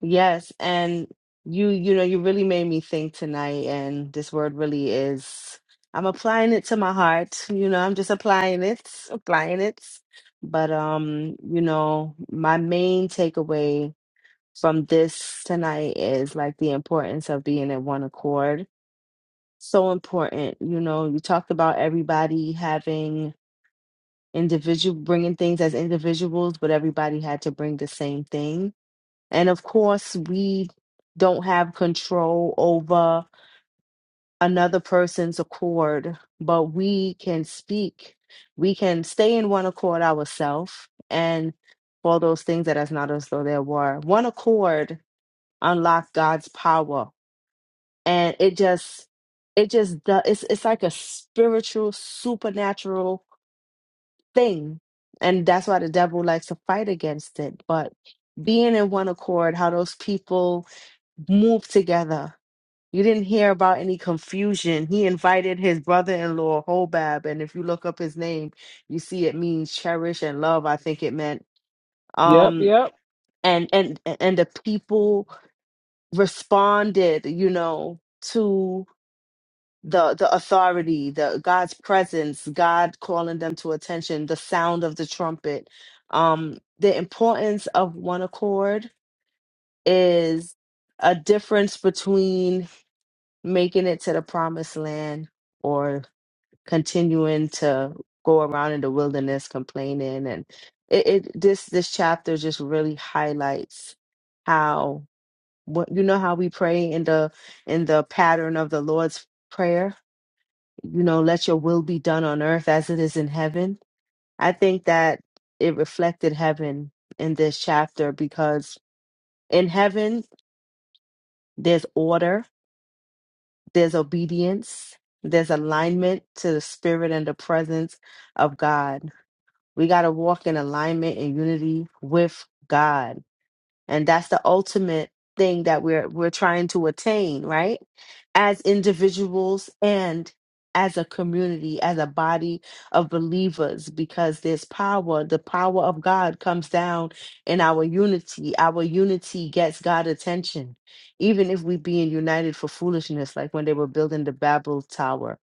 Speaker 2: yes, and you you know, you really made me think tonight and this word really is I'm applying it to my heart. You know, I'm just applying it, applying it. But um, you know, my main takeaway from this tonight is like the importance of being at one accord. So important, you know, you talked about everybody having individual bringing things as individuals, but everybody had to bring the same thing. And of course, we don't have control over another person's accord, but we can speak. We can stay in one accord ourselves and for those things that as not as though there were. One accord unlocked God's power. And it just it just do- it's it's like a spiritual supernatural thing. And that's why the devil likes to fight against it. But being in one accord, how those people move together. You didn't hear about any confusion. He invited his brother in law, Hobab. And if you look up his name, you see it means cherish and love, I think it meant.
Speaker 1: Yep,
Speaker 2: Um,
Speaker 1: yep.
Speaker 2: and and and the people responded, you know, to the the authority, the God's presence, God calling them to attention, the sound of the trumpet. Um, the importance of one accord is a difference between making it to the promised land or continuing to go around in the wilderness complaining and it, it this this chapter just really highlights how what you know how we pray in the in the pattern of the Lord's prayer you know, let your will be done on earth as it is in heaven. I think that it reflected heaven in this chapter because in heaven, there's order, there's obedience, there's alignment to the spirit and the presence of God. We got to walk in alignment and unity with God. and that's the ultimate thing that we're we're trying to attain right as individuals and as a community as a body of believers because there's power the power of god comes down in our unity our unity gets god attention even if we be in united for foolishness like when they were building the babel tower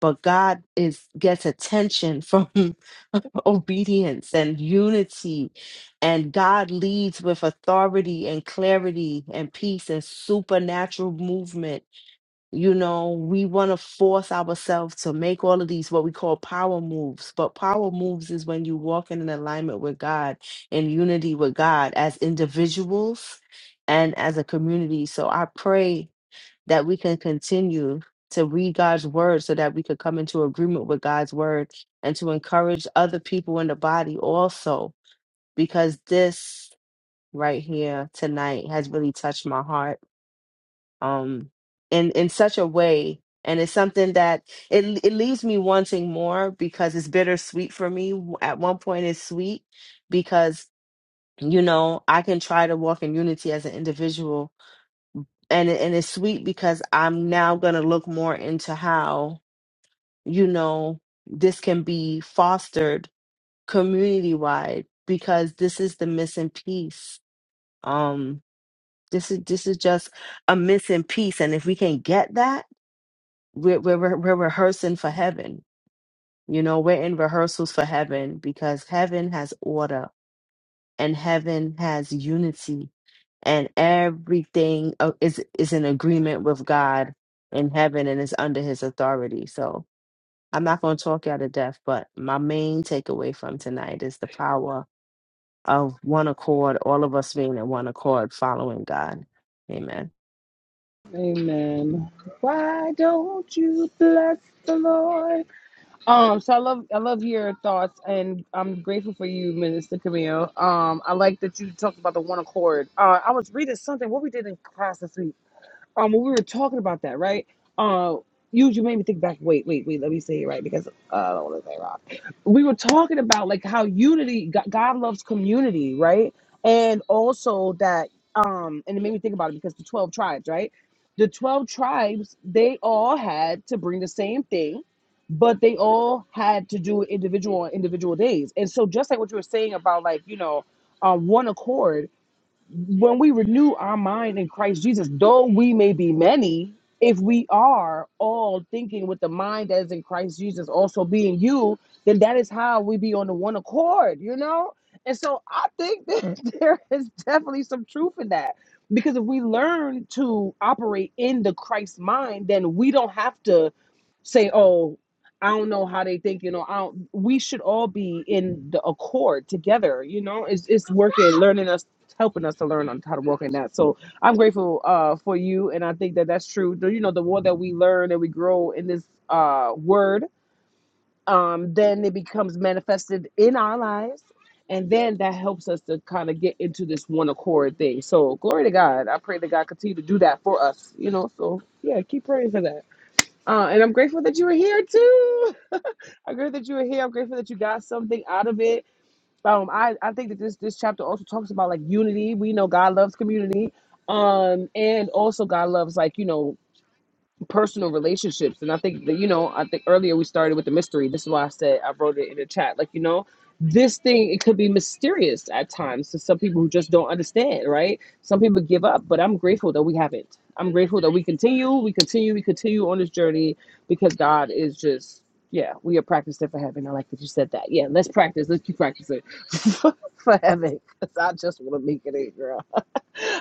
Speaker 2: but god is gets attention from obedience and unity and God leads with authority and clarity and peace and supernatural movement. You know, we want to force ourselves to make all of these what we call power moves. But power moves is when you walk in an alignment with God, in unity with God as individuals and as a community. So I pray that we can continue to read God's word so that we could come into agreement with God's word and to encourage other people in the body also because this right here tonight has really touched my heart um in in such a way and it's something that it it leaves me wanting more because it's bittersweet for me at one point it's sweet because you know I can try to walk in unity as an individual and it, and it's sweet because I'm now going to look more into how you know this can be fostered community wide because this is the missing piece um This is this is just a missing piece, and if we can get that, we're we're re- we're rehearsing for heaven. You know, we're in rehearsals for heaven because heaven has order and heaven has unity, and everything uh, is is in agreement with God in heaven and is under His authority. So I'm not going to talk you out of death, but my main takeaway from tonight is the power of one accord, all of us being in one accord, following God. Amen.
Speaker 1: Amen. Why don't you bless the Lord? Um, so I love I love your thoughts and I'm grateful for you, Minister Camille. Um, I like that you talked about the one accord. Uh I was reading something what we did in class this week um when we were talking about that, right? Uh you you made me think back. Wait, wait, wait. Let me say it right because uh, I don't want to say it wrong. We were talking about like how unity, Go- God loves community, right? And also that um, and it made me think about it because the twelve tribes, right? The twelve tribes, they all had to bring the same thing, but they all had to do it individual on individual days. And so just like what you were saying about like you know, uh, one accord when we renew our mind in Christ Jesus, though we may be many, if we are all thinking with the mind that is in Christ Jesus also being you, then that is how we be on the one accord, you know? And so I think that there is definitely some truth in that. Because if we learn to operate in the Christ mind, then we don't have to say, oh, I don't know how they think, you know. I don't, we should all be in the accord together, you know. It's it's working, learning us helping us to learn on how to walk in that. So I'm grateful uh, for you, and I think that that's true. The- You know, the more that we learn and we grow in this uh, word, um, then it becomes manifested in our lives, and then that helps us to kind of get into this one accord thing. So glory to God. I pray that God continue to do that for us. You know, so yeah, keep praying for that. Uh, and I'm grateful that you were here too. I'm grateful that you were here. I'm grateful that you got something out of it um i i think that this this chapter also talks about like unity we know god loves community um and also god loves like you know personal relationships. And I think that, you know, I think earlier we started with the mystery. This is why I said I wrote it in the chat. Like, you know, this thing, it could be mysterious at times to some people who just don't understand, right? Some people give up, but I'm grateful that we haven't. I'm grateful that we continue, we continue, we continue on this journey because God is just, yeah, we are practicing for heaven. I like that you said that. Yeah, let's practice. Let's keep practicing for heaven 'Cause I just want to make it in, girl.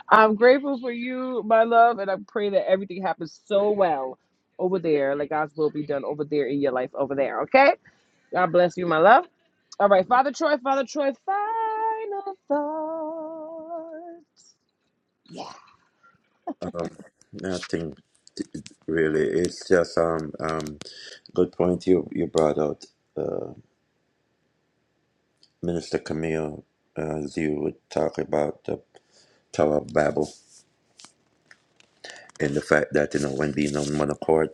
Speaker 1: I'm grateful for you, my love, and I pray that everything happens so well over there. Like God's will be done over there in your life over there. Okay? God bless you, my love. All right, Father Troy, Father Troy, final thoughts.
Speaker 3: Nothing really. It's just um um good point you you brought out. Uh, Minister Camille, uh, as you would talk about. Tower of Babel and the fact that you know when being on one accord,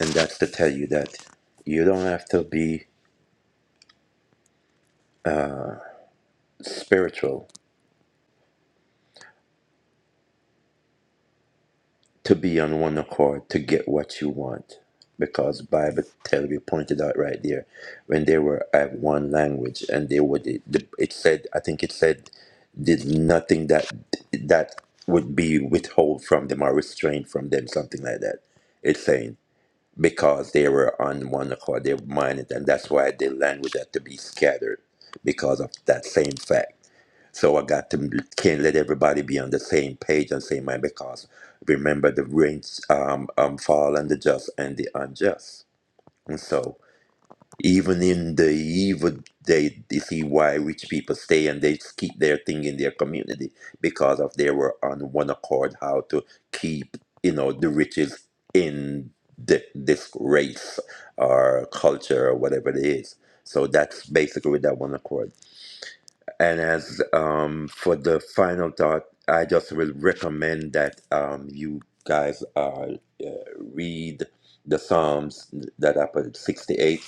Speaker 3: and that's to tell you that you don't have to be spiritual to be on one accord to get what you want. Because Bible tell you pointed out right there when they were at one language and they would it, it said I think it said did nothing that that would be withhold from them or restrained from them something like that. It's saying because they were on one accord, they were minded, and that's why the language had to be scattered because of that same fact. So I got to can't let everybody be on the same page and same mind because remember the rains um, um fall on the just and the unjust. And so even in the evil day, you see why rich people stay and they just keep their thing in their community because of they were on one accord how to keep, you know, the riches in the, this race or culture or whatever it is. So that's basically that one accord. And as um, for the final thought, I just will recommend that um, you guys uh, uh, read the Psalms that are put 68,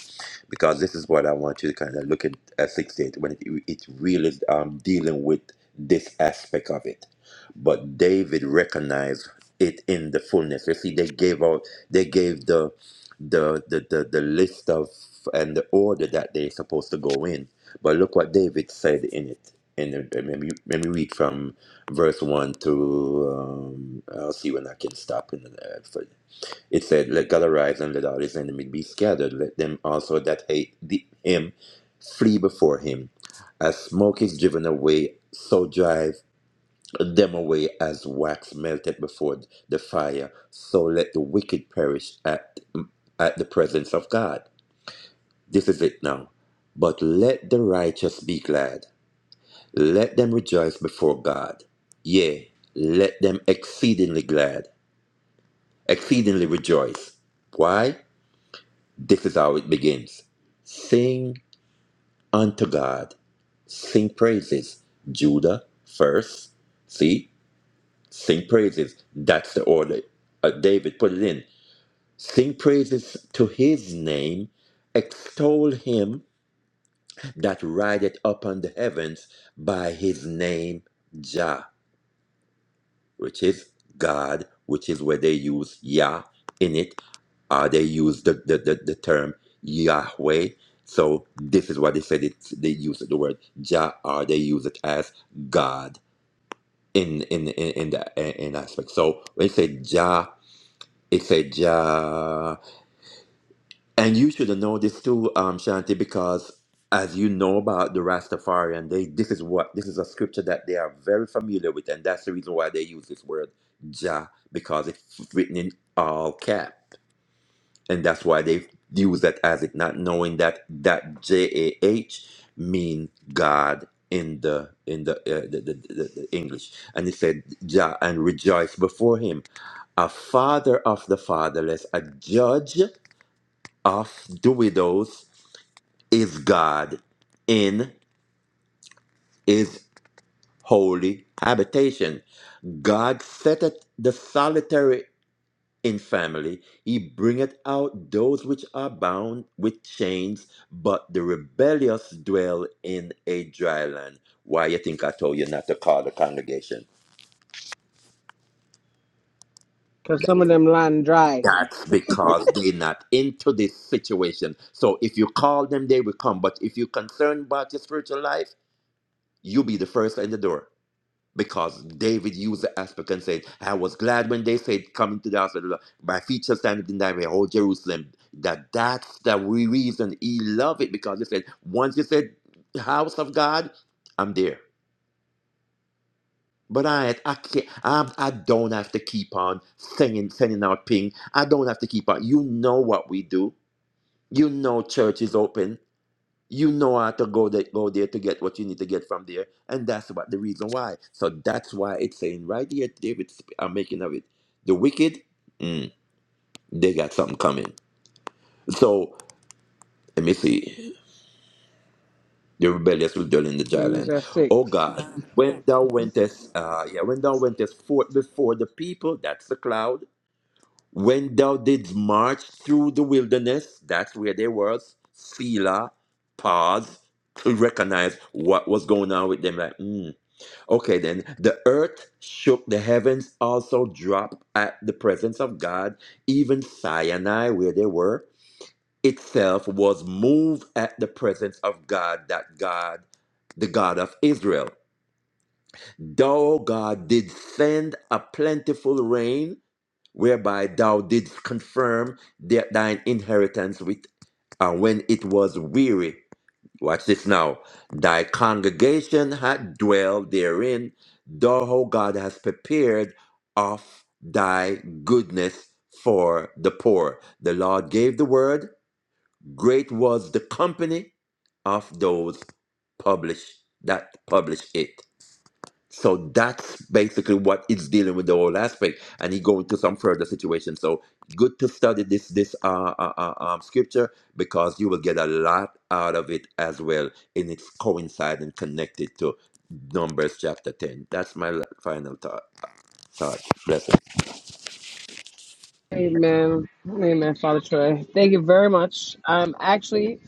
Speaker 3: because this is what I want you to kind of look at, at 68 when it, it really is um, dealing with this aspect of it. But David recognized it in the fullness. You see, they gave out, they gave the the the the, the list of and the order that they're supposed to go in but look what David said in it. And then- and let me, let me read from verse 1 to, um, I'll see when I can stop. In the, uh, for, it said, Let God arise and let all his enemies be scattered. Let them also that hate the, him flee before him. As smoke is driven away, so drive them away as wax melted before the fire. So let the wicked perish at, at the presence of God. This is it now. But let the righteous be glad. Let them rejoice before God. Yea, let them exceedingly glad, exceedingly rejoice. Why? This is how it begins. Sing unto God, sing praises. Judah first. See, sing praises. That's the order. Uh, David put it in. Sing praises to his name, extol him that rideth upon the heavens by his name, Jah. which is God, which is where they use Yah in it. Uh, they use the, the, the, the term Yahweh. So this is why they said it. They use the word Jah, or they use it as God in in in in the in in aspect. So when they say Jah, it say Jah. And you should know this too, um, Shanti, because as you know about the Rastafarian, they this is what this is a scripture that they are very familiar with, and that's the reason why they use this word Jah because it's written in all cap, and that's why they use that as it, not knowing that that J A H mean God in the in the, uh, the, the, the the English, and it said Jah and rejoice before Him, a father of the fatherless, a judge of the widows is God in his holy habitation. God setteth the solitary in family. He bringeth out those which are bound with chains, but the rebellious dwell in a dry land. Why you think I told you not to call the congregation?
Speaker 1: Because
Speaker 3: That-
Speaker 1: some of them lying dry.
Speaker 3: That's because they're not into this situation. So if you call them, they will come. But if you're concerned about your spiritual life, you be the first in the door. Because David used the aspect and said, I was glad when they said, Come into the hospital, my feet shall stand in thy way, O Jerusalem. That that's the re- reason he loved it because he said, Once you said, House of God, I'm there. But I, I can't, I, I don't have to keep on singing, sending out ping. I don't have to keep on. You know what we do. You know church is open you know how to go there, go there to get what you need to get from there, and that's what the reason why. So that's why it's saying right here, David, I'm making of it. The wicked, mm, they got something coming. So let me see. The rebellious will dwell in the dry
Speaker 1: News
Speaker 3: land.
Speaker 1: at
Speaker 3: Oh
Speaker 1: six.
Speaker 3: God, when thou wentest, uh, yeah, when thou wentest forth before the people, that's the cloud. When thou didst march through the wilderness, that's where they was. Selah, pause, to recognize what was going on with them. Like, mm, Okay, then the earth shook, the heavens also dropped at the presence of God. Even Sinai, where they were, itself was moved at the presence of God, that God, the God of Israel. Thou God did send a plentiful rain, whereby thou didst confirm that thine inheritance with, uh, when it was weary. Watch this now. Thy congregation hath dwelled therein, thou, O God, hast prepared of thy goodness for the poor. The Lord gave the word, great was the company of those publish that publish it. So that's basically what it's dealing with the whole aspect, and he go into some further situation. So good to study this this uh, uh, uh, um, scripture because you will get a lot out of it as well, and it's coinciding and connected to Numbers chapter ten. That's my la- final thought. Thought blessing.
Speaker 1: Amen. Amen, Father Troy. Thank you very much. I'm actually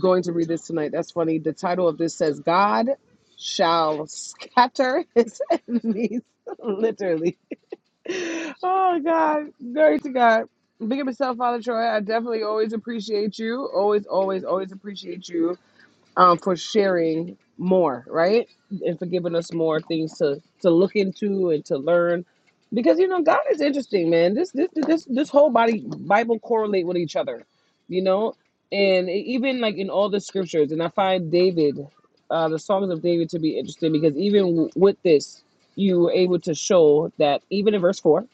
Speaker 1: going to read this tonight. That's funny. The title of this says, God shall scatter his enemies, literally. Oh God, glory to God. Big up yourself, Father Troy. I definitely always appreciate you. Always, always, always appreciate you um, for sharing more, right? And for giving us more things to to look into and to learn, because you know God is interesting, man. This this this this whole body Bible correlate with each other, you know, and e, even like in all the scriptures. And I find David, uh, the songs of David to be interesting because even w- with this, you were able to show that even in verse four,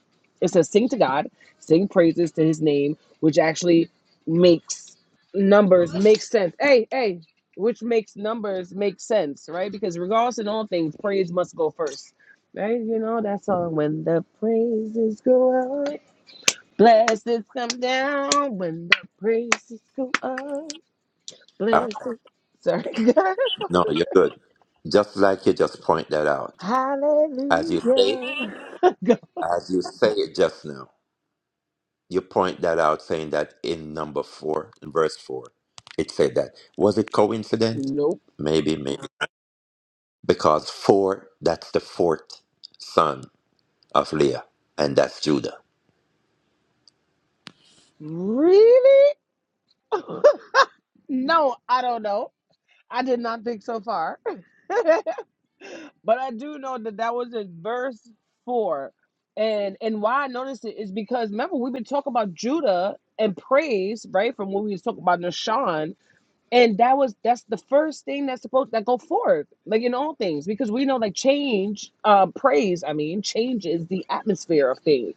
Speaker 1: it says, "Sing to God, sing praises to His name," which actually makes numbers make sense. Hey, hey, which makes numbers make sense, right? Because regardless in all things, praise must go first, right? You know that song when the praises go up, blessings come down. When the praises go up,
Speaker 3: Uh,
Speaker 1: blessings. Sorry,
Speaker 3: no, you're good. Just like you just point that out, as you say,
Speaker 1: hallelujah. Go-
Speaker 3: as you say it just now. you point that out saying that in number four, in verse four, it said that. Was it coincident?
Speaker 1: nope.
Speaker 3: Maybe, maybe. Because four, that's the fourth son of Leah, and that's Judah.
Speaker 1: Really? No, I don't know. I did not think so far. But I do know that that was in verse four, and and why I noticed it is because remember we've been talking about Judah and praise right from when we was talking about Nashan, and that was that's the first thing that's supposed that go forward like in all things because we know like change, uh, praise I mean changes the atmosphere of things,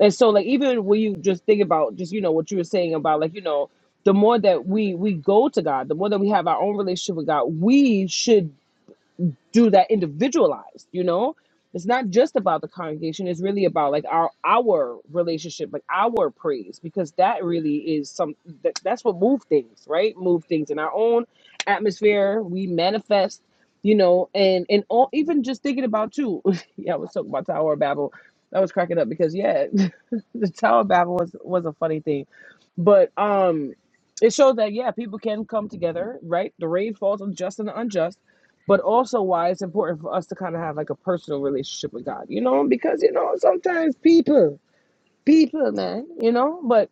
Speaker 1: and so like even when you just think about just you know what you were saying about like you know. The more that we we go to God, the more that we have our own relationship with God, we should do that individualized you know it's not just about the congregation it's really about like our our relationship like our praise because that really is some that, that's what move things right move things in our own atmosphere we manifest you know and and all even just thinking about too yeah i was talking about tower of babel i was cracking up because yeah the tower of babel was was a funny thing but um it showed that yeah people can come together right the rain falls on just and the unjust but also why it's important for us to kind of have like a personal relationship with God, you know, because you know sometimes people, people, man, you know. But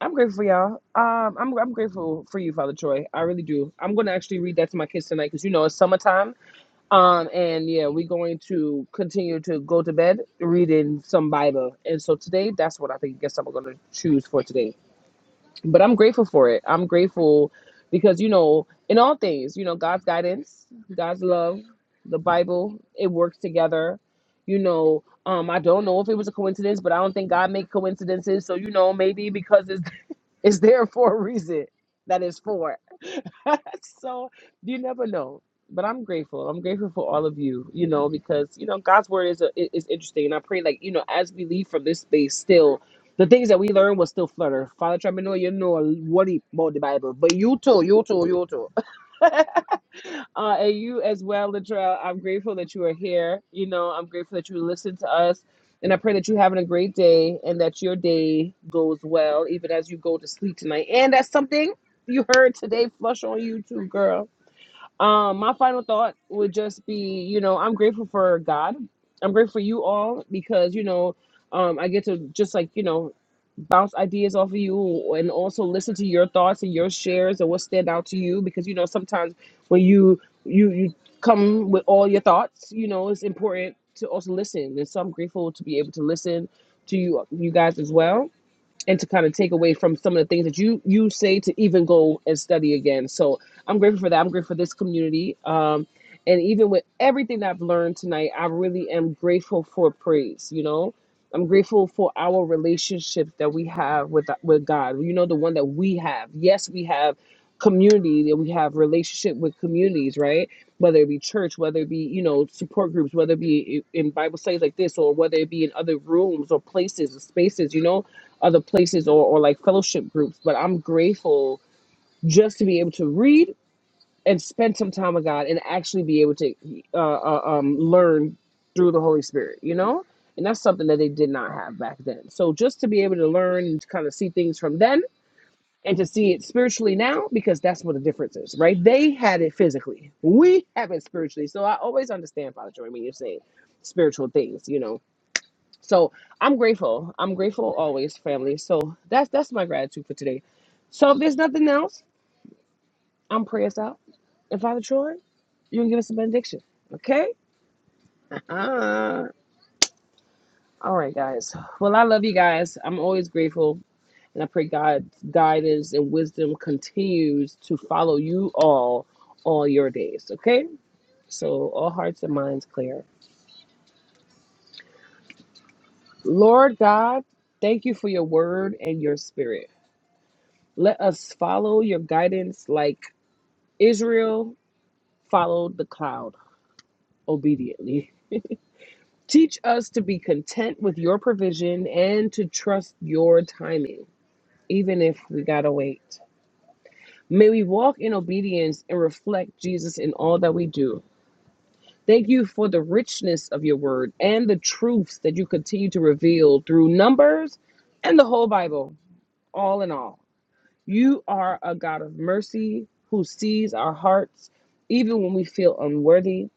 Speaker 1: I'm grateful for y'all. Um, I'm I'm grateful for you, Father Troy. I really do. I'm gonna actually read that to my kids tonight because you know it's summertime. Um, and yeah, we're going to continue to go to bed reading some Bible. And so today, that's what I think. Guess I'm gonna choose for today but I'm grateful for it. I'm grateful because you know, in all things, you know, God's guidance, God's love, the Bible, it works together. You know, um, I don't know if it was a coincidence, but I don't think God make coincidences. So you know, maybe because it's it's there for a reason that it's for. so you never know. But I'm grateful. I'm grateful for all of you, you know, because you know God's word is a, i- is interesting, and I pray like you know as we leave from this space, still the things that we learn will still flutter. Father, try me know you know what about the Bible, but you too, you too, you too. uh, and you as well, Latrell. I'm grateful that you are here. You know, I'm grateful that you listen to us. And I pray that you're having a great day and that your day goes well, even as you go to sleep tonight. And that's something you heard today, flush on YouTube, girl. Um, my final thought would just be, you know, I'm grateful for God. I'm grateful for you all because, you know, um, I get to just like, you know, bounce ideas off of you and also listen to your thoughts and your shares and what stand out to you because you know sometimes when you you you come with all your thoughts, you know, it's important to also listen. And so I'm grateful to be able to listen to you you guys as well and to kind of take away from some of the things that you you say to even go and study again. So I'm grateful for that. I'm grateful for this community. Um, and even with everything that I've learned tonight, I really am grateful for praise. You know, I'm grateful for our relationship that we have with with God. You know, the one that we have. Yes, we have community that we have relationship with communities right whether it be church whether it be you know support groups whether it be in bible studies like this or whether it be in other rooms or places or spaces you know other places or, or like fellowship groups, but I'm grateful just to be able to read and spend some time with God and actually be able to uh, uh, um, learn through the Holy Spirit, you know? And that's something that they did not have back then. So just to be able to learn and to kind of see things from then and to see it spiritually now, because that's what the difference is, right? They had it physically, we have it spiritually. So I always understand, Father Joy, when you're saying spiritual things, you know? So I'm grateful. I'm grateful always, family. So that's that's my gratitude for today. So if there's nothing else, I'm pray us out. And Father Troy, you can give us a benediction. Okay? Uh, all right, guys. Well, I love you guys. I'm always grateful. And I pray God's guidance and wisdom continues to follow you all all your days. Okay? So all hearts and minds clear. Lord God, thank you for your word and your spirit. Let us follow your guidance like Israel followed the cloud obediently. Teach us to be content with your provision and to trust your timing, even if we gotta wait. May we walk in obedience and reflect Jesus in all that we do. Thank you for the richness of your word and the truths that you continue to reveal through numbers and the whole Bible, all in all. You are a God of mercy who sees our hearts even when we feel unworthy.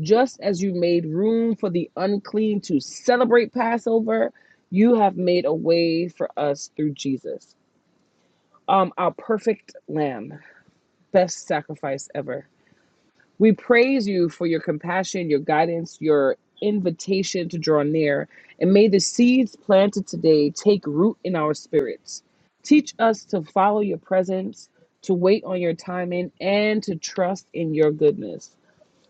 Speaker 1: Just as you made room for the unclean to celebrate Passover, you have made a way for us through Jesus, um, our perfect lamb, best sacrifice ever. We praise you for your compassion, your guidance, your invitation to draw near, and may the seeds planted today take root in our spirits. Teach us to follow your presence, to wait on your timing, and to trust in your goodness.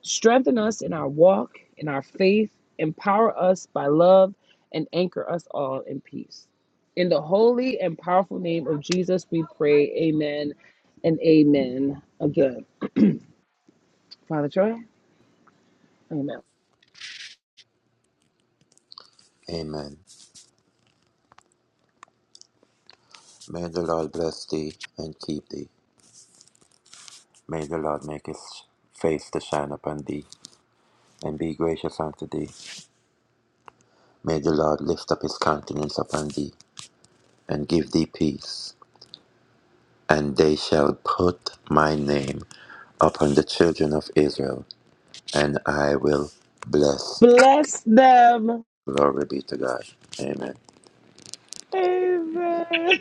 Speaker 1: Strengthen us in our walk, in our faith, empower us by love, and anchor us all in peace. In the holy and powerful name of Jesus, we pray, Amen and Amen. Again, Father Troy, Amen.
Speaker 3: Amen. May the Lord bless thee and keep thee. May the Lord make his face to shine upon thee and be gracious unto thee. May the Lord lift up his countenance upon thee and give thee peace. And they shall put my name upon the children of Israel and I will bless.
Speaker 1: Bless them.
Speaker 3: Glory be to God. Amen.
Speaker 1: Amen.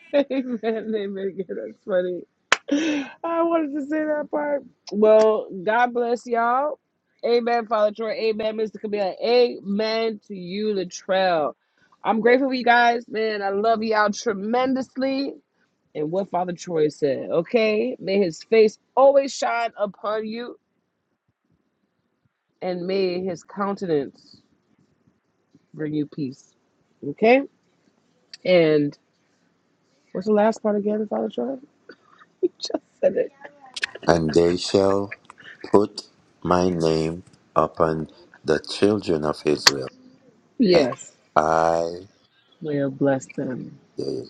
Speaker 1: Amen. Amen. Yeah, That's funny. I wanted to say that part. Well, God bless y'all. Amen, Father Troy. Amen, Mr. Camille. Amen to you, Latrell. I'm grateful for you guys, man. I love y'all tremendously. And what Father Troy said, okay? May his face always shine upon you and may his countenance bring you peace, okay? And What's the last part again, Father Troy? You just said it.
Speaker 3: And they shall put my name upon the children of Israel. And
Speaker 1: Yes,
Speaker 3: I,
Speaker 1: we'll bless them.
Speaker 3: there you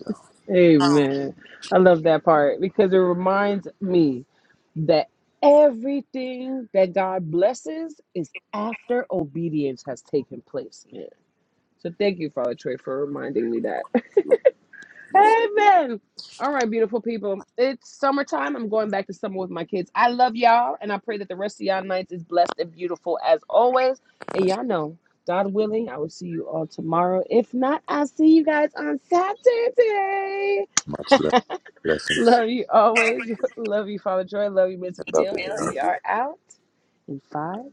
Speaker 1: Amen. I love that part because it reminds me that everything that God blesses is after obedience has taken place. Yeah. So thank you, Father Troy, for reminding me that.
Speaker 3: go. Yes, yes.
Speaker 1: Amen. All right, beautiful people. It's summertime. I'm going back to summer with my kids. I love y'all, and I pray that the rest of y'all nights is blessed and beautiful as always. And y'all know, God willing, I will see you all tomorrow. If not, I'll see you guys on Saturday.
Speaker 3: much love. Blessings.
Speaker 1: Love you always. Love you, Father Joy. Love you, Mr.
Speaker 3: I love
Speaker 1: Camille. And
Speaker 3: it.
Speaker 1: we are out in five,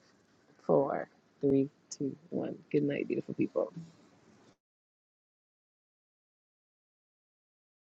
Speaker 1: four, three, two, one. Good night, beautiful people.